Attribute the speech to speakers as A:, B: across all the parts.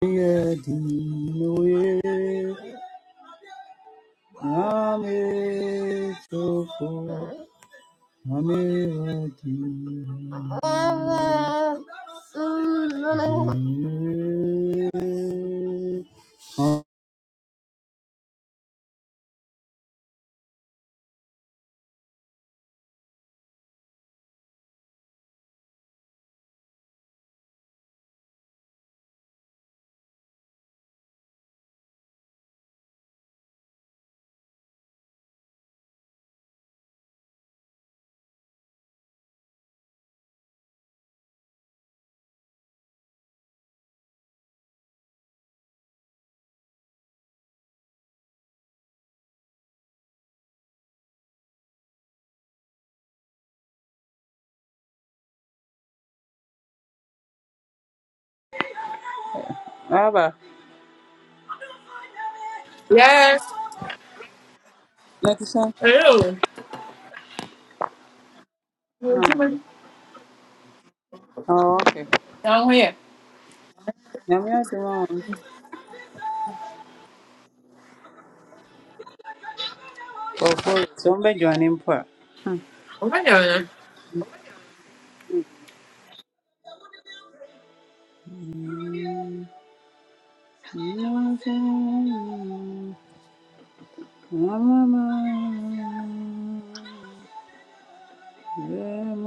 A: Baba,
B: Yes.
A: Nakisa.
B: Ew.
A: Hmm.
B: Down
A: Oh, okay.
B: here.
A: Nyame adom a one. sɛ wɔbɛdwane mpo a.
B: Oh my god.
A: Hmm. Brother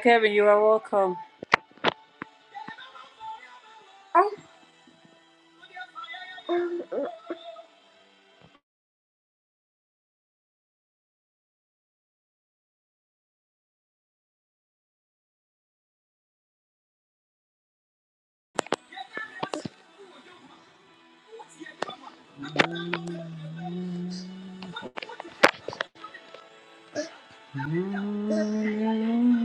A: Kevin, you are welcome. Mm,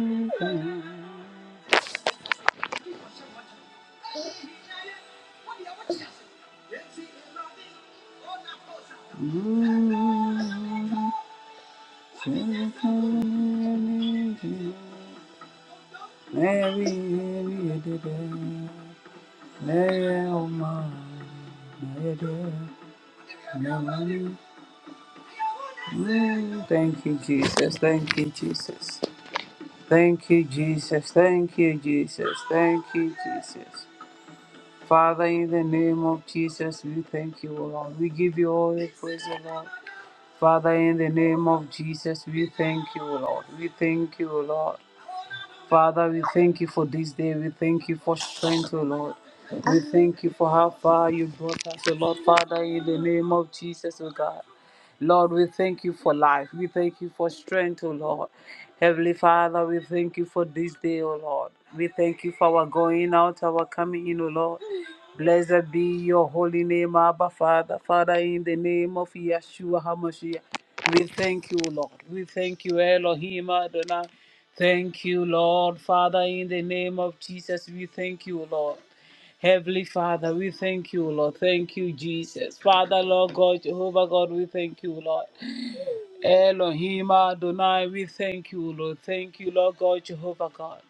A: Thank you, Jesus. Thank you, Jesus. Thank you, Jesus. Thank you, Jesus. Thank you, Jesus. Father, in the name of Jesus, we thank you, O Lord. We give you all the praise, O Lord. Father, in the name of Jesus, we thank you, Lord. We thank you, Lord. Father, we thank you for this day. We thank you for strength, O Lord. We thank you for how far you brought us, O Lord. Father, in the name of Jesus, O God. Lord, we thank you for life. We thank you for strength, O Lord. Heavenly Father, we thank you for this day, O Lord. We thank you for our going out, our coming in, O Lord. Blessed be your holy name, Abba Father. Father, in the name of Yeshua HaMashiach, we thank you, Lord. We thank you, Elohim Adonai. Thank you, Lord. Father, in the name of Jesus, we thank you, Lord. Heavenly Father, we thank you, Lord. Thank you, Jesus. Father, Lord God, Jehovah God, we thank you, Lord. Elohim Adonai, we thank you, Lord. Thank you, Lord God, Jehovah God.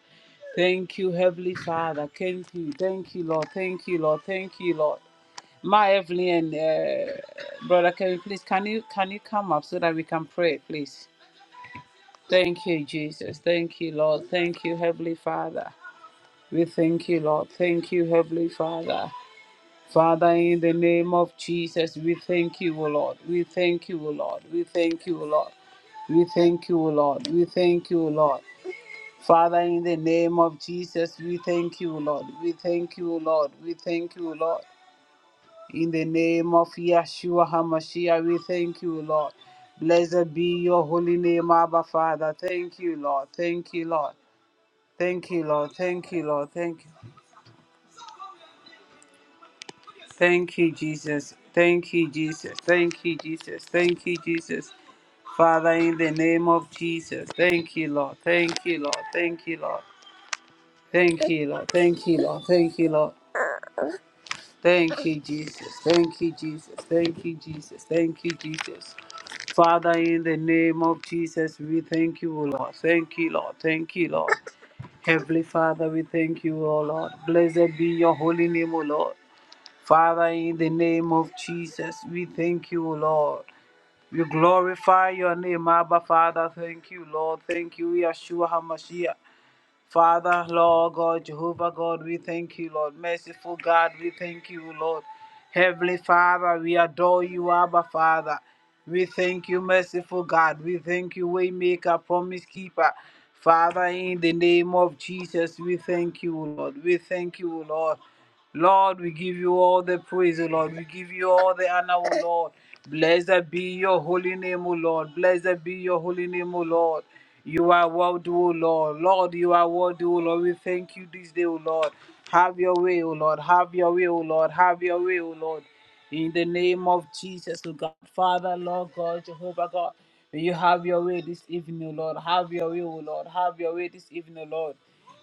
A: Thank you, Heavenly Father. Thank you, thank you, Lord. Thank you, Lord. Thank you, Lord. My Evelyn, uh, brother, can you please can you can you come up so that we can pray, please? Thank you, Jesus. Thank you, Lord. Thank you, Heavenly Father. We thank you, Lord. Thank you, Heavenly Father. Father, in the name of Jesus, we thank you, O Lord. We thank you, O Lord. We thank you, O Lord. We thank you, O Lord. We thank you, O Lord. Father, in the name of Jesus, we thank you, O Lord. We thank you, O Lord. We thank you, O Lord. In the name of Yeshua HaMashiach, we thank you, Lord. Blessed be your holy name, Abba Father. Thank you, Lord. Thank you, Lord. Thank you, Lord. Thank you, Lord. Thank you. Thank you, Jesus. Thank you, Jesus. Thank you, Jesus. Thank you, Jesus. Father, in the name of Jesus, thank you, Lord. Thank you, Lord. Thank you, Lord. Thank you, Lord. Thank you, Lord. Thank you, Lord. Thank you, Jesus. Thank you, Jesus. Thank you, Jesus. Thank you, Jesus. Father, in the name of Jesus, we thank you, O Lord. Thank you, Lord. Thank you, Lord. Heavenly Father, we thank you, O Lord. Blessed be your holy name, O Lord. Father, in the name of Jesus, we thank you, Lord. We glorify your name, Abba Father. Thank you, Lord. Thank you, Yeshua HaMashiach. Father, Lord God, Jehovah God, we thank you, Lord. Merciful God, we thank you, Lord. Heavenly Father, we adore you, Abba Father. We thank you, merciful God. We thank you, Waymaker, Promise Keeper. Father, in the name of Jesus, we thank you, Lord. We thank you, Lord. Lord, we give you all the praise, O Lord. We give you all the honor, O Lord. Blessed be your holy name, O Lord. Blessed be your holy name, O Lord. You are worthy, O Lord. Lord, you are worthy, O Lord. We thank you this day, O Lord. Have your way, O Lord. Have your way, O Lord. Have your way, O Lord. In the name of Jesus, O God, Father, Lord God, Jehovah God, may you have your way this evening, O Lord. Have your way, O Lord. Have your way this evening, O Lord.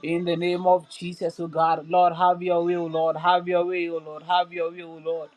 A: In the name of Jesus, O God, Lord, have your will, Lord, have your way, O Lord, have your will, O Lord.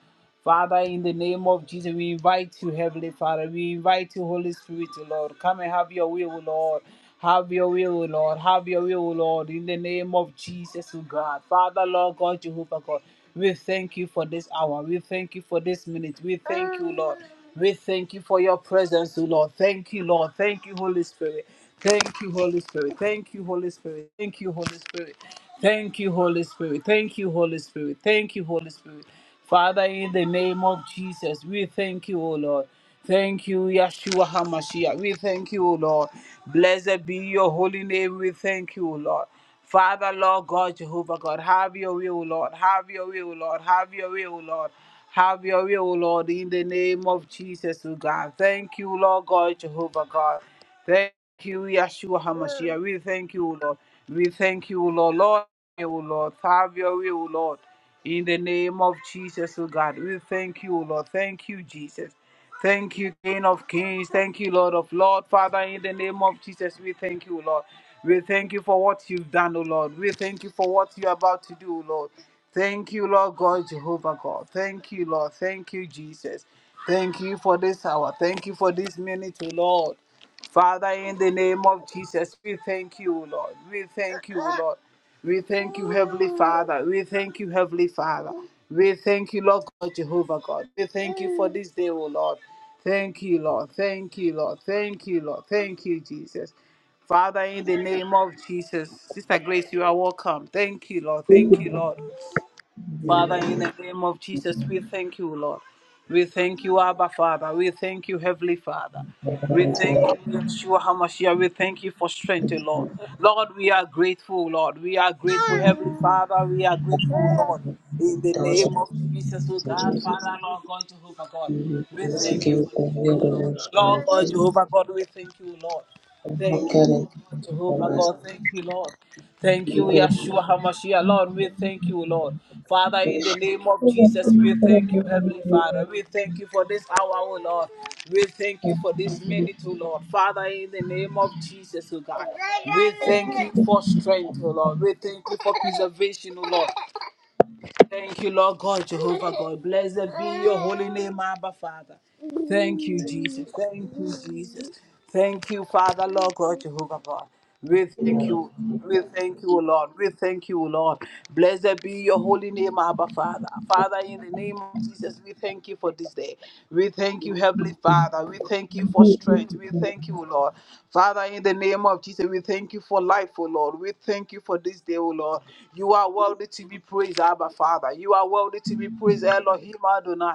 A: Father, in the name of Jesus, we invite you, Heavenly Father. We invite you, Holy Spirit, O Lord. Come and have your will, O Lord. Have your will, O Lord. Have your will, O Lord. In the name of Jesus, O God. Father, Lord God, Jehovah God. We thank you for this hour. We thank you for this minute. We thank you, Lord. We thank you for your presence, O Lord. Thank you, Lord. Thank you, Holy Spirit. Thank you, Holy Spirit. Thank you, Holy Spirit. Thank you, Holy Spirit. Thank you, Holy Spirit. Thank you, Holy Spirit. Thank you, Holy Spirit. Father, in the name of Jesus, we thank you, O Lord. Thank you, Yeshua HaMashiach. We thank you, O Lord. Blessed be your holy name. We thank you, O Lord. Father, Lord God, Jehovah God, have your will, Lord. Have your will, Lord. Have your will, Lord. Have your will, Lord, in the name of Jesus, O God. Thank you, Lord God, Jehovah God. Thank you, Yeshua HaMashiach. We thank you, O Lord. We thank you, O Lord. Lord, O Lord. Have your way, O Lord. In the name of Jesus, O God. We thank you, O Lord. Thank you, Jesus. Thank you, King of Kings. Thank you, Lord of Lord. Father, in the name of Jesus, we thank you, O Lord. We thank you for what you've done, O Lord. We thank you for what you're about to do, O Lord. Thank you, Lord God, Jehovah God. Thank you, Lord. Thank you, Jesus. Thank you for this hour. Thank you for this minute, O Lord. Father, in the name of Jesus, we thank you, Lord. We thank you, Lord. We thank you, Heavenly Father. We thank you, Heavenly Father. We thank you, Lord God, Jehovah God. We thank you for this day, O Lord. Thank you, Lord. Thank you, Lord. Thank you, Lord. Thank you, Jesus. Father, in the name of Jesus, Sister Grace, you are welcome. Thank you, Lord.
C: Thank you,
A: Thank you, Lord. Father, in the name of Jesus, we thank you, Lord. We thank you, Abba Father. We thank you, Heavenly Father.
C: Father.
A: We
C: Thank you,
A: thank you, Yeshua HaMashiach. We thank you for strength, Lord. Lord, we are grateful, Lord. We are grateful, Heavenly Father. We are grateful, Lord. In the name
C: thousand
A: of Jesus, oh
C: times,
A: God,
C: Jesus.
A: Father, Lord God, Jehovah God.
C: We will
A: We
C: bless
A: thank you
C: you,
A: for this
C: God,
A: day, oh
C: Lord of
A: Lord.
C: us,
A: Lord
C: Lord
A: God,
C: Jesus.
A: Jehovah God, we thank you, Lord.
C: I have
A: Thank you,
C: God And
A: Lord
C: how can
A: God,
C: it be for
A: Jehovah
C: us?
A: God. Thank you, Lord.
C: We
A: Thank you,
C: declare salvation.
A: Yeshua HaMashiach. Lord, we thank you, Lord. Father,
C: We
A: in the name of
C: want
A: Jesus, we thank you, Heavenly Father. We thank you for this hour, oh Lord. We thank you for this minute, oh Lord. Father, in the name of Jesus, oh God. We thank you for strength, oh Lord. We thank you for preservation, oh Lord. Thank you, Lord God, Jehovah God. Blessed be your holy name, Abba Father. Thank you, Jesus. Thank you, Jesus. Thank you, Father, Lord God, Jehovah God. We thank you. We thank you, O Lord. We thank you, O Lord. Blessed be your holy name, Abba Father. Father, in the name of Jesus, we thank you for this day. We thank you, Heavenly Father. We thank you for strength. We thank you, O Lord. Father, in the name of Jesus, we thank you for life, O Lord. We thank you for this this day, O Lord. You are worthy to be praised, Abba Father. You are worthy to be praised, Elohim Adonai.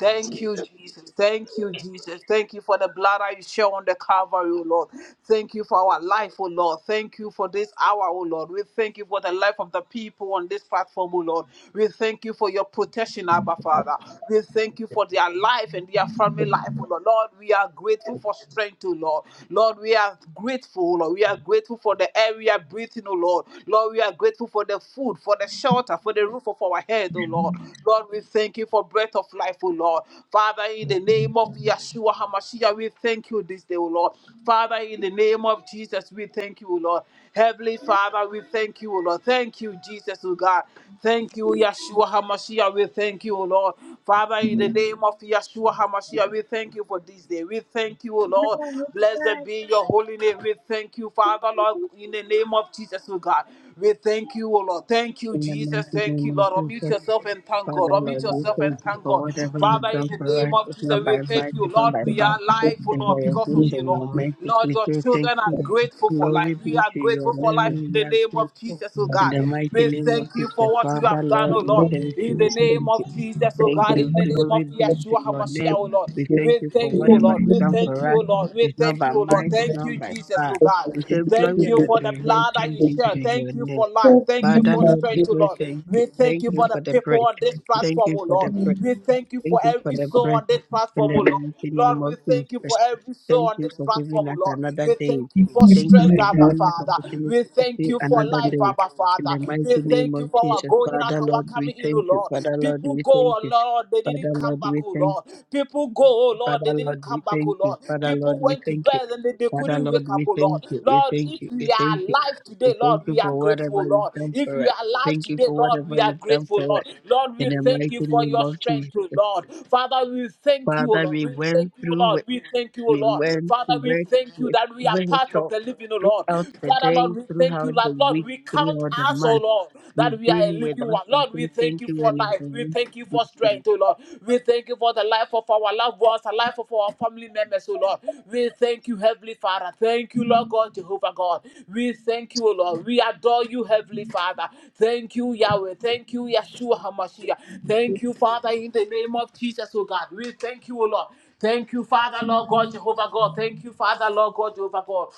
A: Thank you, Jesus. Thank you, Jesus. Thank you for the blood I shed on the Calvary, O Lord. Thank you for our life, O Lord. Thank you for this hour, O Lord. We thank you for the life of the people on this platform, O Lord. We thank you for your protection, Abba Father. We thank you for their life and their family life, O Lord. Lord, we are grateful for strength, O Lord. Lord, we are grateful grateful, Lord. We are grateful for the air we are breathing, oh Lord. Lord, we are grateful for the food, for the shelter, for the roof of our head, oh Lord. Lord, we thank you for breath of life, oh Lord. Father, in the name of Yeshua HaMashiach, we thank you this day, oh Lord. Father, in the name of Jesus, we thank you, O Lord. Heavenly Father, we thank you, O Lord. Thank you, Jesus, O God. Thank you, Yeshua HaMashiach. We thank you, O Lord. Father, in the name of Yeshua HaMashiach, we thank you for this day. We thank you, O Lord.
D: In
A: Blessed be your holy name. We thank you, Father, Lord, in the name of Jesus, O God. We thank you, O Lord. Thank you,
D: the
A: Jesus.
D: mighty
A: Thank
D: name
A: you,
D: of
A: Lord. Unmute
D: Jesus,
A: yourself and thank God.
D: Father
A: Unmute
D: Lord, we
A: yourself
D: thank
A: and
D: you
A: thank
D: for
A: God.
D: whatever you've
A: Father, in
D: done
A: the
D: for us.
A: name of
D: It's
A: Jesus,
D: not
A: we
D: by
A: thank
D: might,
A: you,
D: it's not
A: Lord.
D: by
A: We
D: power,
A: are alive, O
D: it's by
A: Lord,
D: your
A: because of
D: grace
A: you,
D: and
A: Lord.
D: your mercy.
A: Lord,
D: We
A: your
D: say thank
A: children are
D: you.
A: grateful for life.
D: Glory
A: We
D: be
A: are
D: to your
A: grateful
C: to
A: for life in
D: name. We
A: the
D: are
A: name of
D: grateful.
A: Jesus, O
D: In the
A: God.
D: mighty
A: We
D: name
A: thank
D: of
A: you for
D: Jesus,
A: what you have
D: Father
A: done,
D: Lord,
A: O
D: we
A: Lord.
D: thank
A: In the
D: you.
A: name
D: Thank you.
A: of Jesus, O
D: Thank
A: God, in
D: you.
A: the name of
D: Glory be to
A: Yeshua
D: your
A: HaMashiach,
D: name.
A: O Lord.
D: We thank
A: We
D: you for
A: thank you, O
C: thank
D: whatever
C: you in
A: Lord.
C: the name of Jesus. We thank you, Lord, for the love of We thank you,
D: you've
A: We
C: Lord,
D: done
C: for the love of God. We thank you, Lord, for the love of
A: thank
D: for
A: you,
D: us.
A: O Lord. We
D: It's not
A: thank
D: by
A: you, O Lord.
D: might, it's
A: Thank
C: God.
A: you,
D: not by
A: Jesus, O
D: power.
C: So, in the
A: God.
D: We say glory
A: Thank
D: and
A: you for the blood that
D: adoration
A: you
D: be to
A: shed.
D: your
A: Thank you
D: name.
A: for life. Thank you
C: name
D: Father,
A: for
C: of
D: Lord, we
A: strength,
C: Jesus,
A: O
D: say
A: Lord.
D: thank you.
A: We thank
D: Thank
A: you
D: you
A: for the
D: for the
A: people
D: breath.
A: on this
D: Thank
A: platform,
D: you
A: O
D: for
A: Lord.
D: the breath.
A: We thank you
D: Thank
A: for
D: you for
A: every
C: we
D: the
C: come.
A: soul
D: breath
A: on this
D: in
A: platform,
D: the
A: O Lord.
D: mighty
A: Lord,
D: name
A: we
D: of
A: thank you for
D: Jesus.
A: every soul
D: Thank
A: on
D: you
A: this
D: for giving
A: platform, oh
D: us
A: Lord.
D: another
A: We
D: day.
A: thank you for
C: In the
D: Thank you
A: strength,
D: for
C: name
A: Abba
C: of
D: giving us
A: Father. We
D: opportunity to
A: thank
D: see
A: you for
D: another
A: life,
C: Jesus,
D: day.
A: Abba
D: In
A: Father.
D: the mighty
A: We
D: name
A: thank you
D: of
A: for our
D: Jesus,
A: going out,
D: Father,
A: our
D: Lord, we
A: coming in, oh
D: thank you.
A: Lord.
D: Father, Lord,
A: People
D: we
A: go,
D: thank
A: oh
D: you.
A: Lord, they
D: Father,
A: didn't come
D: Lord,
A: back,
D: we
A: oh
D: thank you.
A: Lord. People go, oh Lord,
D: Father
A: they didn't
D: Lord,
A: come
D: we
A: back,
D: thank
A: oh
D: you.
A: Lord.
D: Father Lord,
A: People
D: we
A: went to
D: thank you.
A: bed and they, they
D: Father
A: couldn't
D: Lord,
A: wake up,
D: we
A: oh Lord.
D: thank you. We
A: Lord,
D: thank
A: if
D: you. We
A: we are
D: thank you.
A: alive
D: We
A: today,
D: thank
A: Lord, we
D: you
A: are
D: for whatever
A: grateful,
D: you've
A: Lord.
D: done
A: If
D: for
A: you
D: us.
A: are alive
D: Thank you
A: today,
D: for
A: Lord,
D: whatever
A: we are
D: you've done
A: grateful,
D: for us.
A: Lord. Lord,
D: In
A: we
D: the
A: thank
D: mighty
A: you for
D: name
A: your
D: of
A: strength,
D: Jesus.
A: O Lord. Father, we thank you, O
D: Father,
A: Lord.
D: we
A: We thank
D: went
A: you, O
D: through
A: Lord.
D: it.
A: We thank you, O
D: We
A: Lord.
D: went
A: Father,
D: to
A: we
D: work
A: thank you
D: with
A: that we are part of
D: virtual
A: the living, O Lord.
D: throughout the
A: Father,
D: day,
A: Lord, we thank you,
D: throughout the
A: Lord. Lord,
D: week,
A: we count
D: throughout the
A: us, O
D: month.
A: Lord,
D: You've
A: that we are a
D: been with
A: living
D: us.
A: one.
D: We
A: Lord, we
D: say
A: thank
D: thank
A: you
D: you
A: for
D: and we
A: life. We
D: thank
A: thank you
D: you.
A: for strength, O Lord. We thank you for the life of our loved ones, the life of our family members, oh Lord. We thank you, Heavenly Father. Thank you, Lord God, Jehovah God. We thank you, O Lord. We adore you, Heavenly Father. Thank you, Yahweh. Thank you, Yeshua HaMashiach. Thank you, Father, in the name of Jesus, oh God. We thank you, O Lord. Thank you, Father, Lord God, Jehovah God. Thank you, Father, Lord God, Jehovah God.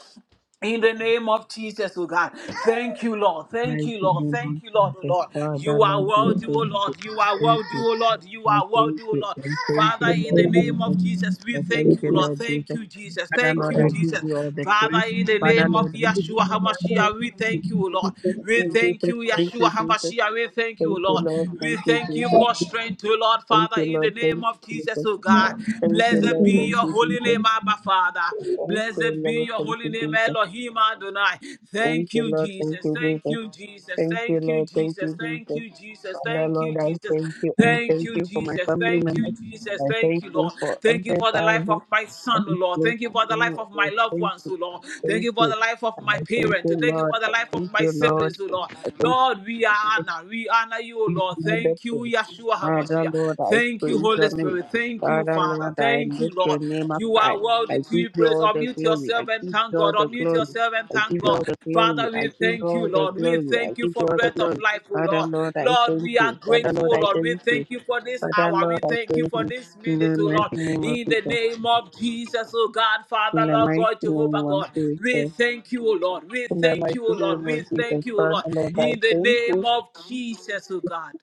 A: In the name of Jesus, oh God. Thank you, Lord.
D: In the
A: Thank
D: mighty
A: you, Lord.
D: name
A: Thank
D: of
A: you, Lord, oh
D: Jesus.
A: Lord.
D: Father
A: You are
D: Lord, we
A: worthy,
D: thank
A: oh
D: you.
A: Lord. You are
D: Thank
A: worthy,
D: you.
A: oh Lord. You
D: I
A: are
D: thank
A: worthy, oh
D: you.
A: Lord.
D: I thank
A: Father,
C: we come.
D: you,
C: In
A: in
C: the
A: the
D: Lord
A: name of
D: Jesus.
A: Jesus,
D: I
A: we thank
D: thank you,
A: you, Lord.
D: Lord
A: Thank
D: Jesus.
A: you, Jesus.
D: Father,
A: Thank
D: Lord,
A: you,
C: name of
D: I give
A: Jesus.
D: you all the
A: Father,
D: praise.
A: in the
D: Father,
A: name of
D: Lord, I give you
A: Yeshua
D: all
A: HaMashiach, we thank you, oh Lord. We
D: the
A: thank
D: praise.
A: you,
D: Thank you, Jesus. Thank
A: Yeshua
D: you, Jesus.
A: HaMashiach. We thank you, oh
D: Thank you,
A: Lord.
D: Lord.
A: We
D: Thank you,
A: thank you
D: Jesus.
A: for strength, oh Lord.
D: Thank
A: Father,
D: you,
A: in the
D: Lord. Thank
A: name of
D: you,
A: Jesus,
D: Jesus.
A: oh God.
D: Thank you,
A: Blessed
D: Lord.
A: be
D: Thank
A: your
D: you,
A: holy
D: Jesus.
A: name name, Abba Father.
D: Thank you,
A: Blessed be
D: Lord.
A: your
D: Thank
A: holy
D: you,
A: name,
D: Jesus.
A: Elohim Adonai. Thank
D: Thank you,
A: you,
D: Lord. Thank
A: Jesus.
D: you,
A: Thank
D: Jesus.
A: you, Jesus.
D: Thank you,
A: Thank you,
D: Lord. Thank
A: Jesus.
D: you,
A: Thank
D: Jesus.
A: you, Jesus.
D: Father,
A: Thank you,
D: Lord, I
A: Jesus.
D: thank you. I
A: Thank
D: thank
A: you,
D: you for my
A: Jesus.
D: family
A: Thank you,
D: members.
A: Jesus.
D: I
A: Thank
D: thank
A: you,
D: you
A: Lord.
D: for
A: Thank you for the life
D: everybody
A: of my
D: I am
A: son, O Lord.
D: so
A: Thank you for the life
D: thankful
A: of my
D: and
A: loved
D: thank
A: ones,
D: you,
A: O Lord. Thank
D: thank
A: you for
D: you.
A: the life of
D: I
A: my
D: thank
A: parents.
D: you,
A: Thank you
D: Lord.
A: for the
D: I
A: life of
D: thank
A: my
D: you, Lord.
A: siblings, O Lord.
D: I thank
A: Lord, we honor. We honor you, O
D: you,
A: Lord.
D: Father.
A: Thank you, Yeshua
D: Father,
A: HaMashiach.
D: Lord, I
A: Thank you,
D: praise
A: Holy
D: your name.
A: Spirit. Thank you,
D: Father, Lord,
A: Father.
D: I
A: Thank you,
D: lift your
A: Lord.
D: name up
A: You
D: high.
A: are
D: I
A: worthy to
D: give
A: be
D: you
A: praised.
D: all the
A: Unmute
D: glory. I
A: yourself and
D: give
A: thank
D: you all
A: God.
D: the
A: Unmute
D: glory.
A: yourself and
D: I
A: thank
D: give you all
A: God.
D: the glory.
A: Father,
D: I
A: we
D: give you
A: thank you,
D: all the
A: Lord. We
D: glory. I
A: thank you
D: give you
A: for
D: all the
A: breath of
D: glory.
A: life, oh
D: Father,
A: Lord.
D: Lord, I
A: Lord,
D: thank
A: we are
D: you. Father, Lord,
A: grateful,
D: I
A: Lord. We
D: thank you.
A: thank you for this
D: Father,
A: hour.
D: Lord,
A: We
D: I
A: thank you
D: thank
A: for
D: you.
A: this
D: In the
A: minute, oh Lord.
D: mighty name of
A: In the
D: Jesus.
A: name of Jesus, oh God,
D: In
A: Father,
D: the
A: Lord
D: mighty
A: God,
D: name
A: Jehovah
D: of
A: God. We
D: Jesus.
A: thank you, oh Lord. We
D: In the
A: thank you,
D: mighty
A: oh Lord.
D: name
A: We
D: of Jesus,
A: thank you, oh
D: God,
A: Lord.
D: and Lord, by
A: In the
D: faith, we
A: name of Jesus, oh God.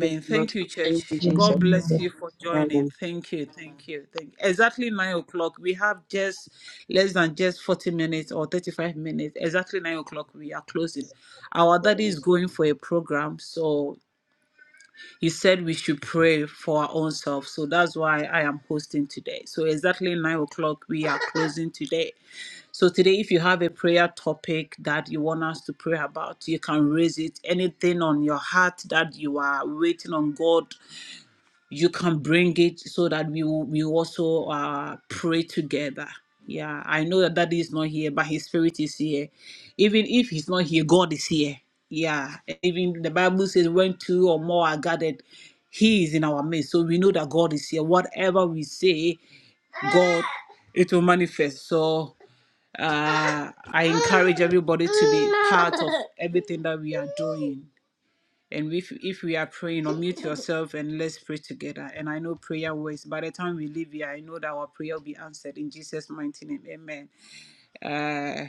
D: thank you, Lord.
A: Thank you,
D: Thank you,
A: church.
D: Jesus.
A: God bless you for
D: Amen.
A: joining. Thank you. Thank you. Thank Exactly nine o'clock. We have just less than just 40 minutes or 35 minutes. Exactly nine o'clock. We are closing. Our daddy is going for a program. So he said we should pray for our own self. So that's why I am hosting today. So exactly nine o'clock. We are closing today. So today, if you have a prayer topic that you want us to pray about, you can raise it. Anything on your heart that you are waiting on God, you can bring it so that we will, we also uh, pray together. Yeah, I know that Daddy is not here, but His Spirit is here. Even if He's not here, God is here. Yeah, even the Bible says, when two or more are gathered, He is in our midst. So we know that God is here. Whatever we say, God, it will manifest. So uh, I encourage everybody to be part of everything that we are doing. And if, if we are praying, unmute yourself and let's pray together. And I know prayer works. By the time we leave here, I know that our prayer will be answered in Jesus' mighty name. Amen. Uh,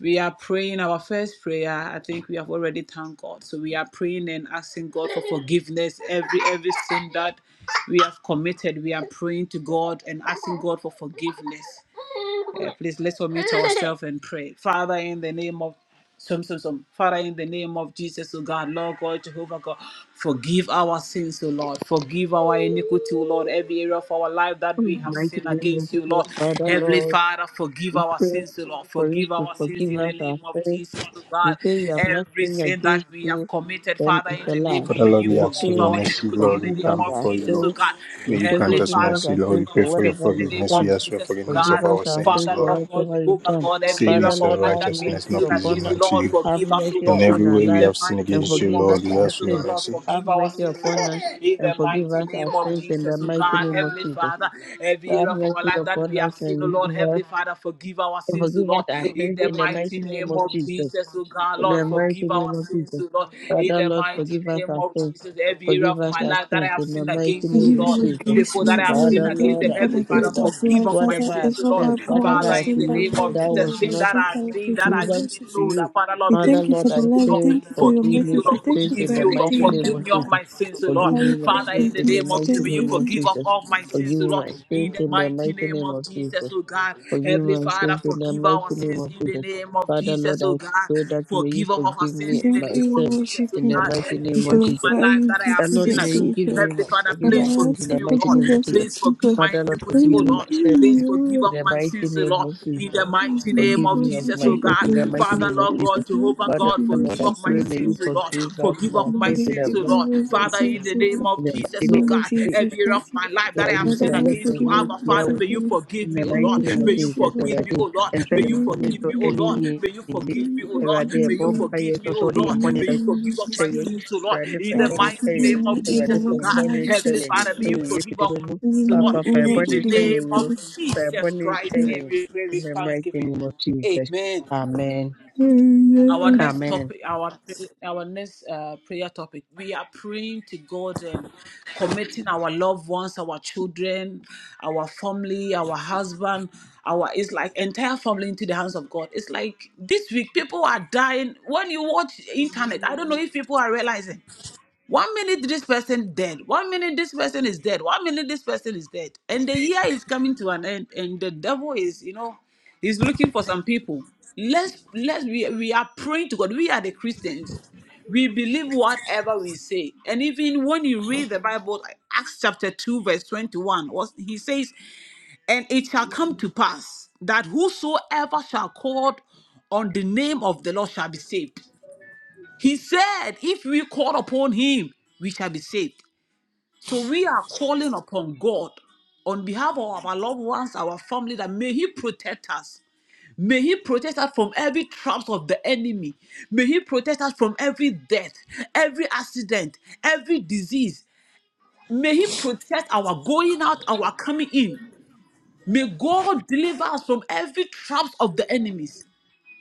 A: we are praying our first prayer. I think we have already thanked God. So we are praying and asking God for forgiveness. Every every sin that we have committed, we are praying to God and asking God for forgiveness. Uh, please let's unmute ourselves and pray. Father, in the name of some, some, some. Father, in the name of Jesus, O God, Lord God, Jehovah God, forgive our sins, O Lord. Forgive our iniquity, O Lord. Every area of our life that
D: In
A: we
D: the
A: have
D: mighty
A: sinned
D: name of
A: against you,
D: Jesus,
A: Lord.
D: Father,
A: Heavenly
D: Lord,
A: Father, forgive our
D: pray
A: sins, O Lord.
D: for us
A: Forgive
D: to
A: our sins
D: forgive
A: in
D: us
A: the name
D: our
A: of
D: sins.
A: Jesus, O
D: You
A: God.
D: say we have not
A: Every
D: sinned
A: sin that
D: against
A: we have
D: you,
A: committed,
D: then
A: Father,
D: it's
A: in
D: a
A: the name
D: lie.
A: of
E: Father,
A: may
E: Lord,
A: you
D: We
E: we
D: are
E: ask for
A: forgive
E: your
A: our
D: saying,
E: mercy,
A: iniquity in
E: Lord. We
A: the
D: forgive
A: name
D: us
E: come
A: of
D: our
E: before you,
A: Jesus, O
E: Lord.
D: sins.
A: God.
D: You
E: May you
D: say,
A: Heavenly
E: grant us
D: forgive
A: Father,
D: us
E: mercy,
D: our
E: Lord.
D: sins
E: We
A: forgive
E: pray
D: for
A: our
E: for your
A: sins
D: whatever
A: in
D: we've
A: the name
E: forgiveness.
D: done
A: of
E: We ask for your
A: Jesus, O
E: forgiveness
D: Forgive
A: God.
E: of
D: us
E: our
D: our
E: sins,
D: sins
A: Father,
E: Lord.
D: for
A: Lord God,
D: whatever we've
A: Jehovah
D: done.
A: God, every
E: Sin
A: area
D: Father,
A: of
E: is a
A: our
D: Lord,
A: life
D: have
A: that we have
E: righteousness
D: mercy
E: not
A: sinned
D: upon
E: pleasing
A: against
D: us.
A: you,
E: unto
A: Lord,
E: you.
D: Have
A: forgive us, O
D: mercy
E: In
A: Lord.
D: upon
E: every
D: our
E: way
A: In
E: we
D: life
A: the
E: have sinned
A: mighty
D: and
E: against you,
A: name of
D: forgive us
E: Lord. We
D: our
E: ask
A: Jesus, O
E: for your
A: God,
D: sins.
A: Lord,
E: mercy.
D: Have
A: forgive our
D: mercy
A: sins, O
D: upon us
A: Lord. In the
D: and forgive
A: mighty
D: us
A: name
D: our
A: of
D: sins in the
A: Jesus, O
D: mighty
A: God,
D: name of
A: Heavenly
D: Jesus.
A: Father, every
D: Have
A: area of our
D: mercy
A: life that
D: upon
A: we
D: us
A: have sinned, O
D: and
A: Lord,
D: forgive us
A: Heavenly Father, forgive our
D: and
A: sins, O
D: forgive
A: Lord.
D: us our
A: In
D: sins
A: the
D: in the mighty
A: mighty
D: name
A: name
D: of
A: of
D: Jesus.
A: Jesus, O God,
D: In
A: Lord,
D: the mighty
A: forgive our
D: name of
A: sins,
D: Jesus.
A: O Lord. In
D: Father,
A: the
D: Lord,
A: mighty
D: forgive us
A: name
D: our
A: of
D: sins.
A: Jesus, every area
D: Forgive
A: of
D: us
A: my
D: our
A: life that I
D: sins
A: have
D: in the
A: sinned
D: mighty
A: against
F: Give
A: you,
D: name of
F: you
A: Lord
F: the
D: Jesus.
F: grace,
A: people
F: we
A: that I have
F: adore
A: sinned
D: Father,
F: you.
A: against
F: Thank
D: Lord,
F: you
A: them.
D: I
F: for
A: Heavenly
F: the
D: pray
A: Father,
F: gift of
D: that
A: forgive
F: life,
A: of my
F: Father.
D: whatever I've
A: sins,
F: It's
A: O
F: not
A: Lord.
D: said,
F: by power,
D: whatever
A: Father,
D: I've
F: it's
A: in
F: not
A: the
F: by
A: name
D: looked
F: might,
A: of
F: it's
D: that
A: Jesus,
D: was
F: not by
A: things
D: not
A: that
F: strength,
A: I
F: but by
A: did
F: grace
A: that
F: and
A: I didn't
D: pleasant
F: mercy.
D: to
A: know,
F: Father.
D: you,
A: that Father, Lord,
F: We
A: please
D: Father,
F: thank you for
D: Lord, I
A: forgive
F: the
A: you,
F: life. We
A: Lord.
D: say,
F: thank you for your
D: forgive
A: Forgive
D: me
A: you,
F: message.
D: my
F: We
A: Lord.
F: thank
D: sins
F: you
A: Forgive
D: in
F: for
A: me,
D: the
A: O
D: mighty
A: Lord.
F: everything you've
D: name
A: Forgive
F: done
D: of
A: me
F: for
A: of
F: us.
D: Jesus.
A: my sins, O Lord.
F: Father,
D: Forgive
F: we
D: me my
F: pray
A: Father,
D: sins
A: in the
D: in
F: continue
D: the
A: name
F: to
A: of
D: mighty
A: Jesus, may you
D: name
F: thank
D: of
F: you.
A: forgive of
D: Jesus.
A: all my
D: Forgive
A: sins, O
D: me
A: Lord.
D: my
A: In
D: sins
A: the
D: in the
A: mighty
D: mighty
A: name
D: name
A: of
D: of
A: Jesus,
D: Jesus.
A: O God.
D: Forgive
A: Heavenly
D: me my
A: Father,
D: sins in the
A: forgive
D: mighty
A: our
D: name
A: sins
D: of
A: in the
D: Jesus.
A: name of
D: Father,
A: Jesus,
D: Lord,
A: O
D: I
A: God.
D: pray that may you
A: Forgive of our
D: forgive me
A: sins in the
F: Thank
D: my
A: name
F: you,
A: of
D: sins
F: we
A: Jesus,
F: worship
A: O
D: in
F: you.
D: the
A: God.
D: mighty
A: Every
F: We
D: name
A: area
D: of
A: of
D: Jesus.
A: my
F: glorify
A: life
F: you,
A: that I
F: give
A: have
D: And
F: you
D: Lord,
A: sinned
D: may you
F: the
A: against
F: glory.
D: give
F: Lord.
D: me
A: Heavenly
D: much,
A: Father,
D: forgive
F: Father,
D: my
A: please
F: I
D: sins in
F: ask
A: forgive
D: the
F: you
A: me, O
F: for
D: mighty
A: Lord.
F: being
D: name of
F: the source
D: Jesus.
A: Please
F: of
A: forgive
F: people.
A: my
D: Father, Lord,
A: iniquity, O
D: forgive me my
A: Lord.
D: sins
A: Please forgive
F: Hallelujah.
D: in
A: of
D: the
A: my
D: mighty
A: sins, O
D: name
A: Lord.
D: of
A: In
D: Jesus.
A: the
F: Thank
A: mighty name
D: Forgive
A: of
F: you
D: me of
F: for
A: Jesus,
D: my
A: O
D: sins
A: God.
D: in the
F: being
D: mighty
A: Father,
D: name of
A: Lord
D: Jesus.
A: God, Jehovah
D: Father,
A: God,
F: the
D: Lord,
A: forgive
D: I
A: of
F: source
A: my
D: pray
F: of
D: may you
A: sins, O Lord.
D: forgive us
A: Forgive
D: my
A: of my
D: sins in
F: Maybe
D: the
A: sins, O Lord.
F: forgiveness of
A: Father,
D: mighty
A: in
F: sins,
A: the
F: O
A: name
F: Lord.
A: of Jesus,
F: In
A: O
F: the
D: name
F: name of
A: God,
D: of
F: Jesus
D: Jesus.
A: every area of
F: Christ,
A: my
F: Lord.
A: life that
D: Yeah,
A: I
D: we
A: have
F: Father,
D: pray
A: sinned
D: a
F: may
D: lot
A: against
D: for
A: you,
D: me.
A: Abba
D: Yeah,
F: forgiveness
A: Father,
F: of sins,
A: may
F: O
A: you
F: Lord.
A: forgive
D: in
A: me,
D: the
A: O
F: May
D: mighty
A: Lord.
F: you
D: name of
A: May you
F: bless you,
D: Jesus,
A: forgive
F: Lord.
A: me, O
D: everything.
A: Lord.
D: And say
A: May
D: your
A: you
F: May you
D: bonus
A: forgive
F: forgive
D: to
A: me,
F: me,
A: O
F: O Lord.
A: Lord.
D: any
A: May you
D: in it.
A: forgive
F: May you
A: me, O
D: Every
A: Lord.
F: forgive
D: day,
F: me,
A: May you
F: O
D: bomb
F: Lord.
D: fire,
A: forgive me,
D: so
A: O
F: In
D: sorry,
F: the
A: Lord.
D: and
A: May
D: bonnet,
F: mighty
A: you
F: name of
A: forgive of
F: Jesus
A: my
D: kyɛe,
F: Christ,
A: sins,
F: Lord.
A: O Lord.
D: Awurade fa
A: In
D: yɛn
A: the
D: bɔne
F: Father,
D: kyɛ
A: mighty
D: yɛn,
A: name
F: forgive me
A: of
F: in
D: Awurade
F: the
A: Jesus,
D: fa
A: O
D: yɛn
F: mighty
A: God.
F: name
D: bɔne
F: of
D: kyɛ
A: Heavenly
F: Jesus
D: yɛn,
F: Christ,
A: Father, may you
F: Lord.
D: ɛwɔ
A: forgive of my
F: Forgive
A: sins, O
D: Papa
F: me,
A: Lord.
F: O
D: fa yɛn
A: In
F: Lord,
D: bɔne
A: the
F: in the
D: kyɛ
A: name
D: yɛn o,
A: of
F: hospital.
D: fa
A: Jesus Christ,
F: Amen.
A: may we pray
D: in
A: with
D: the mighty
A: thanksgiving.
D: name of Jesus,
A: Amen
D: Amen,
A: our
F: Amen.
A: next
D: Amen.
A: topic our pray, our next uh, prayer topic we are praying to god and committing our loved ones our children our family our husband our it's like entire family into the hands of god it's like this week people are dying when you watch internet i don't know if people are realizing one minute this person dead. One minute this person is dead. One minute this person is dead. And the year is coming to an end. And the devil is, you know, he's looking for some people. Let's let's we we are praying to God. We are the Christians. We believe whatever we say. And even when you read the Bible, like Acts chapter 2, verse 21, was he says, and it shall come to pass that whosoever shall call on the name of the Lord shall be saved. He said, if we call upon him, we shall be saved. So we are calling upon God on behalf of our loved ones, our family, that may he protect us. May he protect us from every traps of the enemy. May he protect us from every death, every accident, every disease. May he protect our going out, our coming in. May God deliver us from every traps of the enemies.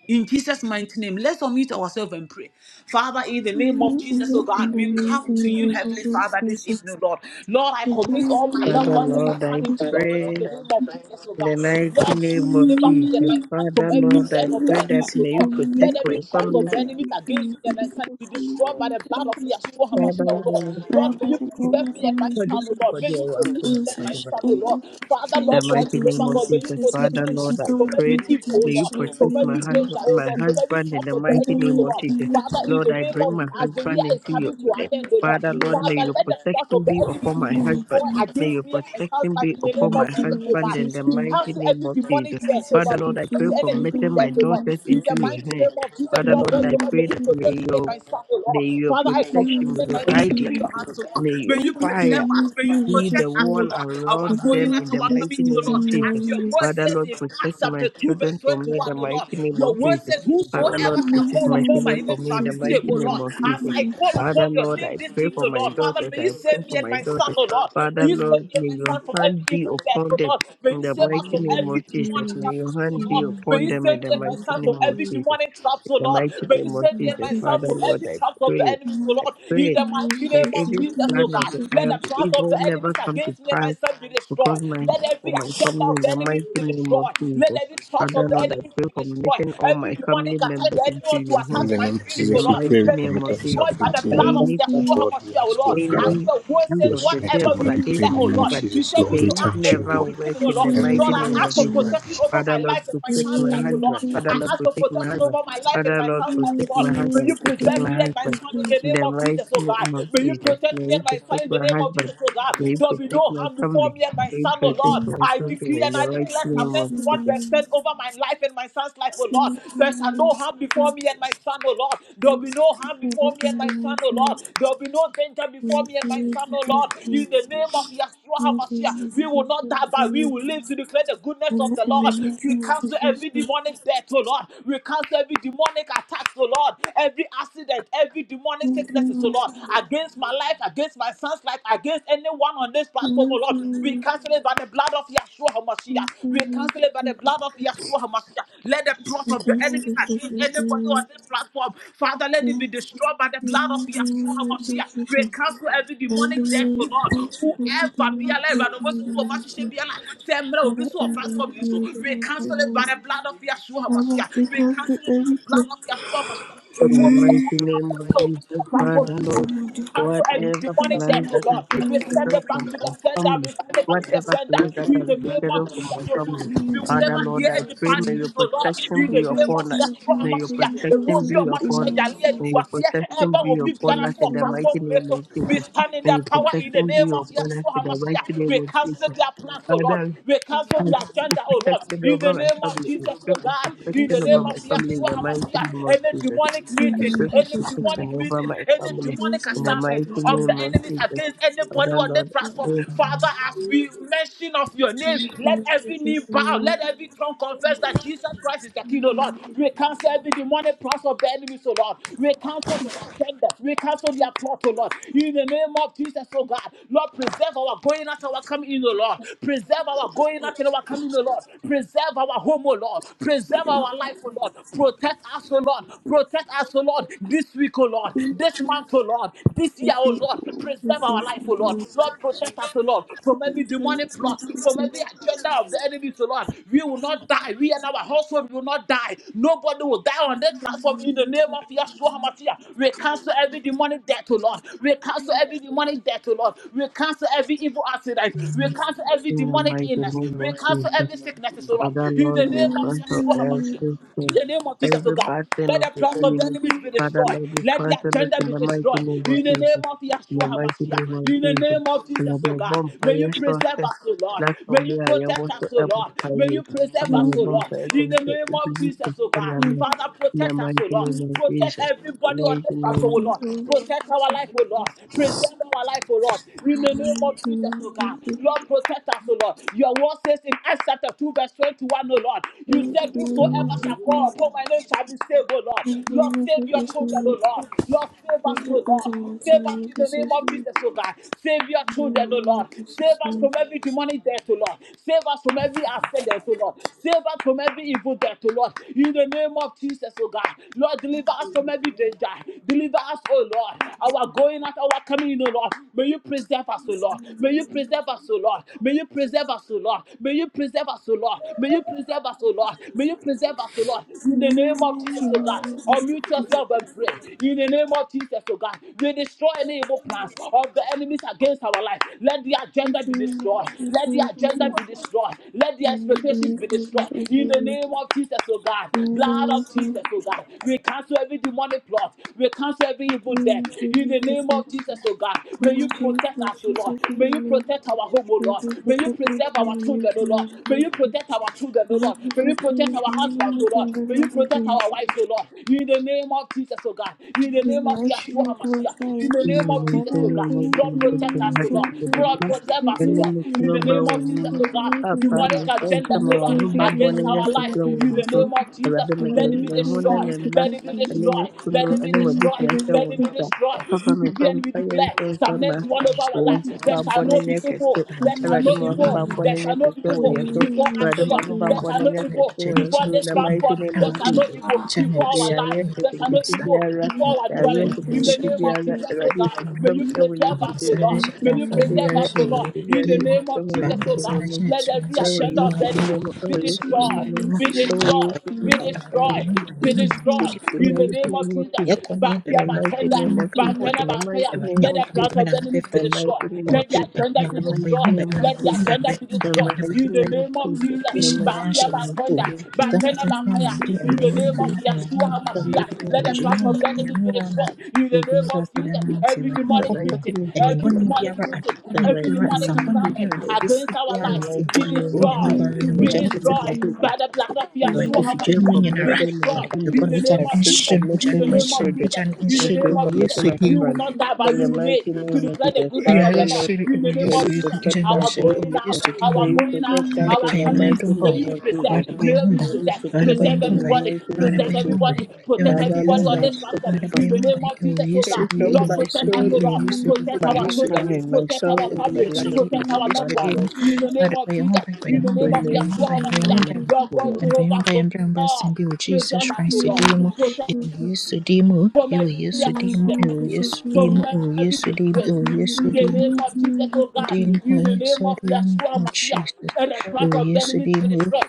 A: In Jesus' mighty name, let's unmute ourselves and pray. Father, in the
F: O
A: name of Jesus, oh
F: Lord, in
A: God,
F: the
A: we come
F: mighty
A: to you,
F: name of
A: Heavenly
F: Jesus
A: Father, this
F: Christ,
A: evening,
F: Lord.
A: Lord. Lord, I commit all
F: Forgive
A: my
F: me,
A: loved
D: Father
F: O
A: ones and my
D: Lord, I
A: son
F: Lord.
A: into your hands in
D: pray
A: the name of Jesus, oh
D: in the
A: God.
D: mighty
A: Lord,
F: Thank
D: name of
A: deliver me and
D: Jesus.
A: my son from
D: Father Lord,
A: every
D: I
A: death of the
D: pray
A: enemy,
D: that
A: oh
D: may you
A: Lord.
D: protect
A: Let
D: my
A: every trap of
D: family.
A: the enemy against me and my son be destroyed by the blood of Yeshua HaMashiach,
D: Father
A: oh
D: Lord,
A: Lord. Lord, may you Protect me and my
D: for the
A: family, Lord.
D: for
A: May you protect me and my
D: the
A: family, Lord. Father,
D: the
A: Lord God,
D: mighty name
A: Jehovah
D: of
A: God, may you
D: Jesus.
A: protect me
D: Father,
A: and
D: Lord,
A: my family
D: I
A: from every
D: pray.
A: evil, oh
D: May you
A: Lord,
D: protect
A: from
D: my
A: every danger,
D: husband,
A: oh
D: my
A: Lord, from every
D: husband in
A: trap
D: the
A: of the
D: mighty
A: enemy,
D: name
A: oh
D: of
A: Lord.
D: Jesus.
A: Father, in
D: Lord,
A: the
D: I
A: name
D: bring
A: of
D: my
A: Jesus, as the year
D: husband into
A: is
D: your
A: coming to an
D: eh,
A: end, oh Lord,
D: Father, Lord, may
A: Father,
D: your
A: let the plot
D: protection
A: of the
D: be
A: enemy
D: upon my
A: be
D: husband.
A: destroyed
D: May your
A: against me and my son's
D: protection
A: life
D: be
A: in the name
D: upon my
A: of Jesus, oh
D: husband
A: God.
D: in the
A: We
D: mighty
A: cancel
D: name
A: every
D: of
A: demonic
D: Jesus.
A: death, oh
D: Father,
A: Lord. We
D: Lord, I pray
A: cancel
D: for
A: any evil
D: meeting
A: death,
D: my
A: oh Lord.
D: daughters
A: In
D: into
A: the
D: your
A: mighty
D: hand.
A: name of Jesus,
D: Father,
A: Lord
D: Lord,
A: God,
D: I
A: oh Lord, may
D: pray
A: you
D: that
F: you.
D: may
A: protect me and
D: your,
A: my son, oh
D: may
A: Lord.
D: your
A: Father, I commit
D: protection,
F: Thanking
A: me
D: may
A: and
D: your
A: my son
F: is
A: into
D: guidance,
F: not
A: your hands, oh Lord.
D: may your
A: May you
F: Father in the
D: fire
A: preserve
F: name
A: us,
F: of
A: may you
D: See
F: Jesus
D: the
A: protect us,
D: wall
A: oh
F: Christ.
A: Lord. Our
D: around
F: Father,
A: going
D: them
F: I
A: out,
D: in the
A: our
D: mighty
F: suggest
A: coming,
F: you
A: oh
D: name
F: to
A: Lord.
D: of
F: me,
D: Jesus.
A: As your
F: Lord.
A: word
D: Father
A: says
D: Lord,
A: in
D: protect
A: Acts
D: my
A: chapter 2,
D: children
A: verse
D: from me
A: 21,
D: in the
A: O
D: mighty
A: Lord.
D: name of
A: Your word
D: Jesus.
A: says,
D: Father Lord,
A: Whosoever shall
D: protect
A: call
D: my
F: Thanking
A: upon my
D: children from
A: name
F: is
D: me in
A: shall
D: the
A: be
F: taking me
D: mighty
A: saved, oh
D: name
A: Lord.
D: of
F: to the
A: As
D: Jesus.
A: I call
D: Father
A: upon your
D: Lord,
A: name
D: I
A: this
D: pray
A: evening,
D: for
A: oh
D: my
A: Lord, Father,
D: daughters.
A: may you
D: I pray
A: save me
D: for
A: and
D: my
A: my son,
D: daughters.
A: oh Lord.
D: Father
A: May you save
D: Lord,
A: me and
D: may
A: my
D: your
A: son from every
D: hand be
A: evil death,
D: upon
A: oh
D: them
A: Lord. May
D: in
A: you
D: the
A: save us
D: mighty
A: from
D: name of
A: every
D: Jesus.
A: demonic
D: May
A: attack
D: your
A: oh
D: hand be
A: Lord. May
D: upon
A: you
D: them in
A: save me
D: the
A: and
D: mighty
A: myself
D: name
A: from
D: of
A: every
D: Jesus.
A: demonic trap,
D: In
A: oh
D: the
A: Lord.
D: mighty
A: May you
D: name of
A: save me and
D: Jesus.
A: myself
D: Father
A: from
D: Lord,
A: every
D: I
A: trap of the
D: pray.
A: enemies, oh
D: I
A: Lord. In
D: pray
A: the mighty
D: May
A: name of
D: every
A: Jesus,
D: plan
A: oh
D: of
A: God.
D: the
A: Let
D: ev-
A: the plans of
D: evil
A: the enemies
D: never come to
A: against me and
D: pass
A: myself be
D: because
A: destroyed.
D: my
A: Let
D: for
A: every
D: my
A: agenda
D: family
A: of
D: in
A: the
D: the
A: enemies
D: mighty
A: be
D: name of
A: destroyed. Let
D: Jesus.
A: every trap
D: Father
A: of the
D: Lord, I
A: enemies
D: pray
A: be
D: for
A: destroyed.
D: making all
A: Every
D: my
A: demonic
D: family
A: attack,
D: members
A: the enemy
D: into
A: want to
D: your
E: In
D: hands
A: attack
E: the
A: my
E: name of
A: spirit,
D: in the
A: oh
E: Jesus, we
A: Lord.
D: mighty
E: pray. We
A: may it be
D: name
E: commit
D: of Jesus.
A: destroyed
E: ourselves
A: by the
E: into you,
A: blood
C: Jesus,
A: of
C: we
D: Any
C: come.
F: name
A: Yeshua
E: Lord. We
A: HaMashiach, oh
E: ask for
A: Lord.
E: your favor,
A: As
D: any
A: your word
D: hand
A: says,
E: your
D: of the
E: strength,
A: whatever
D: devil
A: we
E: Lord. We
A: do
F: of
E: pray
D: against
E: in
A: declare,
E: the
D: my
A: oh
E: name of
A: Lord.
D: comfort.
A: You
E: Jesus,
A: say we
E: Lord.
D: May
E: We
A: should
D: it
A: ask
E: thank you,
A: everything
D: never
E: Lord.
D: work
A: beginning, oh
D: in
A: Lord.
D: the
E: Heavenly
D: mighty
A: Lord, I
E: Father,
D: name of
A: ask for
E: yes, you
D: Jesus.
E: are be.
A: protection over
D: Father
A: my
D: Lord,
A: life and my
D: protect
A: son's
D: my
A: life, oh
D: husband.
A: Lord.
D: Father
A: I
D: Lord,
A: ask for
D: protect my
A: protection
D: husband.
A: over my life and
D: Father
A: my
D: Lord,
A: son's life, oh
D: protect
A: Lord.
D: my
A: May
D: husband.
A: you
D: Protect
A: preserve
D: my
A: me and my
D: husband.
A: son in the
D: In
F: Thank
A: name
D: the
A: of
D: mighty
A: Jesus, oh God.
D: name of
A: May you
D: Jesus.
A: protect
D: May
A: me and
D: you
A: my son
D: protect
A: in the
D: my
A: name of
D: husband.
A: Jesus, oh God.
D: May you
A: There'll be
D: protect
A: no
D: my
A: harm before
D: family.
A: me and my
D: May you
A: son, oh
D: protect
A: Lord.
F: you.
D: my
A: I
D: children
A: decree
D: in
A: and I
D: the mighty
A: declare Psalm
D: name
F: Thank
D: of
A: 91
D: Jesus.
A: verse 10
F: you.
A: over my life and my son's life, oh Lord. There shall no harm before me and my son, oh Lord. There'll be no harm before me and my son, oh Lord. There'll be no danger before me and my son, oh Lord. You in the name of Yahshua HaMashiach. We will not die, but we will live to declare the goodness of the Lord. We cancel every demonic death, oh Lord. We cancel every demonic attack, oh Lord. Every accident, every demonic sickness, oh Lord. Against my life, against my son's life, against anyone on this platform, oh Lord. We cancel it by the blood of Yahshua HaMashiach. We cancel it by the blood of Yahshua HaMashiach. Let the plot of the enemies against anybody on this platform, Father, let it be destroyed by the blood of Yahshua HaMashiach. We cancel every demonic death, life, oh Lord. Whoever be alive, and almost so much shame be alive. Femre will be so a platform you so. We cancel it by the blood of Yeshua
F: Father,
A: Hamashiach. We
F: because the
A: cancel it by
F: every
A: the blood
F: place
A: of Yeshua Hamashiach.
D: In
A: It
D: the
A: will be
D: mighty
A: a platform
D: name of
A: will be so
D: Jesus,
A: a platform
D: Father,
A: you so.
D: Lord,
A: We cancel every
D: whatever
A: demonic death,
D: plans
A: oh
D: that have
A: Lord.
D: been
A: We send
D: scheduled
A: it back
D: for
A: to
D: my
A: the sender. We
D: family,
A: send it back to the
D: whatever
A: sender.
D: plans that
A: In
D: have
A: the
D: been
A: name
D: scheduled
A: of
D: for
A: Jesus,
D: my
A: oh Lord.
D: family,
A: We will
D: Father,
A: never
D: Lord,
A: hear
D: I
A: any
D: pray
A: bad
D: may your
A: news, oh Lord.
D: protection
A: In
D: be
A: the name
F: I
A: of
D: upon us.
F: come to
A: Yeshua
D: May your
A: Hamashiach. It
D: protection
A: will be a
D: be upon
A: massive
D: us.
A: Yali and
D: May your
A: Wasia.
D: protection
A: Ever
D: be
A: will be
D: upon
A: piano
D: us
A: for
D: in
A: a
D: the mighty
A: platform.
D: name of
A: We
D: Jesus.
A: stand in the
D: May
A: their
D: your
A: power in the
D: protection be
A: name of
D: upon us
A: Yeshua
D: in the mighty
A: HaMashiach.
D: name
A: We
D: of
A: cancel
D: Jesus.
A: their plans, oh Lord.
D: Father,
A: We
D: I
A: cancel
D: pray
A: their
D: for
A: agenda, oh Lord.
D: protection
A: In the
D: over my
A: name of
D: family. I
A: Jesus, oh
D: pray for
A: God. In the
D: protection
A: name
D: over my
A: of
D: family in
A: Yeshua
D: the mighty
A: HaMashiach.
D: name of
A: Any
D: Jesus.
A: demonic
D: I
A: meeting,
D: pray for
A: any
D: protection
A: demonic
D: over
A: meeting,
D: my
A: any
D: family
A: demonic
F: Yes,
D: in the
A: assignment
D: mighty
A: of the
D: name of
A: enemies
D: Jesus.
A: against anybody
D: Father
A: on the
D: Lord,
A: platform.
D: oh,
A: Father, as we mention of your name,
F: Thank
A: let
F: you,
A: every knee bow, let every tongue confess that Jesus Christ is the King, oh Lord. We cancel every demonic plans of the enemies, oh Lord. We cancel their agendas. We cancel their plot, oh Lord. In the name name of Jesus, oh God. Lord, preserve our going out, our coming in, oh Lord. Preserve our going out and our coming, in, oh Lord. Preserve our home, oh Lord. Preserve our life, oh Lord. Protect us, oh Lord. Protect us, oh Lord. This week, oh Lord. This month, oh Lord. This year, oh Lord. Preserve our life, oh Lord. Lord, protect us, oh Lord, from every demonic plot, from every agenda of the enemy, oh Lord. We will not die. We and our household will not die. Nobody will die on this platform in the name of Yeshua HaMashiach. We cancel every demonic death, oh Lord. We we cancel every demonic death, oh Lord. We cancel every evil accident. We cancel every
D: in the
A: demonic
D: mighty
A: illness.
D: name
A: We
D: of
A: cancel
D: Jesus.
A: every sickness, oh Lord.
D: Father
A: In the
D: Lord, we
A: name of
D: cancel
A: Yeshua HaMashiach.
D: every
A: In
D: sin,
A: the name of Jesus, oh
D: every
A: God,
D: bad thing
A: let
D: of
A: the
D: the
A: plans of the
D: enemy.
A: enemies be
D: Father
A: destroyed.
D: Lord, we
A: Let the
D: cancel it
A: agenda
D: in
A: be
D: the mighty
A: destroyed.
D: name of
A: In the name
D: Jesus.
A: of
D: In the
A: Yeshua
D: mighty name
A: HaMashiach.
D: of
A: In the
D: Jesus.
A: name of
D: And
A: Jesus,
D: that
A: oh
D: the
A: God, may you
D: bonfire
A: preserve
D: sources
A: us, oh Lord.
D: that from
A: May you
D: where I
A: protect
D: want
A: us,
D: to
A: oh
D: help
A: Lord. May you
D: parade.
A: preserve
D: About
A: us,
D: the
A: oh Lord.
D: bonfire
A: In
D: sources,
A: the
D: it
A: name
D: will be
A: of
D: used
A: Jesus,
D: to
A: oh God,
D: enemy.
A: Father,
D: In the
A: protect us,
D: mighty
A: oh
D: name
A: Lord.
D: of
A: Protect
D: Jesus. In
A: everybody
D: the
A: on
D: mighty
A: this
D: name
A: platform, oh Lord.
F: Thank
A: Protect our life,
F: you.
A: oh Lord. Preserve our life, oh Lord. In the name of Jesus, oh God. Lord, protect us, oh Lord. Your word says in Acts chapter 2, verse 21, oh Lord. You said, Whosoever shall call upon my name shall be saved, oh Lord. Lord, save your children, oh Lord. Lord, save us, oh Lord. Save us in the name of Jesus, oh God. Save your children, oh Lord. Save us from every demonic death, oh Lord. Save us from every accident, oh Lord. Save us from every evil death, oh Lord. In the name of Jesus, oh God. Lord, deliver us from every danger. Deliver us, oh Lord. Our going out, our coming in, oh Lord. May you preserve us, oh Lord. May you preserve us, oh Lord. May you preserve us, oh Lord. May you preserve us, oh Lord. May you preserve us, oh Lord. May you preserve us, oh Lord. In the name of Jesus, oh God. Unmute mute yourself and pray. In the name of Jesus, oh God, we destroy any evil plans of the enemies against our life. Let the agenda be destroyed. Let the agenda be destroyed. Let the expectations be destroyed. In the name of Jesus, oh God, blood of Jesus, oh God, we cancel every demonic plot. We cancel every evil death. In the name of Jesus, oh God, may you protect us, oh Lord. May you protect our home, oh Lord. May you preserve our children, oh Lord. May you protect our children, oh
F: Lord,
A: Lord.
F: we
A: May you
F: thank
A: protect
F: you,
A: our our husbands, oh
F: Jesus,
A: Lord.
F: and the
A: May
F: Lord
A: you
F: of
A: protect
F: the
A: our wives, oh Lord. In the name of Jesus, oh God. In the
F: We
A: name of
F: bless
A: Yeshua
F: you, glorify
A: HaMashiach. In
F: you.
A: the
D: In the
A: name of
F: Father,
A: Jesus, oh
D: mighty
F: we
A: God.
D: name of
F: thank
A: Lord,
D: Jesus,
A: protect us,
F: you,
A: oh
D: Jehovah,
A: Lord.
F: glorify you.
A: Lord,
D: Jehovah,
A: preserve
F: We
A: us, oh
F: do
D: when
A: Lord.
D: we
F: for the
A: In
D: call
A: the
D: by
A: name
F: faithfulness
D: your
A: of Jesus,
D: name,
A: oh
F: and the
A: God.
F: Lord of
D: Papa,
F: them.
A: Demonic
D: we thank you,
A: agendas,
D: my
A: oh
F: Commit
A: Lord,
D: one
F: will
D: who
F: be
D: brought born
A: against
D: in
F: in
D: your
A: our
F: the day
A: life.
F: of
D: castle,
A: In the
D: our beloved,
A: name
F: instruction.
A: of Jesus,
D: Father,
F: For
D: my
F: the
A: let
D: God,
A: it
F: main
A: be
D: my
F: cause
D: home,
F: we
A: destroyed. Let it
F: protect
A: be
F: you.
A: destroyed. Let it
F: In
A: be
F: the name of
A: destroyed.
F: the
A: Let it be
F: Lord,
A: destroyed.
D: Papa,
A: We
D: my
A: decree and we
D: bonfire,
A: declare
D: so so
A: Psalm 91 over our
F: we
A: life. There
F: thank
A: shall
F: you,
A: no be
F: Jesus.
A: evil. There
F: We
A: shall
D: Awurade,
A: no
F: worship
D: ma, my
G: abadingida
D: one who
A: evil.
D: brought
F: you.
D: born
A: There
D: in
G: bambonesha
D: your
A: shall no be evil
F: Lord.
D: castle,
G: ubuyesu
A: before
F: We
A: us, O
D: Father,
F: worship
D: my
A: Lord.
D: one who brought
A: There
F: you. Lord. We worship you. Lord. We worship you.
D: born in your castle, our beloved, Father, my one
A: shall no
D: in your
G: ambasanisha
A: evil
D: castle, our
G: cyane
A: before
G: kino
D: in
A: this
D: the
G: tugenda
D: mighty
A: platform.
D: name
A: There
D: of
A: shall no
F: Lord.
D: Jesus.
G: abatinya
A: evil
G: cyane
A: before
D: Awurade
A: our
G: bishaka
D: yɛawe
A: life. There shall no
D: nketenkete
G: umusa
A: evil
D: biara
F: We
G: and
A: before our
D: yɛawe
A: dwelling. In the
G: ukufurisha
D: nketenkete
A: name of
D: biara
A: Jesus, O
D: Awurade
A: God,
G: ibintu
A: may
D: otwitwam
A: you
D: ɛwɔ
A: preserve
D: Yesu
A: us, O
D: din mu
G: ambasanisha
F: bless
A: Lord. May you
D: Awurade
A: preserve
F: you,
D: yɛawe
A: us,
G: cyafananisha
A: O
F: Lord.
A: Lord.
D: nketenkete
G: ubuyesu
A: In
D: biara
A: the
G: dima
A: name of
D: etwitwam ɛwɔ
A: Jesus,
D: Yesu
A: O
D: din
A: God,
G: bamuzana
D: mu
G: kino
A: let every
G: tugenda
D: ɛwɔ
A: agenda of the
D: Yesu din
G: shidinganya
A: enemy
D: mu
A: be
D: ɛwɔ
G: Yesu
D: Yesu
G: Kristo
D: din
A: destroyed,
D: mu
G: dima
A: be
D: ɛwɔ
A: destroyed,
D: Yesu
A: be
D: din mu ɛwɔ
G: akubaya mu
A: destroyed, be
G: banyana mu nzira
A: destroyed
G: ifu
A: in the
G: n'ifu
D: Yesu
A: name
D: din
A: of
D: mu In
A: Jesus.
G: yakoniye
D: the
A: Backfire,
G: bebe
D: mighty
A: backender,
D: name of Jesus.
A: backender,
D: In the mighty
A: backfire.
G: Awurade
D: name
A: Let
D: of
A: the
G: Nyankopɔn gye
A: plans
D: Jesus.
G: me
A: of
G: na
A: the enemies
G: mebɛfrɛ
D: In
A: be
D: the
G: yi so.
D: mighty
A: destroyed.
D: name of
A: Let the
D: Jesus.
G: Awurade
A: agenda
D: In
A: be
G: Nyankopɔn bɛyɛ ho
A: destroyed.
G: bɛ, Awurade
A: Let
G: bɛyɛ
A: the
G: ho bɛ,
A: agenda
G: bɛyɛ
A: be
G: ho bɛ,
D: the
A: destroyed.
G: Awurade bɛyɛ
D: mighty
A: In
G: ho bɛ.
A: the
D: name of
A: name of
G: Awurade
D: Jesus.
A: Jesus,
D: In the
G: preparation nyinaa
D: mighty
G: hyɛ
A: backfire,
D: name
G: wɔn
D: of Jesus. In the mighty name of
G: so.
A: backender,
G: Mesɛ
A: backender,
G: nkɔsɛnsɛn
A: backfire.
G: ahoɔden, Awurade
A: In
G: ma
A: the
G: no
A: name of
G: nana,
D: Jesus.
G: Awurade
A: Yeshua
D: In the mighty name of Jesus. In the mighty name of Jesus. In the
G: Nyankopɔn.
D: mighty
A: HaMashiach,
D: name
A: let
D: of
A: the
D: Jesus.
G: Asomdwoe ne
A: plans of
G: ɔdɔ,
A: the enemies
G: Nyame
A: be
G: wɔ na
A: destroyed. In
G: sɛ
A: the
G: ebi
A: name
G: mfa
A: of
G: sɛ dɛ
A: Jesus,
G: mount,
A: every
G: Awurade
D: The
A: demonic
D: mighty
G: Nyankopɔn.
A: meeting,
D: name of
A: every
G: Ɛnebɔne
D: Jesus.
A: demonic
G: biara,
A: meeting,
D: The
G: adwemmɔne
A: every
D: mighty
G: biara,
A: demonic
D: name of
G: nsɛmbɔne
A: assignment
D: Jesus.
G: biara da ɛbɛsi
A: against our
G: biara
D: The
G: ne
A: life
G: sɛ,
D: mighty
A: be
D: name
G: oo
D: of
G: Nyame
A: destroyed.
G: baa
D: Jesus.
G: no,
A: Be
D: The
G: mogya no
D: mighty name of
A: destroyed
G: pɛtɛpɛtɛ.
D: Jesus.
A: by the blood of
D: Lord,
G: Awurade
D: I
A: Yeshua
G: fidua
D: pray
G: no mu
D: for
A: HaMashiach. Be
G: nyinara,
D: making my
G: ɔde
A: destroyed
D: family.
A: in
G: adwemmɔne,
A: the
G: wogya
A: name
D: I
G: no
A: of
D: pray
A: Jesus.
D: for
G: ɛnhye no,
A: In
G: wogya
A: the
G: no
D: making
A: the
D: my
A: name of
G: ɛnhye no,
D: children.
A: Jesus,
G: wogya no
A: in
D: I
A: the
G: ɛnhye no,
D: pray
A: name
G: oo
D: for
A: of Jesus,
D: making
G: Yesu
D: my
G: din mu.
A: we will
D: husband.
A: not die, but
D: In
A: we
D: the
A: will
F: Thank
A: live
D: mighty
A: to
D: name of
A: declare the
D: Jesus,
A: goodness
G: Rüya
A: of
D: Father,
A: the
G: yesu
A: Lord.
D: Lord,
G: uri
A: In
G: ubu
A: the name
D: may
G: Yesu
D: you
A: of Jesus,
D: protect
G: yinjira mu
D: us.
A: our
G: ijuru
D: May you
G: ubu
A: going
D: protect
A: out,
G: Yesu
D: us.
G: uri mu
D: May
A: our
D: you
A: going out,
D: protect us in
A: our
D: the
A: coming
D: mighty
A: in, may you
D: name
A: be
D: of
G: Lekhayanantomboy,
D: Jesus.
A: preserved, may you be
D: May
G: Vadabayumbai,
D: you
A: preserved,
D: protect us
A: preserve
D: in the
G: Vadabayumbai,
A: everybody,
D: mighty name of
A: preserve
D: Jesus.
G: Vadabayumbai,
A: everybody, protect
D: Father,
A: everybody on
D: Lord,
G: Vadabayumbai,
D: I
A: this platform.
D: speak
A: In the name
G: Vadabayumbai,
A: of
G: oh
A: Jesus, oh God,
G: yesterday,
D: for
A: Lord,
G: oh
D: my
A: protect us,
G: yesterday,
A: oh
G: oh
D: children.
A: Lord,
G: yesterday,
A: protect
G: oh
D: by
A: our children,
G: yesterday, oh
D: hanging
A: protect
D: myself
G: yesterday,
A: our
G: oh
D: into the
A: family,
D: blood of
G: yesterday,
A: protect
G: oh
D: Jesus.
A: our loved
D: Father,
G: yesterday,
A: ones.
D: Lord,
A: In the name of Jesus,
G: Vadabayumbai,
A: in
D: and
A: the
D: pray
A: name
G: Bayumbai,
A: of
D: me.
A: Yeshua
G: Bayumbai,
A: HaMashiach,
G: Bayumbai.
D: Amen.
A: Lord God,
D: Amen.
G: And by one
A: Jehovah
G: by Mumbai.
A: God.
G: and by Mumbai and by simply with Jesus
A: Preserve us, O
G: Christ a
A: Lord.
G: demo,
A: Protect
G: it will
F: you.
G: yes to demo,
A: from
G: it will yes
A: every
G: to
F: Yes,
G: demo, it
A: accident,
G: will yes to
A: from
G: demo, it
A: every disgrace.
G: will yes to
A: In the
G: demo,
A: name of Jesus, oh God,
G: Yesu
A: in the name of
G: Yerusalemu,
A: Yeshua Mashiach,
G: Jesus.
A: and the plans of the enemies be
G: Yerusalemu,
A: destroyed.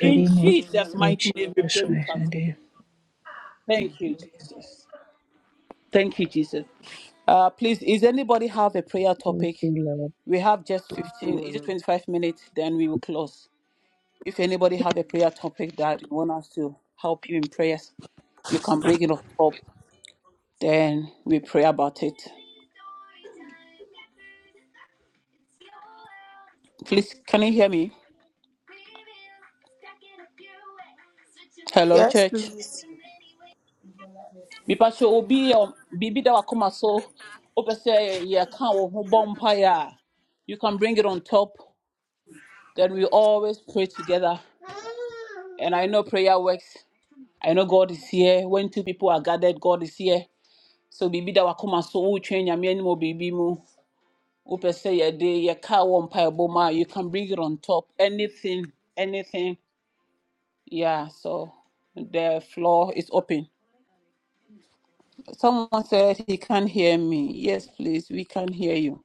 A: In Jesus'
G: oh Ewe Yesudim, Oh oh,
A: mighty name, we
G: Jesus
A: pray with
G: Christ. and then-
A: thanksgiving. Thank you, Jesus. Thank you, Jesus. Uh, please, is anybody have a prayer
D: Thank
A: topic?
D: you, Lord.
A: We have just 15, is it 25 minutes? Then we will close. If anybody have a prayer topic that you want us to help you in prayers, you can bring it up, up, then we pray about it. Please, can you hear me? Hello, church.
F: please.
A: Because you obi um, Bibi da wakuma so open say yeah can who bonfire. You can bring it on top. Then we always pray together. And I know prayer works. I know God is here. When two people are gathered, God is here. So Bibi da wakuma so who change and any more Bibi mu. Open say yeah day yeah can one pyre You can bring it on top. Anything, anything. Yeah, so the floor is open. Someone said he can't hear me. Yes, please, we can hear you.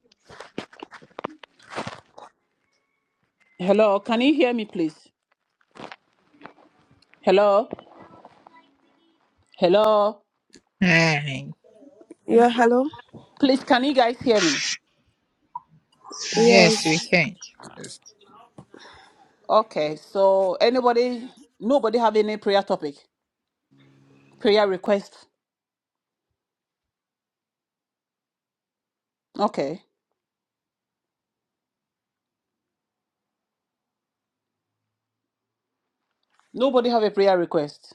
A: Hello, can you hear me, please? Hello, hello.
G: Aye.
F: Yeah, hello.
A: Please, can you guys hear me?
G: Yes,
F: Yes.
G: we can.
H: Yes.
A: Okay, so anybody, nobody have any prayer topic, prayer request? Okay, nobody have a prayer request.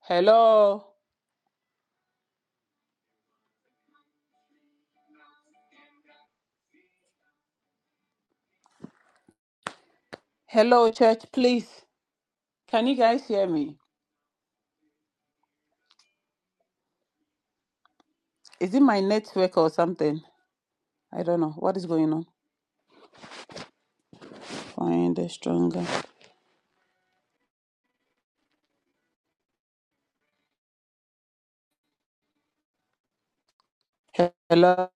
A: Hello, hello, church, please. Can you guys hear me? Is it my network or something? I don't know what is going on. Find a stronger. Hello.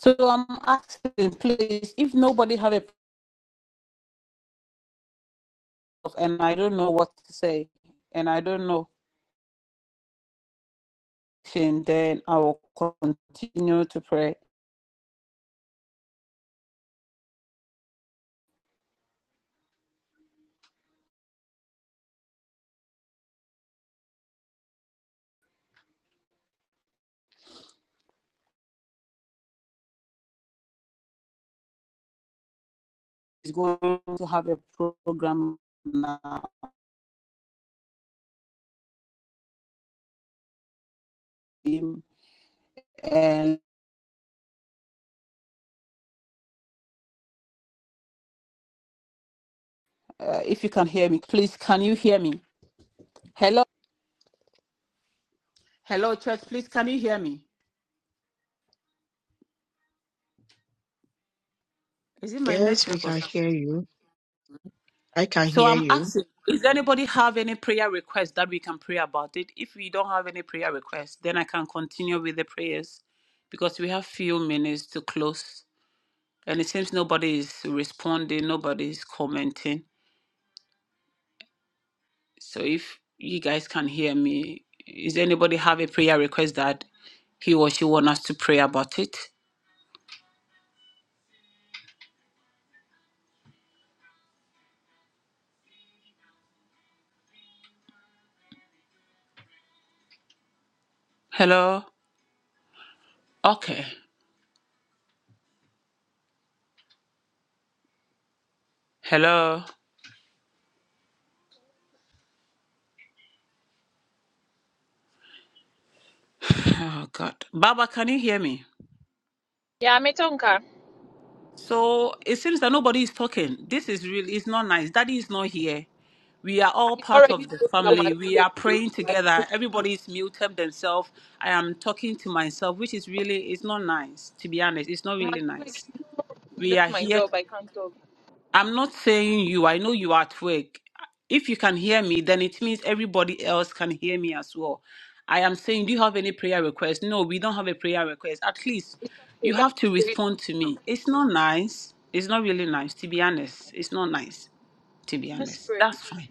A: So I'm asking, please, if nobody have a problem and I don't know what to say, and I don't know, then I will continue to pray. He's going to have a program now. um, And uh, if you can hear me, please, can you hear me? Hello, hello, church, please, can you hear me? Is it my
D: Yes, we
A: network or
D: can
A: something?
D: hear you. I can
A: So
D: hear
A: I'm
D: you.
A: asking, is anybody have any prayer request that we can pray about it? If we don't have any prayer request, then I can continue with the prayers because we have few minutes to close. And it seems nobody is responding, nobody is commenting. So if you guys can hear me, is anybody have a prayer request that he or she want us to pray about it? Hello? Okay. Hello. Oh God. Baba, can you hear me? So it seems that nobody is talking. This is really, it's not nice. Daddy is not here. We are all part of the family. We are praying together. Everybody's muted themselves. I am talking to myself, which is really, it's not nice, to be honest. It's not really nice. We are here. I'm not saying you. I know you are at work. If you can hear me, then it means everybody else can hear me as well. I am saying, do you have any prayer request? No, we don't have a prayer request. At least you have to respond to me. It's not nice. It's not really nice, to be honest. It's not nice, to be honest. That's fine.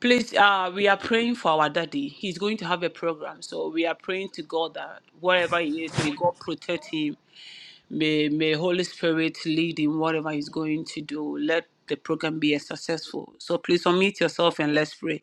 A: Please, uh, we are praying for our daddy. He's going to have a program. So we are praying to God that wherever he is, may God protect him May, may Holy Spirit lead in whatever He's going to do. Let the program be a successful. So please unmute yourself and let's pray.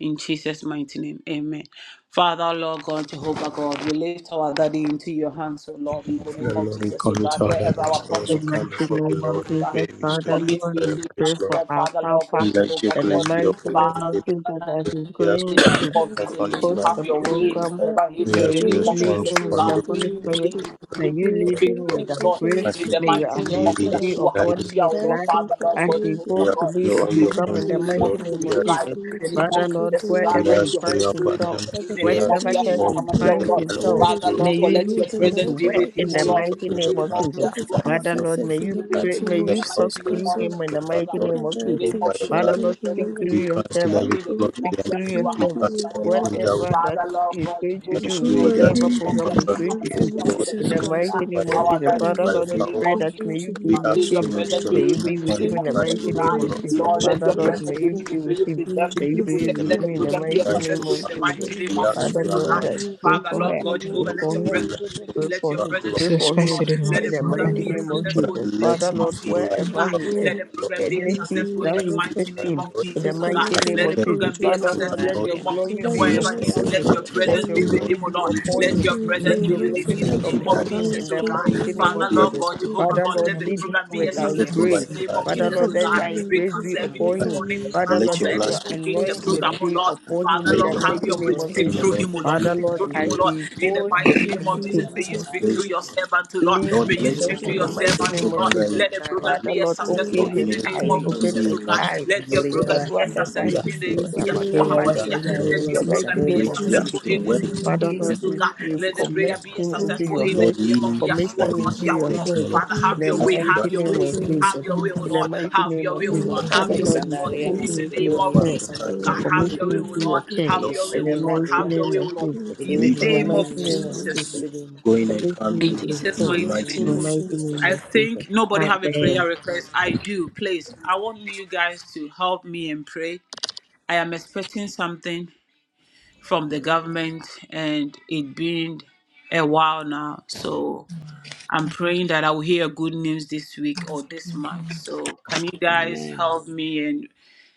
A: In Jesus' mighty name, amen. Father, Lord God, Jehovah God, we lift our daddy into your hands, O Lord, in the name
E: Father,
A: of
E: Lord, we
A: Jesus, O
E: commit
A: God,
E: our lives
A: wherever our
E: into your hands.
D: In
A: prophet
D: the
E: We
A: is, in
D: mighty
E: come
A: the name
E: before
A: of
D: name
E: you,
A: Jesus,
D: of
E: Lord. We
A: O God,
E: pray.
D: Jesus,
E: We seek
D: Father,
E: your
A: commit me
D: Lord,
E: prayer,
D: we
A: into your
D: pray
A: hands, O
E: Lord.
D: for
A: Lord,
D: our
A: Father, Lord
D: Papa.
A: God,
E: Let your
A: Jehovah
D: In the
A: God,
E: grace be
D: mighty
E: upon
D: name
E: him.
D: of
E: Let your
D: Jesus, as
A: Father,
E: grace
D: he's
E: be as
A: in
D: going
E: your
A: the
D: to
A: name of
F: You
E: light
A: Jesus,
F: could
E: upon his
A: may
F: meet
A: you
F: him
D: host
F: in
D: a
A: have
E: life.
A: your
F: prayer,
A: way
D: program.
F: Father,
A: wherever he is,
E: Be
F: please, you
A: in
E: as
D: May
A: the
F: pray
D: you
E: your
A: name
F: me
A: of
D: lead
A: Jesus,
F: direct
E: strength.
A: O
D: him
F: him to
D: with
E: Commit
D: the
E: it
A: God, may
E: to
D: Holy
A: you
F: continue
E: your
F: to
D: Spirit.
A: lead
F: teach.
E: soul.
A: him,
D: May
A: may
D: you
F: May
A: you
F: your
D: lead
A: speak
D: him
A: to
E: Lord.
D: with
F: favor,
A: him,
D: the
A: Lord,
F: grace, and
D: grace.
E: As
A: in
E: you
F: mercy
A: the
F: be
D: May your
A: mighty
F: upon
E: may
A: name
E: you
F: him,
A: of
E: lead
D: anointing
E: and
F: Father
D: be
F: Lord.
A: Yeshua
E: guide him.
D: upon
A: HaMashiach
D: his
A: out, Lord
F: Direct
D: life
F: him
A: Father,
F: to
A: Lord
D: as
F: show
A: God,
D: he
F: me teach
E: Be
D: goes
A: Jehovah
E: as
F: you.
D: to
A: God.
D: lead
E: your
D: a
A: May you
E: oil
A: bring
D: program
E: upon him,
D: in
A: in
D: the
F: May
A: the name of
D: mighty
E: Lord.
F: favor,
A: Jesus,
D: name
A: may
E: Be
D: of
A: you
E: as
F: grace,
A: guide
D: Jesus.
A: in the
F: unity,
A: name of
D: Father, Lord,
F: create
A: Jesus,
F: him
A: oh
F: all
E: your,
A: God.
E: be
F: the
D: wherever
A: Let
D: he
E: as
A: your
F: grace he
A: Holy
D: finds
E: your
F: needs.
A: Spirit be
D: himself,
E: abundance.
A: in
F: Father,
A: the
E: Be
A: name
E: as
A: of
D: whatever
F: strengthen him,
D: church
A: Yeshua
E: for.
D: he
F: give
A: HaMashiach,
E: let
F: him
A: O
D: finds
E: it
F: grace,
E: be
A: Lord.
E: an
D: himself,
A: Father,
F: knowledge,
E: overflow
D: may
A: Lord
F: wisdom,
D: you
A: God, let
D: use
A: your
F: understanding
E: of
D: him
F: that
D: to
A: presence
E: your
A: be
D: work
A: with
F: whatever
D: in
A: him,
F: he's
A: O
D: the
E: abundance and
F: going
A: Lord,
F: to
E: your
D: mighty
A: in
F: do,
A: the
E: grace
D: name
A: name
D: of
E: upon him
A: of
D: Jesus.
F: let it
A: Yeshua
E: tonight,
F: be a
D: Father,
A: HaMashiach.
E: Lord.
D: Lord, may
F: success
A: In
F: in
D: you
F: the
A: the
E: As
D: pray,
F: mighty
D: may
F: name
E: you
F: of
E: step
A: name
D: you
E: out
D: talk
F: Jesus
A: of
E: into his
A: Jesus,
F: Christ.
D: through
A: oh
F: So,
D: him in the
E: program,
D: mighty
A: God.
E: Lord, you
F: Father,
D: name of
A: In the
E: soak
F: direct
D: Jesus.
E: him
A: name
E: by
F: him,
A: of
E: your
A: Jesus,
D: Father,
E: blood.
A: let your
F: strengthen
D: Lord,
F: him, O
D: speak
A: presence be
F: Lord.
D: through
E: We
A: with
D: your
A: him, O
E: cancel
A: Lord.
D: servant.
E: every
A: In the
F: Help
E: plot
A: name
E: of
A: of
D: Think
E: the enemy.
D: through your
F: we
A: Yeshua
E: We
D: servant.
E: cancel
A: HaMashiach,
F: give
A: O Lord.
E: anything
F: him
E: that will
D: Whatever
E: come
D: that
A: Father, Lord
D: is
A: God,
D: going to
A: Jehovah
D: do,
E: against way
A: God, in
F: Global
E: that
A: the
D: whatever
A: name
E: is
A: of
E: not
D: program
F: in
D: is
F: the
A: Yeshua
E: contrary
D: going
E: to
D: to
E: your
F: mighty
D: put,
E: will,
F: name
A: HaMashiach, O
F: of
E: Lord.
A: Lord.
D: in
F: Jesus
D: the
E: We
D: mighty
F: Christ.
E: strengthen by
D: name of
E: your
A: Our
D: Jesus.
A: God,
E: words,
F: Lord,
A: is
D: Father,
E: by
F: may
A: in
E: your
D: Lord,
A: the
D: we
A: name
F: favor
E: power.
D: pray
A: of
D: that
F: continue
D: may
A: Jesus.
F: to
D: you
F: be
E: We
D: be
A: God.
D: with
A: May
E: ask
F: upon
A: your
E: for
D: him.
F: you,
E: your
A: presence be
D: May you
E: restoration
D: be
A: redeemed in the
D: with
E: upon
D: him
A: name
E: him
D: in
A: of
D: the
F: Strengthen
E: as
D: mighty
A: Jesus,
F: him
E: he
A: oh
F: in
E: goes,
D: name
A: God.
F: prayer
D: of
E: Lord.
F: and
E: We
D: Jesus.
A: Lord,
E: ask
F: summon
E: you
A: let
D: Father,
A: your
E: to
D: Lord,
F: knowledge
E: give him
D: may
F: to
A: presence
E: the
A: be
D: you
F: come.
D: be
A: redeemed. May
D: with
A: you
D: him.
F: May
E: message,
F: your
A: preserve him,
D: May
A: may
D: you
A: you
D: be
A: protect
F: blessings
E: the
A: him.
D: with
F: be
A: Let the
D: him in
F: upon
D: the
E: message for
A: program
D: mighty
F: him,
A: be
F: O Lord.
E: tonight's
D: name
A: successful
D: of
A: in
E: program,
A: the
E: Lord.
F: May
D: Jesus.
F: your
A: mighty name
E: We
A: of
E: ask
F: blessings
E: for
D: Father,
A: Jesus,
E: your
A: oh
D: Lord,
A: God.
F: remain
D: I
E: anointing.
F: be
D: pray
F: upon
A: Father,
D: for
F: him
D: her.
A: Lord
E: We
F: in
D: I
A: God,
E: ask
D: pray
E: for
A: Jehovah,
E: your
A: let
F: royalty
D: for
A: your
D: her.
E: oil.
F: and
E: We
A: presence be
E: ask
A: redeemed.
E: for
D: Pray
E: your
F: glory.
A: Let
D: for
A: your
D: him.
E: miracle
A: presence
D: Pray
A: be
G: Jesus
D: for
A: redeemed, oh
E: upon
G: Christ,
D: him
A: Lord.
E: him
G: and then. Oh,
A: Let
D: in
A: the
E: tonight,
D: the
F: Royalty
E: Lord.
D: mighty
A: program
G: and it
A: be
F: and
G: is
D: name of
G: in the
A: successful
E: But
F: glory.
A: in
D: Jesus.
A: the
E: let
A: name
D: Father,
E: him
A: of
D: Lord,
E: flow
A: Jesus,
E: like
A: oh
G: Lord,
D: wherever
F: In
A: God.
E: never
D: he is,
A: Let
E: before,
F: glory, in
A: the
E: Lord.
A: program
E: May
A: be
F: the
E: you
D: any seat
E: use him
F: name
A: successful
D: that
A: in
F: of
A: the
D: he
F: Jesus
E: mightily
A: mighty
D: sits
F: Christ.
A: name
D: in,
E: tonight,
A: of
E: Lord,
D: in the
F: We
A: Jesus, oh
D: mighty
I: Secretary,
A: God.
F: commit
E: as he
D: name
A: Let
F: him to you, O Lord. we call you, we
A: the
D: of
E: step
F: call you,
D: Jesus.
A: program
E: into the
A: be
F: we
D: Father,
F: call you.
D: Lord,
A: successful
E: program,
A: in
D: let
I: Sandari
A: the
E: Lord.
D: your
A: name of
I: Yama
D: glory
A: Jesus,
E: May
D: be
F: Even
E: you
F: your
A: wherever he
E: send
A: is,
E: your
D: upon
E: Holy
F: message
D: him.
A: let your presence
F: dropped
E: Spirit,
I: Secretary,
F: in
E: O
F: the
D: Let
A: presence
D: your
A: be
F: name.
A: with
E: Lord.
D: glory
A: him, O
D: be
A: Lord.
E: May
F: She
E: you
F: came
D: upon
A: Let
D: him.
E: send
A: your
F: into your
D: Let
A: presence
I: Sandori
A: be
D: your
A: with
I: Yama
F: hands
A: him
D: glory
A: in
F: and
D: be
A: the
E: every
A: name
I: Secretary,
A: of
D: upon
F: found
D: him
E: guidance
F: your
D: in
A: Jesus, O
D: the
E: that
F: strength
A: God.
E: we
F: in
E: need
D: mighty
F: me.
D: name of
F: Your
A: Father,
E: toward
A: Lord
F: Holy
D: Jesus.
E: this
A: God,
F: Spirit
E: program,
A: Jehovah
D: Father,
E: O
A: God,
E: Lord.
D: Lord,
F: prepared
A: let the
F: me
D: lead him
A: program be
D: with
F: to
A: as
E: We
D: thy
I: Sandori
F: you.
E: soak
A: successful
I: Yama
E: him
A: in
E: by
D: grace.
A: the
E: your
A: name
E: blood.
A: of
I: Secretary,
F: Pray
D: Father,
I: Yama
A: Jesus,
F: for
D: Lord,
A: O
E: We
D: let
F: more
A: God.
E: soak him
D: thy
I: Sandari,
A: We
D: grace
F: medicine.
D: be
A: cancel
E: by your
A: every
F: Pray
I: Mambi
D: upon
E: blood.
F: for
D: him.
A: demonic
I: Sandori Yama
D: Father,
F: medicine.
A: plans
E: Let
D: Lord,
A: of
E: your
A: the
D: let
I: Secretary,
E: blood
F: Pray
D: your
A: enemies
F: for
E: speak for
A: against the
E: him,
F: medicine.
E: O
A: program,
D: anointing
E: Lord.
A: O
D: be
A: Lord.
D: upon him
A: Father,
D: in
E: Let
D: the
A: Lord,
E: your
I: Yama
A: have
E: blood
A: your
D: mighty
F: Anything
E: speak
A: way.
D: name
I: Secretary,
D: of
E: for
A: Speak
E: him,
I: Yama
E: O
D: Jesus.
A: through
E: Lord.
A: him, O Lord.
E: We
D: Father,
A: Speak
D: Lord,
A: through
E: ask for
A: him,
D: as
A: O
E: your,
A: Lord.
D: he
A: In the
D: goes to
A: mighty
F: that
A: name
F: you
A: of
I: Secretary,
A: Jesus,
F: need to
I: Yama
A: may you
E: your
F: just
A: speak
I: Sandari
A: through
E: grace,
I: Yama
E: O
A: your servant, O Lord.
E: Lord.
D: lead
A: May
E: Lord,
D: the
A: you
F: Thank
I: Sandori
E: let
D: church
A: speak
F: you. I
A: through
D: in
I: Yama
D: the
A: your
D: mighty
E: the
F: should
A: servant, O
I: Secretary,
D: name
F: thank
D: of
A: Lord.
E: program
F: you.
E: that
D: Jesus.
E: he
A: Let
E: is
A: the
E: going
I: Sandari
A: program
E: to.
D: Father,
A: be as
D: Lord,
F: And your
I: Sandori
A: successful
E: Lord,
D: open
A: in
I: Yama
D: his
E: may
A: the
F: message
E: the
A: name
D: eyes,
F: pray
A: of
I: Mamabi,
F: for
E: program
D: open
F: me.
E: be
A: Jesus,
E: a
D: his
A: O God.
E: mighty
D: eyes,
E: program,
A: Let your
E: O
I: Sandori
D: so
E: Lord.
D: that
I: Yama
A: program be as
F: Lord
G: open
A: successful
D: whatever
E: We
D: he
A: in
F: Jesus,
E: ask
F: I
E: for your
G: the
D: sees
A: the
G: doors
F: say,
E: angel.
D: about
A: Yeshua
I: Secretary,
F: Lord
E: We
I: Yama
D: somebody,
E: ask
A: HaMashiach.
E: for
I: Sandari
E: your
F: Jesus.
D: in
A: Let
G: I
I: Yama
D: the
A: your
D: mighty
A: program be a
I: Sandori
D: name of
E: Grace,
I: Yama
E: we
F: Thank
A: successful
E: ask your
F: you,
D: Jesus,
A: in
I: Secretary,
A: the
G: the
E: words
I: Yama
G: Lord
A: name
G: and
A: of
G: all
D: Father,
F: Jesus.
I: Mambi,
G: for
E: and
G: the
D: Lord,
A: Jesus,
F: Thank
A: oh
D: we,
E: wisdom
A: God.
E: upon
D: we
A: Let
E: him
A: the
D: commit
A: prayer
E: tonight,
A: be a
I: Sandori
D: him
F: you,
D: into
A: successful
D: your
A: in
F: Jesus.
A: the
E: Lord. Lord,
D: hands,
A: name
E: lead
A: of
E: him,
G: The
D: commit
E: guide
A: Yeshua
G: spirit
D: him
G: of
E: guiding,
D: into
E: and
A: HaMashiach,
G: your
A: oh
D: your
A: Lord.
G: heart,
E: protect O
D: hands,
G: spirit
E: Lord.
A: Father,
G: of
D: in
G: your
A: have
D: the
A: your
E: As
A: way,
E: we
D: mighty
G: sister,
A: have
E: drive
A: your
E: to
D: name
F: Thank
E: the
D: of
A: way,
F: you,
G: and
I: Yama
E: program,
G: the
F: Jesus.
A: have
D: Jesus.
E: Lord,
A: your
E: we
A: way, oh
D: In
I: Secretary,
E: commit
D: the
E: the
A: Lord.
D: mighty
E: time
A: Have
E: to
D: name
E: your
A: your
D: of
F: I
A: way,
F: got
E: hands,
A: oh
E: we
G: of
D: Jesus,
A: Lord.
F: this
I: Sandoria
E: commit
G: your
F: good
D: Father,
A: Have
I: Marie,
E: the
A: your
G: spirit.
A: way,
D: Lord,
A: oh
D: we
E: roads,
A: Lord.
I: Sandaria
E: we
D: commit
A: In
F: news
E: commit
A: the
D: him into
A: name
D: your
E: every
I: Maseketoria
A: of
E: part of
D: hands,
E: the
A: Jesus,
F: in
E: time
A: oh
E: to
A: God.
I: Masandoria
E: your
D: commit
A: Have
E: hands,
I: Marie.
A: your way,
D: him
A: oh
D: into your
A: Lord.
D: care,
E: Lord.
A: Have
I: We
E: Lord,
A: your way,
E: may
D: in
E: you
A: oh
D: the
I: Sudim
A: Lord.
E: guide
D: mighty
E: and
A: Have
I: Ura.
E: lead
A: your
D: name
A: way,
D: of
A: oh
E: him,
A: Lord.
D: Jesus.
I: We
E: Lord.
A: In
E: May
I: do
A: the
E: you
D: In the
A: name
I: Hinawadi
A: of
E: drive
I: in
D: mighty
E: him
D: name
I: them,
D: of
I: we
A: Jesus,
E: safely,
A: oh
D: Jesus
A: Lord.
I: Sudim.
E: going
D: but
E: and
D: we
E: coming,
D: come
A: In
I: We
D: to
I: do
E: Lord,
A: Jesus'
E: in the
D: repent
I: Hinawadi in
A: mighty
I: them,
A: name.
E: mighty
D: in
E: name
I: we
D: the
E: of
D: mighty name
E: Jesus.
A: I
I: Sudim.
D: of Jesus.
A: think nobody have a
D: Amen.
A: prayer request. I do. Please, I want you guys to help and pray. Miss Payne, from the government, and it been a while now. So I'm praying that I will hear good news this week or this month. So can you guys
I: Amen.
A: help me and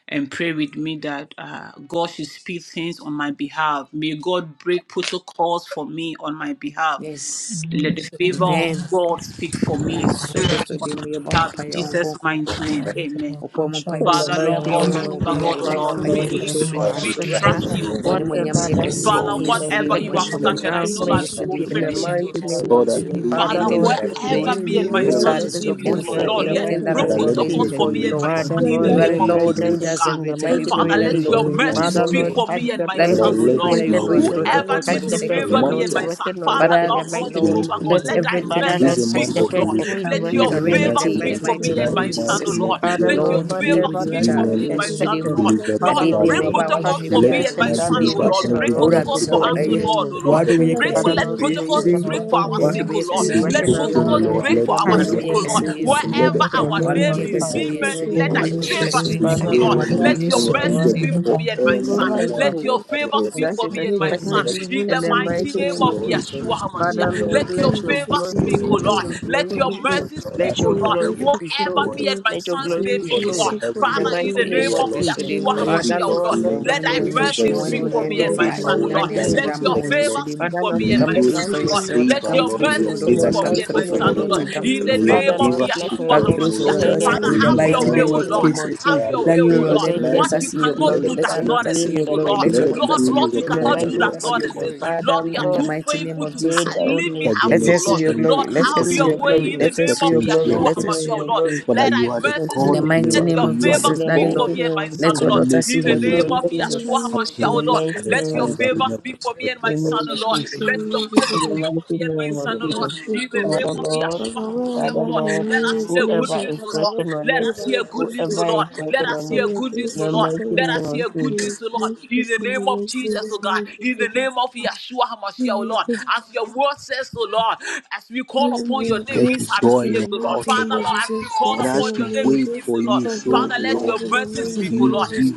A: and pray with me that uh, God should speak things on my behalf. May God break protocols for me on my behalf.
I: Yes.
G: And
A: Let the favor of
I: Amen.
A: God speak for me.
I: yesu kristo din mu yɛbɔ
A: Have in
I: mpaeɛ
A: Jesus'
I: ɔnkronkron
A: mighty name.
I: apa
G: That is
A: Amen.
G: our
I: ɔkɔɔ mu
G: partial
D: In
I: mpaebɔ
D: the
A: Father,
G: son.
I: biaa
D: mighty
G: And
A: Lord
G: I think
A: God,
D: name
I: wafrabɔ
D: of
A: Jehovah
I: biaa
D: Jesus,
A: God, O
I: yɛbɔ
D: Father,
A: Lord,
I: mpaeɛ
A: we
D: Lord,
E: Lord,
I: wɔ
D: we
E: we
D: pray
A: lift,
E: seek
I: yesu
D: for
A: Lord.
E: our
I: din
D: our
I: mu
G: that
A: We
I: so
G: in
E: sister,
I: wura
G: my
E: O
D: sister,
E: Lord,
A: trust you, O
E: wherever
I: wɔne
A: God.
E: we are
I: mu nyam
D: whatever
I: yɛ
G: That
D: that
E: seeking
D: he
G: is,
I: kɛse
G: I'm
I: wɔ
E: for,
A: Father,
D: is
G: trying
E: whatever
I: yesu
G: to
E: we
I: din
A: whatever
E: are
G: give
I: mu
G: my
A: you
D: expecting
I: wɔne
A: have
I: mu
G: chance.
D: from
I: nyam
D: the
A: started,
I: yɛ
E: searching
A: I
I: kɛse
A: know
I: wɔ
A: that
D: government.
G: That
I: yesu
A: you
G: you
A: will
E: for,
I: din
G: be
I: mu
D: In
I: wɔne
D: the
I: mu
A: finish
I: nyam
A: it, O
I: yɛ
D: mighty
A: Lord.
I: kɛse
G: that
D: name
I: wɔ
D: of
E: Lord, I
I: yesu
D: Jesus,
I: din mu
E: believe
G: family. And I
E: you
D: Father,
A: Father,
G: think
E: know
I: anything
D: Lord,
E: his
I: that
G: that's
I: the
G: what
E: heart
D: may
E: there.
I: world
A: wherever
D: you
A: me and
E: You
F: my
D: rain
A: my
G: I'm
E: know
I: your
D: your
E: what
I: child
A: son's
I: is
D: blessings
F: this
E: he's
F: week,
A: name
G: saying.
A: is,
E: looking
A: oh
G: Yes,
I: looking
D: upon
E: for,
A: Lord,
F: my
D: her
I: for
E: Lord.
D: in
A: Lord,
D: the
A: let
F: father,
I: anything
D: mighty
I: that
G: I'm
E: But
A: broke
I: has
G: not
E: I
D: name
I: been
E: let
D: of
G: like
E: it
I: placed
E: be
G: it.
E: a
A: protocols
F: and
D: Jesus.
A: for
E: good
I: before you
A: me
E: news
A: and
G: But
A: my
I: lord
E: for
G: for
D: Father,
A: son
G: the
A: in
E: him.
A: the
D: Lord,
I: you
E: Let
I: are
G: truth,
E: it
D: let
A: name
I: the
A: of
E: be a
D: her
E: good
I: lord
D: get
I: who
A: Jesus, oh
D: into
I: does
E: news
A: God.
D: in the
I: everything
F: my
I: we
D: mighty
E: as we
D: name
A: Father,
I: pray
D: of
I: that
E: wait
I: the
A: let
E: for
D: Jesus.
A: your
I: lord
E: your
I: will go
A: mercy
D: Father,
E: answers,
I: before
A: speak
I: her
D: Lord,
E: Lord.
A: for
D: touch
A: me and
D: the
A: my
I: Daddy
E: But I
D: person
A: son,
I: Lord,
A: oh
D: who
I: we
D: is
F: Isso
E: let
F: que
I: pray
A: Lord.
I: that
E: this
I: you
D: working
E: month
F: me
I: break
E: be
D: on
E: a
D: it.
F: ajuda a
A: Whoever
I: protocols for
E: month,
D: Touch
A: needs
I: the
D: the
A: to
I: sake
F: viver
E: a
I: of
D: person
I: your
A: favor
F: em
D: who
A: me
E: month
A: and
D: is
E: of
A: my
I: daughter.
A: son,
D: working on it
F: desespero.
A: Father,
D: in
I: Father,
D: the
A: Lord God,
D: mighty name
I: Lord,
G: Jesus Christ,
A: Jehovah
D: of
E: deliverance.
A: God,
I: let
D: Jesus.
A: let
G: and
A: thy
F: Tudo
D: Father,
I: everything
F: isso
A: mercy
I: that
E: This
D: Lord,
E: is a
F: que
D: touch
A: speak,
I: she's
E: month
D: the
A: oh
E: of
I: looking
A: Lord.
D: person
I: for
D: who
E: deliverance.
D: is
I: come
A: Let
E: This
D: working
A: your
I: into
E: is
D: on
E: a
D: it
F: me
D: in
A: favor
D: the
E: ninth
I: reality
F: ajuda
I: in
F: a
I: the
A: speak
D: mighty
E: month,
A: for
F: viver
I: mighty
A: me
D: name
F: em
A: and
I: name
D: of
I: of
A: my
E: nine
D: Jesus.
A: son,
F: desespero.
E: month
A: oh
E: in
I: Jesus.
A: Lord.
E: every
D: Father
E: year.
A: Let
F: Eu
D: Lord,
A: your
I: Lord,
A: favor
I: be with
D: whatever
I: your
A: speak
D: that
A: for
I: child.
D: is
A: me
E: Women
A: and
F: acho
A: my
F: que me
A: son,
I: Yesterday,
A: oh
I: mu
D: expected,
F: ajuda a
A: Lord.
E: deliver
F: viver
E: the
D: Father
A: Lord,
I: ade
D: Lord,
E: child,
D: may
A: break
E: Lord.
D: you
I: waba a
F: em
D: touch
A: protocols
I: wahwehwɛ
F: desespero.
D: the
A: for
I: bi
E: Let
A: me
I: a
A: and
E: this
I: wɔ
A: my
D: person
E: man
D: that
A: son,
D: is
F: The
A: oh
E: deliver
F: person
A: Lord.
D: working
E: every
F: who
A: Break
D: around us
I: Owura
D: in
A: protocols
E: breakthrough
F: receives
I: bɛsrɛ
D: the
A: for
F: me
E: that
I: wo
A: us,
E: he
D: mighty
A: oh
I: ɛyɛ
E: needs,
D: name
A: Lord,
D: of
A: oh
E: every
A: Lord.
G: I
D: Jesus.
I: w'adom yɛ
G: don't
E: document
F: whoever
A: Break,
G: want
E: that
F: I
D: Father
I: kɛse
E: needs
A: let.
E: to
G: to
I: wɔ
D: Lord,
E: be
F: will
A: Let
D: may
I: Yesu
D: you
A: protocols
I: din
E: released
D: touch
F: appears,
E: to
I: mu.
D: the
A: break
G: Lord
A: for
E: him,
F: wherever
E: Lord.
A: our
F: I
G: and
D: person
I: W'adom
A: sake,
F: am
G: Lord
A: O
I: yɛ
F: is
D: who
A: Lord.
D: is
I: kɛse
E: We
F: raised
I: wɔ
G: and Lord
F: and
A: Let
D: working
G: and
I: Yesu
E: soak
I: din mu.
E: him,
F: may
G: Lord
A: protocols
D: around
F: your
D: us
G: and
E: Lord.
A: break
D: in
F: life
E: Let
A: for
D: the
F: and
E: your
A: our
G: and I
D: mighty
I: W'adom
F: favor
E: word
A: sake,
I: yɛ
A: O
D: name
I: kɛse
A: Lord.
D: of
E: speak
F: continue
I: wɔ
G: can
E: for
F: to
I: Yesu
D: Jesus.
E: him.
G: and
I: din
E: Let
I: mu.
F: shine.
G: and
E: the
A: Wherever
G: the
D: In the
A: our
E: heavens
G: time
D: name
I: W'adom
E: open
F: May
G: and
A: name
D: of
I: yɛ
G: the
E: to
F: your
A: is
I: kɛse
D: Jesus,
G: time.
E: speak
I: wɔ
D: in
A: being
F: life
E: for
D: the
F: and
I: Yesu
D: name
E: him.
A: mentioned,
I: din
G: If
D: of
A: let
F: favor
I: mu.
G: we
A: thy
E: Lord.
F: your
I: W'adom
D: Jesus.
G: used
I: yɛ
G: to do
A: favor
F: grace
I: kɛse wɔ
F: speak
E: We
G: and
A: speak,
F: on
I: Yesu
G: the
A: O
D: Father
F: her
I: din
E: pray,
A: Lord.
I: mu.
G: kind
D: Lord,
E: Lord,
G: if
F: behalf.
I: W'adom
E: you
D: whatever,
F: and
G: we
A: Let your
I: yɛ
E: send
G: used
I: kɛse
G: to
E: your
G: do
A: mercy
E: angel
A: speak
G: and the
E: before
A: for
D: whatever,
A: me
G: kind
A: and
F: we
G: of
A: my
F: will
A: son.
F: rise
E: anyone
D: whatever
F: to
A: Let
G: good
A: your
F: hear
E: in charge of
A: favor
E: the
F: today's
A: speak
D: that
A: for
D: is
E: document
F: speaker
A: me and
F: here
G: for
A: my
E: is
A: son.
F: behalf
D: expected
F: in
G: years.
F: the
E: expected,
A: In
D: in
A: the
E: Lord.
F: mighty
D: the
F: name of
D: mighty
A: mighty name
F: Jesus
D: name
E: May
A: of
E: your
D: of
F: name.
E: Holy
D: Jesus.
E: Spirit
A: Yeshua
E: speak for
D: Father
F: In
A: HaMashiach,
F: the
E: him,
D: Lord,
E: Lord.
A: let
F: mighty
D: let
A: your
F: name of
D: your
A: favor
F: Jesus
E: May
F: name,
E: your
D: glory,
F: we
A: speak, O
F: will
E: angel
D: let
A: Lord.
F: grace
D: your
E: speak
F: speak
E: for
A: Let
D: glory
F: for
E: him
D: be
F: her
A: your
D: shown.
F: ear.
E: tonight,
A: mercy
E: Lord.
A: speak,
D: Let
E: As we
A: O
D: your
F: We will
A: Lord.
E: gather
D: glory
F: grace
E: here to
F: speak
D: be
F: for
E: pray
F: her
A: Whatever
D: shown.
E: for him,
A: me and
F: ear.
A: my
D: Let your
A: son's
F: We
D: glory
F: will
A: name
D: be
A: is,
E: Lord, Lord,
A: O
F: please
E: may
A: Lord.
D: shown
E: the
F: speak for
D: in
E: heaven
F: her
D: the
E: hear
A: Father,
D: mighty
A: in
E: our
A: the
F: ear.
D: name
A: name
I: Yesu
E: prayer,
D: of
A: of
E: Lord.
I: Kristo
F: In
D: Jesus.
I: di
F: the
I: mu
A: Yeshua
F: name
I: wura.
F: of
A: HaMashiach,
E: Every
D: Father
F: Jesus
A: O
D: Lord,
A: Lord,
I: Sɛ
F: name.
D: let
E: document
D: your
I: wɔn
A: let
I: ne
E: is
A: thy
D: glory
F: Let
D: be
I: monyam
F: your
I: hyɛ
A: mercy
F: grace
D: shown
I: wɔn ne
E: expecting,
A: speak
F: speak
D: on
A: for
I: monyam
D: your
F: for
A: me
E: every
A: and
F: her in
A: my
D: daughter in
A: son,
D: the
A: O
F: the
A: Lord.
E: paperwork
F: mighty
E: that
D: mighty
F: name of
D: name
E: is
D: of
A: Let
F: Jesus
A: your
D: Jesus.
F: name.
E: expecting,
A: favor
I: Yesu
E: Lord.
I: di mu.
A: speak
D: Father
A: for
D: Lord,
E: May
A: me and
E: he
F: Let
I: Come
F: your
A: my
D: let
E: go
F: grace
D: her
A: son,
I: through
D: life
E: through
I: for
A: O
F: speak
I: your
D: be
E: your
A: Lord.
F: for her.
I: daughter,
A: Let
E: favor,
I: come
A: your
E: Lord.
I: through
D: expected
E: May
I: for
E: your
A: mercy
I: your
F: Father,
D: in
F: may
A: speak
E: favor
D: the
I: daughter,
F: your
A: for
I: come
A: me
E: speak
F: grace
D: mighty
A: and
I: through
E: for
A: my
F: speak
I: for
E: him,
D: name
F: for
I: your
D: of
A: son, O
E: Lord.
F: her
A: Lord.
I: daughter,
F: in the
I: come
D: Jesus.
A: In
I: through
A: the
E: May
F: mighty
I: for
E: your
I: your
F: name
A: name
D: Father
F: of
A: of
I: daughter,
D: Lord,
E: favor
F: Jesus name.
D: let
F: In
E: speak
D: her
A: Yeshua
I: come
E: for
D: get
E: him,
I: through
E: O
D: it,
I: for
A: HaMashiach.
E: Lord.
I: your
D: let
F: the
D: her get
I: daughter
F: name
A: Father,
F: of
D: it
I: in
E: May
F: Jesus name. In the name of
I: the
E: you
D: in
A: have
D: the
A: your
F: Jesus
I: mighty
F: name.
A: way,
E: grant
D: mighty
I: name
A: O
I: of
E: her
A: Lord.
D: name
E: a
D: of
I: Jesus.
A: Have
E: desire,
D: Jesus.
A: your
E: Lord.
A: way,
I: Let your
E: In
A: O
D: Let
I: Lord,
E: this
A: Lord.
I: let
D: her
I: your
E: nine
D: get
A: What
I: daughter
D: it
A: you
I: see
E: months,
I: your
E: Lord,
D: within
E: let
A: cannot
I: glory.
E: it
D: the
A: do
E: be
I: Let your
A: does
D: time
I: daughter
E: good
A: not
E: news.
I: see
D: frame in
A: exist,
I: your
A: O
D: the
I: glory.
A: Lord.
D: mighty
I: Let
E: Let
I: your
D: name
E: it
D: of
E: be
I: daughter
A: Lord,
D: Jesus.
I: see
E: good
I: your
A: Lord,
E: news
A: you
D: In
I: glory.
D: the
E: upon
I: Let
A: cannot
E: her,
D: mighty
I: your
A: do
D: name
E: Lord.
A: does
I: daughter
D: of
I: see
E: We
A: not
I: your
D: Jesus,
E: commit
A: exist.
I: glory.
E: her
D: Father,
A: Lord,
E: into
A: you are
I: In the
E: your
D: Lord,
A: too
E: hands.
I: mighty name
A: faithful
I: of
A: to
D: pray
A: ha-
I: Jesus,
D: that
I: Lord,
A: leave me
D: may
E: Sister
D: she
A: half
I: let
A: you,
I: us
E: Janet
I: see
A: Lord.
D: receive
E: into
I: your
D: it.
E: your We
A: Lord,
I: glory.
E: commit
D: May
I: Let
D: she
A: have
I: us see
A: your
I: your
E: whatever
A: way
I: glory.
D: receive
A: in
E: she
D: it.
A: the
I: Let us
A: name
I: see
E: expects
A: of
I: your
D: In the
E: into
I: glory.
E: your
D: mighty
E: hands,
A: Yeshua
I: Let
E: Lord.
I: us
A: HaMashiach,
I: see
D: name
A: O
I: your
D: of
A: Lord.
I: glory.
D: Jesus,
E: Father,
A: Let thy
E: you are the
D: may
A: mercy
D: she
I: In the
E: God
A: speak
E: of
A: speak.
I: mighty
A: Let
D: receive it.
I: name
A: your
E: miracles.
I: of
E: You are
A: favor
D: In
E: the
I: Jesus,
D: the
I: Daddy
A: speak
D: mighty
E: God
A: for
I: Lord,
A: me and
D: name
A: my
D: of
A: son,
I: let
A: O
E: that
I: your
D: Jesus,
A: Lord.
I: daughter
E: make
I: see
A: In the
D: may
I: her
D: she
E: things
A: name
I: glory.
A: of
I: Let your
F: In
D: receive it.
I: daughter
A: Yeshua
I: see your
A: HaMashiach,
I: glory.
D: In
A: O
D: the
E: happen
A: Lord.
D: mighty
E: at a
A: Let
D: name
A: your
E: time
D: of
E: that we
A: favor
D: Jesus,
E: never
A: speak for me and
D: in the
A: my
E: expected, Lord.
D: name
A: son, O
D: of
A: Lord.
D: Jesus,
A: Let
F: the
A: your
F: name of
D: in
A: mercy
F: Jesus
D: the
F: name.
A: speak for me
D: mighty
A: and my
D: name of
A: son,
F: forgive
A: O Lord.
D: Jesus.
F: us,
A: In the
F: people.
A: name
D: Father,
A: of
D: Lord,
A: Yeshua
F: Father,
A: HaMashiach, O
D: Father,
F: wherever
A: Lord.
F: her
D: Lord,
A: Let
F: name
A: us
F: is
A: hear good
D: whoever
F: mentioned,
A: news,
D: is
A: O
F: Father,
A: Lord.
F: let
D: working on
F: it
A: Let
D: it,
F: be by
A: us
F: your
A: hear good
F: grace,
A: news, O
D: whoever
F: people.
D: is
A: Lord. Let us
D: working
A: us
D: on
F: May
D: it,
A: hear
F: your
A: good news,
F: grace
D: in
A: O
D: the
A: Lord.
F: speak
D: mighty
F: for us.
A: Let
D: name
A: us
D: of
A: hear
F: May
A: good
D: Jesus.
A: news, O Lord.
F: your
A: In
F: grace
A: the
F: speak in
A: name
F: the
A: of
F: mighty name
A: Jesus, O God.
F: of
A: In
F: Jesus.
A: the name of Yeshua HaMashiach, O
F: Amen.
A: Lord. As your word says, O Lord, as we call
F: Father,
A: upon
F: may
A: your
F: your
A: name,
E: There
A: we
F: grace
E: be
A: shall be
F: speak
E: joy in
F: in the
A: saved,
E: the
A: O Lord.
E: house,
F: mighty
E: O
A: Father,
F: name of
E: Lord.
A: Lord, as we
F: Jesus
A: call
E: And
F: Christ.
E: as
A: upon
F: Father,
A: your
E: she
F: may
A: name
F: your
A: this
E: wait
F: grace
E: for
A: evening, Lord.
F: speak
E: you,
F: on
E: so,
F: her
A: Father, let
F: behalf
E: Lord,
A: your
F: in the
A: mercy
F: mighty
A: speak, O
F: name
E: you
F: of
A: Lord.
F: Jesus
E: give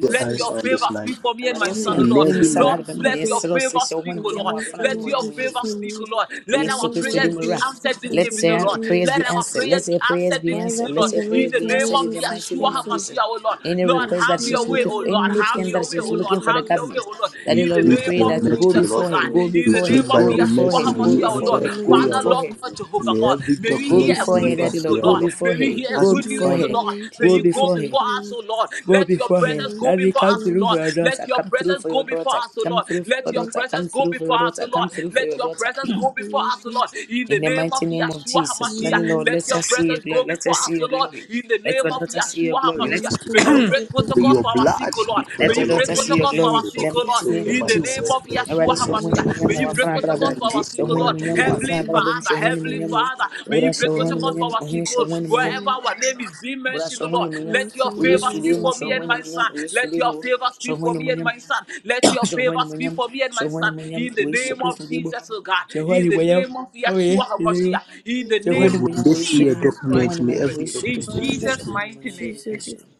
E: the
F: Christ.
A: Let your
E: answer
F: May
E: on
A: favor
E: this 9
A: speak for me and
I: Awurade,
A: my
I: wo se
F: your
A: son, O
I: yɛn
E: In
A: Lord.
I: me
F: grace
E: every
F: and
I: mmisa na
E: night,
A: Lord,
F: mercy
I: adebɛm na
F: speak
A: let
F: on
A: your
I: yɛsrɛ wo sɛ
A: favor
I: hyɛ wo ho
F: in
A: speak, O
F: the
I: animuonyam
A: Lord.
I: wɔ w'afenaa ho
F: mighty
A: Let
I: wɔ
F: name of
A: your
I: w'animuonyam.
A: favor
F: Jesus.
A: speak, O
F: Amen.
A: Lord.
I: For
A: Let
F: Father,
A: our
I: Yesu Kristo
F: may your
I: din
A: prayers
I: mu
A: be
I: ra.
F: grace speak
A: answered this
F: in
I: Let's
A: evening,
I: say
A: O
F: the
I: uh,
A: Lord.
F: mighty name
I: prayers
F: of
A: Let
I: be
A: our
I: answered.
A: prayers
I: Let's
F: Jesus.
A: be
I: say prayers
A: answered
I: be
A: this
F: Father,
I: answered.
A: evening, O
F: in
I: Let's
A: Lord.
I: say
F: the
A: In
I: prayers
A: the
I: be
F: name
A: name
F: of
I: answered
A: of
I: in the
F: Jesus
I: mighty
A: Yeshua
I: name of
F: Christ,
I: Jesus.
A: HaMashiach, O Lord.
I: Any
A: Lord,
I: request
F: please
I: that
A: have
F: give
I: she's
A: your
F: me
A: way,
I: looking
A: O
I: for,
F: the
A: Lord. Have
I: anything
F: blessing
I: that
A: your way,
F: of
I: she's
A: O
F: all
A: Lord.
I: looking for the
A: Have your
F: things.
A: way,
I: government,
A: O Lord.
I: that
E: we
I: the
A: In
I: Lord
A: the
I: we
F: In the
E: plead
A: name
I: pray
E: by your
A: of
I: that you
F: name of
I: go
E: mercy, O
A: Jesus, O
E: Lord.
I: before
F: Jesus,
I: her,
A: God.
I: go
F: we
A: In
E: We
A: the
I: before
E: plead
I: her,
A: name of
E: by
I: go
E: your
F: pray for
I: before
A: Yeshua
I: her,
E: mercy.
F: good
E: May
I: go
E: you
A: HaMashiach,
F: news
A: O
F: in
I: before
E: answer
A: Lord.
F: the
E: our
I: her, go
F: mighty
E: prayer,
F: name
E: O
A: Father,
F: of
A: Father,
I: before
E: Lord.
I: her,
A: Lord
F: Jesus.
A: God, Jehovah
E: May
A: God.
E: every
F: Pray
A: May we
F: for
I: go
F: good
A: hear
E: document
A: a
E: be
I: before
A: good
I: her,
F: news
I: that
E: delivered
F: and
I: the
A: news,
E: to
A: O
I: Lord
E: you, O
I: go
A: Lord.
E: Lord.
I: before
A: May we
I: her,
F: pray
A: hear
F: for
A: a
E: As
I: go
F: good
E: we
A: good news,
F: news
I: before
E: come
A: O
F: in
I: her,
E: on
F: the
A: Lord.
F: mighty
A: May
I: go
F: name
A: you
F: of
A: go
I: before
F: Jesus'
I: her.
A: before us,
F: name.
A: O Lord.
I: Go
A: Let your
I: before her.
A: presence
F: Amen. Amen.
A: go
I: Daddy,
A: before
I: come
A: us,
I: through for
A: Lord.
I: your
A: Let
I: daughter.
A: your
I: Come through
A: presence
I: for
A: go
I: your
A: before
I: daughter.
A: us, O
I: Come
A: Lord.
I: through for
A: Let
I: your
A: your
I: daughter. Come
A: presence go
I: through for
A: before
I: your
A: us, O
I: daughter. Come
A: Lord.
I: through for
A: Let
I: your
A: your
I: daughter.
A: presence go before us, O Lord. In
I: In
A: the
I: the
A: name of
I: mighty name of
A: Yeshua
I: Jesus, let the
A: HaMashiach,
I: Lord
F: Amen.
I: let
A: let your
I: us see your
A: presence go
I: glory. Let
A: before
I: us see
A: us, O
I: your glory.
A: Lord. In the
I: Let
A: name
I: your
A: of
I: daughter see your
F: Amen. Amen.
A: Yeshua
E: your
I: glory.
E: mercy,
I: Let
A: HaMashiach,
F: Amen.
A: may
E: O
A: you
F: Jesus, we
A: break
E: Lord. May
A: protocols
E: your
A: for our sick,
E: blood
A: oh Lord.
E: speak for you,
A: May
I: let
E: O
I: your
A: you
E: Lord.
A: break
I: daughter see your
A: protocols for our
F: in
I: glory.
E: O
I: In the
A: sick,
E: Lord,
A: oh
E: be
A: Lord.
I: mighty
F: Jesus'
I: name
E: soaked
A: In
I: of
E: by
A: the
F: name.
E: your
A: name
E: word,
I: Jesus.
A: of
E: O Lord.
I: Already
A: Yeshua
I: show when
F: Amen.
I: when
F: Jesus,
A: HaMashiach.
F: we
A: May
I: yamu
A: you
F: pray for
A: break
I: wafana
F: good news
E: Father,
A: protocols
I: brabum.
E: in
A: for our
E: this
A: sick,
I: Show
A: oh
I: when
A: Lord.
I: when
E: month,
F: in the
E: may
I: yamu
E: there be,
A: Heavenly
F: mighty
I: wafana
F: name
I: brabum.
A: Father,
F: of
I: Show
F: Jesus'
I: when when
A: Heavenly
F: name. Amen.
I: yamu.
A: Father. May you
I: Ura show
A: break
F: Jesus, we pray for
I: when
F: good
I: when
A: protocols for
I: yamu.
A: our sick,
F: news
I: Ohini
A: oh
I: show
F: in
A: Lord.
I: when
F: Jesus'
I: when yamu.
A: Wherever
F: name.
A: our name is being
I: Ura
A: mentioned,
I: show
A: oh Lord.
I: when when yamu.
F: Father,
A: Let your
I: Uye
A: favor
F: Jesus
A: speak
F: is
I: sulimu
A: for
I: show
A: me
F: good.
A: and
I: when
A: my
I: when yamu.
A: son.
I: Uye
A: Let your
I: sulimu
A: favor
I: show
A: speak for
I: when
A: me
I: when
A: and
I: yamu.
A: my son. Let your
I: Show
A: favor
I: when when
A: speak
I: yamu.
A: for me and my
I: Show
A: son.
I: when when yamu.
A: In the
I: Uye
A: name of
I: sukristo dibo.
A: Jesus, oh God.
I: Show when
A: In the
I: when yamu.
A: name of
I: Oh
A: Yeshua
I: yes,
A: HaMashiach. In
F: Thank
A: the
F: you
E: Lord,
I: Yohane
A: name of
E: when
I: mwenyamu
E: they
I: Yesu
E: see a
I: alimu-
A: Jesus Christ,
E: document,
I: Yohane
A: we
E: may
A: pray.
I: mwenyamu
E: every
I: Yesu
A: In
E: document
I: Kristo
E: go into
I: aliyeonyeshwa
A: Jesus'
E: effect.
I: Yohane
A: mighty
I: mwenyamu
A: name.
I: Yesu. limu.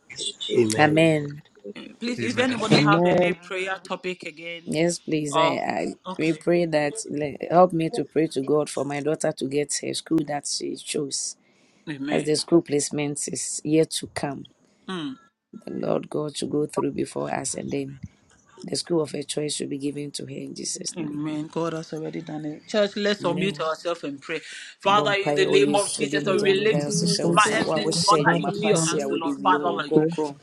F: for
E: Amen.
I: Amen.
F: worshiping.
A: Please, is there
H: Amen.
A: anybody have
D: Amen.
A: any prayer topic again?
I: Yes, please. I,
A: Or
I: I we
A: okay,
I: pray that le- help me to pray to God for my daughter to get a school that she chose, as
A: Amen.
I: the school placement is yet to come.
A: Mm.
I: The Lord God to go through before us, and then the school of her choice should be given to her in Jesus' name. Amen. Yɛbɔ mpaeɛ wɔ Yesu so din mu
F: In the
I: gyaa me
F: mighty
I: baeɛ wo sɛ
F: name of
I: hyɛ wo
D: Thank
I: nsa.
D: you,
F: Jesus
I: Wo a
D: Jesus.
F: Christ,
I: wohyɛ
F: we
I: adwuma
D: Father,
I: pa
F: commit
D: Lord,
I: ase a
F: you
I: wode
F: to
I: wie
F: the
I: Honhom
F: hands
D: pray.
I: Kronkron.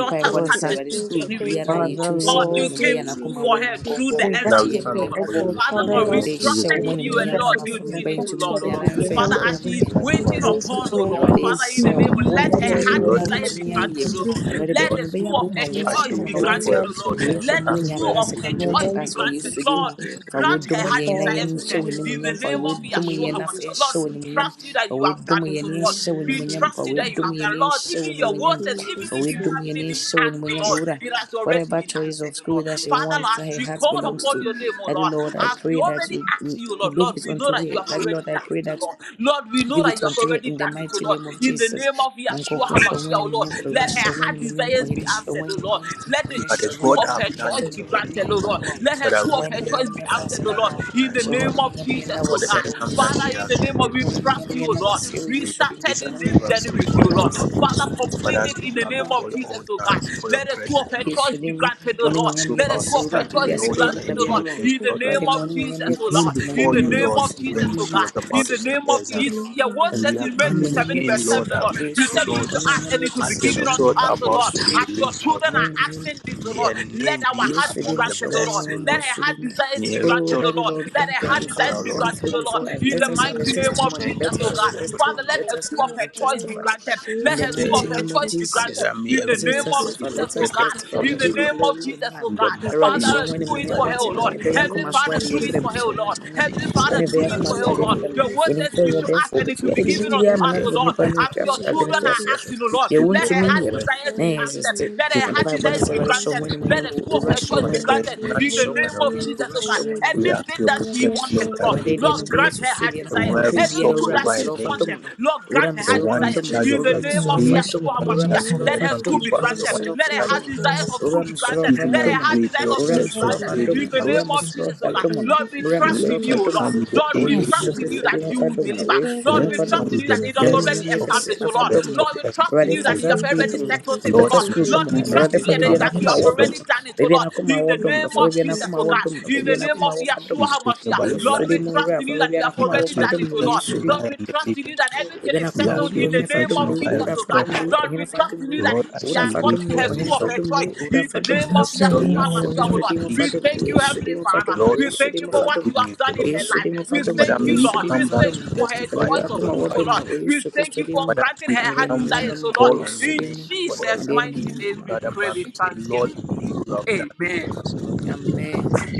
I: Mpaeɛbɔ ne
D: Lord,
I: sɛ
F: Jesus
I: Awurade
F: and to
I: sukuu
F: the hands of
I: biara a
F: angels.
D: Father
I: yɛtu
F: God
I: se mu a
D: Lord.
F: is
I: mebɛyɛ
F: with
I: n'akoma wɔ
F: you.
I: mu Honhom
F: To
I: Kronkron
F: the
D: We
E: Father,
I: wadi
D: thank
E: we
D: you
I: ɛho
F: beauty.
E: come
I: yɛ
D: for
E: before
I: mmɔbɔ.
E: you,
D: April,
E: Lord, in
F: For
I: Na
D: Father
E: the
F: that
E: name
D: Lord.
E: of
I: Awurade
F: is the
I: hyɛ
E: Jesus,
I: wo
D: I
I: mu
E: Lord.
D: pray
F: amazing
I: animuonyam
F: to
D: that
I: ma
D: you
F: come
D: can
I: mafa
F: out of
I: me
D: have
F: the
I: bɛn
D: such
I: ntumi
F: hands of
D: service
I: nyana
D: be
I: mfa
F: angels.
D: given
E: Lord,
D: to us
I: animuonyam
D: and
E: in
I: ne
E: the life of
I: anidie
F: We
E: our
A: You know,
I: mma
D: in the
I: wo.
E: sisters,
D: name
E: Lord,
D: of
I: Awurade
D: Jesus.
F: to
I: yɛsrɛ wo,
F: you
I: wo
D: Father
A: Let
F: here
D: Lord,
E: ask,
D: we
I: nkoto
F: the
E: Lord,
I: na
D: will thank
E: ask
I: wobɛtumi
D: you
F: mighty
E: you,
F: name
D: for
I: ayɛ.
D: to
F: of
D: us
F: Jesus.
D: and
I: Awurade baabi a
E: Lord.
D: in
I: mebɛyɛ
D: the
I: akoma
F: the
I: wɔ
D: ability
E: I
I: fa
E: see
I: dom
D: and
I: no
D: the
F: mighty
E: wait
F: name
I: woate.
E: for
A: granted,
E: a
D: desire
F: of
A: O Lord.
D: to
E: result.
F: Jesus.
E: Lord.
I: W'enso
E: We
A: Let
I: mma
A: the
I: no
D: participate.
E: ask for
A: school
E: it.
I: another
A: of her
I: second blow
D: Your
I: to
A: choice
F: the
D: voice
A: be
D: is
I: us wɔ
D: very
A: granted,
I: Yesu din mu.
A: Lord.
F: mighty
D: important.
F: name
I: Fa
A: Grant
I: w'adom
A: her
D: That's
A: heart
I: yɛn na
D: all.
A: desires for
I: yɛnhyɛ
A: her.
F: Thank
A: In the
I: w'animuonyam. Fa
A: name of
I: w'adom
A: Yeshua
I: yɛn na fa
A: HaMashiach,
I: yɛnhyɛ
A: Lord, we
I: w'animuonyam.
A: trust you
I: Fa
A: that you have
I: w'adom
A: done it,
I: yɛn
A: O
I: na
A: Lord.
I: yɛnhyɛ
A: We
I: w'animuonyam. Fa
A: trust you that you
I: w'adom
A: have
I: yɛn
A: done,
I: na
A: it, Lord.
I: yɛnhyɛ
A: Even your
I: w'animuonyam.
A: word says, even
I: Fa
A: if you
I: w'adom yɛn
A: haven't
I: na
A: even
I: yɛnhyɛ
A: asked the
I: w'animuonyam.
A: Lord,
I: Owura,
A: it has already
I: Whatever
A: been
I: choice
A: answered,
I: of
A: O
I: school
A: Lord.
I: that she
A: Father,
I: wants,
A: Lord,
I: that
A: as
I: her
A: we
I: heart
A: call
I: belongs
A: upon
I: to.
A: your name, O
I: Daddy
A: Lord,
I: Lord, I
A: as we
I: pray that
A: already
I: you
A: asked
I: mm,
A: you, O Lord,
I: give
A: Lord,
I: it
A: we know
I: unto
A: that
I: her.
A: you have
I: Daddy
A: already
I: Lord, I
A: done
I: pray
A: it, O
I: that
A: Lord. Lord, we know
I: Give
A: that
I: it
A: you have
I: unto her in
A: already
I: the
A: done it, O
I: mighty
A: Lord.
I: name of
A: In the
I: Jesus.
A: name of Yeshua
I: Onkoko
A: HaMashiach,
I: shongweni
A: O Lord,
I: munyam, Ra
A: let her
I: shongweni
A: heart
I: munyam,
A: desires
I: Ohene
A: be answered, O
I: shongweni
A: Lord.
I: munyam,
A: Let the
I: Ohene
E: But the
I: shongweni
A: school
E: God that
A: of
I: munyam,
A: her
E: have done
A: choice
I: Nyefeni
E: it
A: be
I: munyam,
E: already.
A: granted,
I: Nyeri
A: O Lord.
I: yimo.
A: Let her
E: Father,
A: school
E: we
A: of
E: are
I: Shongweni
A: her
E: here
I: munyam,
A: choice
E: to
A: be
I: Nyefa
E: thank
A: answered, O
E: you
A: Lord.
E: ahead
I: sedamo.
E: of
A: In
E: time,
A: the
E: O Lord,
I: Shongweni
A: name of
I: munyam, Nyena
A: Jesus,
E: for
A: O
E: the
I: wasi
A: God.
I: ewu
E: exam that she
A: Father,
I: yisurimu.
A: in
E: has
A: the name of
E: through.
A: we
I: Shongweni munyam,
A: trust you, O
I: Nyena
A: Lord.
I: wasi ewu
A: We
E: May your
I: yisurimu.
E: grace
A: started
E: and
I: Shongweni
A: this
E: favor
I: munyam,
A: journey
E: speak
A: with you,
E: for
A: O
I: Nyena
E: her, O
A: Lord.
I: wasi ewu
E: Lord.
A: Father,
I: yisurimu.
E: Father,
A: complete
E: as
A: it
E: we
A: in the
E: come
A: name
I: Shongweni
A: of
E: before your
I: munyam,
A: Jesus, O
E: altar,
A: God.
E: before your
A: Let the school of
E: presence,
A: her
E: Lord,
A: choice be
I: yisurimu.
A: granted, O
E: as
I: Wani
A: Lord.
E: we
I: munyam
E: soak
A: Let the
E: our
A: school
I: yekesi
A: of her
I: ura,
E: sister
I: Ndi
A: choice be
I: asore
E: daughter
I: ni
A: granted, O
E: into
A: Lord.
E: your
I: kabiyabamo.
E: hands,
A: In the
E: Lord,
I: Wani
A: name of
I: munyam
E: we
A: Jesus, O
E: came
I: yekesi,
A: Lord.
I: Wani
A: In
E: before
A: the
I: munyam
E: you,
A: name
E: Lord,
A: of
I: yekesi, Wani
A: Jesus,
E: when
A: O
E: she
I: munyam
A: God.
E: was
A: In
E: about to
I: yekesi.
A: the
E: start
A: name
E: the
A: of
E: exam.
A: Jesus. Your word
E: And we
A: says
E: are
A: in Matthew
E: coming
A: 7.
I: N'umunyam
A: Psalm 7, verse
E: again,
I: yɛkɛse
A: 7,
E: Lord,
A: O
E: that,
A: Lord. You
I: Yesu
A: said
I: din
A: we
I: mu. Ɔno
A: should
E: Lord,
A: ask
I: n'umunyam
A: and it will be
I: yɛkɛse.
E: as the
I: Hyɛ wo
A: given
I: ho
A: unto
E: result
A: us,
E: are
I: animuonyam
A: O
I: wɔ
E: about
A: Lord.
E: to
I: Yesu
E: be
I: din mu.
A: As your
E: released, Lord.
I: Ma
A: children
I: wo
A: are
I: animuonyam wɔ
A: asking this, O
E: May
A: Lord,
E: your
A: let
E: name
A: our
E: be
A: heart be
E: among the
A: granted, O Lord.
E: best, O
A: Let
E: Lord.
A: our heart desires
E: May
A: be
E: your
I: Oh,
A: granted,
E: result
A: O
I: Daddy
A: Lord.
E: come
I: Lord,
E: to the
A: Let
I: come
A: our
I: through
A: heart
E: flying
I: before
A: desires
I: me.
E: color,
A: be
E: Lord.
I: Come
A: granted,
I: through
A: O Lord.
I: before us.
A: In
I: Let
A: the
I: us
E: We
I: have a
A: mighty
E: ask for your
A: name of
I: testimony.
E: strength,
A: Jesus,
I: Let
E: we
A: O
I: us have
E: ask
I: a
E: for
A: God.
E: your
A: Father,
I: testimony.
A: let
I: Let
A: her
I: us
A: school of
I: come
A: her
I: and
A: choice be
I: testify.
A: granted.
I: In
A: Let
I: the
A: her school
I: mighty
A: of her
E: protection.
I: name of
A: choice be
E: I
A: granted.
I: Jesus,
E: desire may
A: In the
I: let
E: every
I: us
A: name of
E: result be
I: testify.
A: Jesus,
I: Let
A: O
I: us
E: protected
A: God.
E: from
I: testify. You
A: In the
E: others, O
I: give you
E: Lord.
A: name of
I: glory and
A: Jesus,
I: honor.
A: O
E: In the
A: God.
E: mighty
I: Awurade
A: Father,
E: name
I: hyɛ
E: of
I: wo ho
A: do
E: Jesus,
A: it
E: by
I: animuonyam
A: for
E: the
A: her,
I: wate
A: O
I: na
E: power
A: Lord.
E: of the Holy
I: mebɛyɛ
A: Heavenly
E: Spirit,
I: akoma so
A: Father,
I: adeɛ
A: do it
I: mmerɛ mu
A: for her,
I: hyɛ
A: O
I: wo ho
A: Lord.
E: and
I: animuonyam
A: Heavenly
E: against
I: na
A: Father,
E: every
A: do
I: mebɛyɛ
A: it
E: plans
I: akoma
A: for
I: so
E: of
A: her,
E: the
A: O
I: adeɛ
A: Lord.
E: enemy,
I: mmerɛ mu
A: Your word
I: yɛnim
A: says
I: sɛ
A: we
I: ɔyɛ
A: should ask
I: ɔdɛɛfoɔ
E: every
A: and it
I: bɛtumi
A: will be
I: ayɛ de
A: given unto
I: biribiaa
E: principality,
I: ma no
A: us, O
I: abrɛ
E: every
A: Lord.
I: nnipa no
E: voice of
A: As
E: the
A: your
I: ntoaso-
E: enemy,
I: adwene
A: children
E: Lord.
A: are
I: ntoasoɔ so
A: asking, O
E: We
A: Lord,
I: deɛ
F: you.
E: soak
A: let
E: it
A: her
I: wontumi
E: by
A: heart
E: your
I: nyɛ no
E: words,
A: desires
I: na
A: be
I: ɛyɛ
F: Thank
A: answered.
I: existe
A: Let
E: we soak
A: her
E: it,
A: heart
E: we
I: yɛmpaebɔ ne
E: soak
A: desires
E: it
I: sɛ
E: by your
A: be
I: Awurade hyɛ wo ho
A: granted.
E: hands, O Lord.
A: Let
I: animuonyam
A: the school of
I: owura
A: her
I: hyɛ wo
A: choice
I: ho
A: be
E: Father, there is
I: animuonyam
A: granted.
E: nothing
I: ɔhene
A: In the
I: hyɛ
E: you
I: wo ho
A: name
E: cannot
A: of
E: do, Lord.
A: Jesus, O God.
E: We ask for
A: Anything
E: your
A: that she
E: protection
A: wanted,
E: over
A: O
E: our
I: Awurade
A: Lord,
I: deɛ
E: papers,
A: Lord,
I: mebɛyɛ
A: grant her
I: susu
A: heart
I: deɛ
A: desires.
I: n'akoma
E: over our
I: pɛ
A: Any
I: biara
E: result,
A: school
I: owura
A: that
E: over our
I: mesrɛ
A: she's
I: wo fa
E: names,
I: dom
A: wanted,
I: no
A: Lord,
I: owura
A: grant her
E: the
I: mesrɛ
A: heart
I: wo fa
E: one in
A: desires.
I: dom no
E: charge of
A: In the
I: owura
E: a
A: name
I: mesrɛ
G: Oh,
A: of
I: wo fa
E: big,
G: yes,
E: the
I: dom
G: to
I: no
A: Yeshua
E: one
G: be
E: in
I: owura
G: in the
E: charge of
A: HaMashiach,
I: mesrɛ wo
G: home,
A: let
E: the
I: fa
A: her
G: Jesus
E: some
I: dom
A: school be
I: no
E: people,
G: Christ,
I: owura
E: the
A: granted.
E: one
I: mesrɛ wo
A: Let
I: fa
E: in
A: her
E: charge
I: dom
A: heart
I: no
G: in
A: desires of
I: owura
A: school be
I: mesrɛ
E: of
I: wo
A: granted.
I: fa
E: giving
A: Let
E: her
A: her
E: a
I: dom no
A: heart
E: grade,
A: desires of
E: Lord,
A: school
I: owura
A: be
E: let
I: mesrɛ
E: her
A: right
I: wo fa
E: grade
I: dom no
A: In the
E: become
I: owura
A: name
E: the flying
A: of
I: mesrɛ wo
A: Jesus,
I: fa
A: oh
E: college.
I: dom
A: God.
I: no
A: Lord, we
I: owura
A: trust
I: mesrɛ
E: Let
I: wo
A: in
I: fa
A: you,
E: her
A: oh
I: dom
A: Lord.
I: no
E: come with the
I: ɛwɔ
A: Lord, we
I: yesu
A: trust in
E: triple
A: you that
E: a
A: you
E: Lord.
A: will
I: no
A: deliver. Lord,
E: Let
A: we
E: her come
A: trust
I: no
A: in
E: with
A: you that it
E: the
A: was
E: best
A: already
I: Animuonyam yɛ
E: of
I: kɛse
A: established,
I: na
A: oh
I: fa
A: Lord.
E: the
I: dɔm
E: best
I: no.
E: of
A: Lord,
E: the
A: we
E: excellent
A: trust in
I: Awurade
A: you
I: fa
A: that you
E: grade.
I: saa
A: have
I: school
A: already
I: no.
A: settled it, oh
E: Lord,
I: better
A: Lord.
E: in her
I: school dɔm
A: Lord,
I: no.
A: we
E: school, may
A: trust
I: Awurade
E: she
A: in you
I: fa
A: that
I: baabi a
E: come out
A: that
G: Awurade
A: you
I: n'akoma
A: have
I: wɔ
E: the
F: you.
I: dɔm
A: already
I: no.
E: best.
A: done it, oh
I: Baabi a
A: Lord.
I: n'akoma
A: In
I: wɔ
A: the
F: the
I: dɔm
F: main
I: no.
A: name
I: Fa
F: thing
A: of
F: is
I: baabi a
A: Jesus,
I: n'akoma
A: oh
F: to
I: wɔ
A: God.
I: dɔm no.
A: In
I: Baabi
F: prepare
A: the
I: a
A: name
I: n'akoma
A: of
I: wɔ fa dɔm
E: Be
A: Yeshua
I: no.
E: soaked
I: Wɔ
E: by your
A: HaMashiach.
I: Yesu
A: Lord,
E: blood,
A: we
E: O
I: din mu
E: Lord.
A: trust in you that you have
E: We ask
A: already
E: for your
A: done it,
I: no.
A: oh Lord.
E: protection over
A: Lord,
E: her
A: we
E: and the
A: trust in
E: papers.
A: you that everything is
I: Ibena
E: We
I: kuma
E: ask
A: settled
E: for
I: wubi
E: your
A: in the
I: ohine
A: name
E: protection
A: of
I: fadumlu,
E: over her
A: Jesus,
I: ura
A: oh God.
E: result,
I: fadumlu,
E: O Lord.
A: Lord,
I: ohine
A: we trust in
I: fadumlu,
A: you that
E: Lord,
A: he-
E: as
A: she
I: ura
E: she
A: has
E: waits
A: gotten
I: fadumlu,
E: for
A: her
E: a
I: ohine
A: school of
E: result,
A: her
I: fadumlu,
A: choice.
I: ura
A: In the
I: fadumlu.
A: name
E: the
A: of
I: O
A: Yeshua
E: result that
A: HaMashiach.
I: Yesu
E: must be
I: Kristo dimo
E: released.
I: fadumlu, o Yesu dimo fadumlu,
E: Lord,
I: o
E: we
I: Yesu
E: ask
I: dimo
E: you of
I: fadumlu,
E: good news, O
I: o
E: Lord.
I: Yesu dimo fadumlu,
E: Father,
I: o
E: may we
I: Yesu dimo
E: come back to
I: fadumlu.
E: testify,
I: Ebebe
E: to
I: akuma
E: glorify your
I: wadumlu, o
E: name.
I: Yesu Kristo dimo.
E: Father, as we
I: Andeni
E: come
I: munyamba
E: to
I: ma, o
E: call on your
I: Yesu
E: name
I: dimo.
E: for the exam,
I: Andeni
E: may we
I: munyamba ma, o
E: gather back to
I: Yesu
E: say,
I: Kristo dimo.
E: Lord, you have done it
A: Amen.
E: for us.
I: Amen.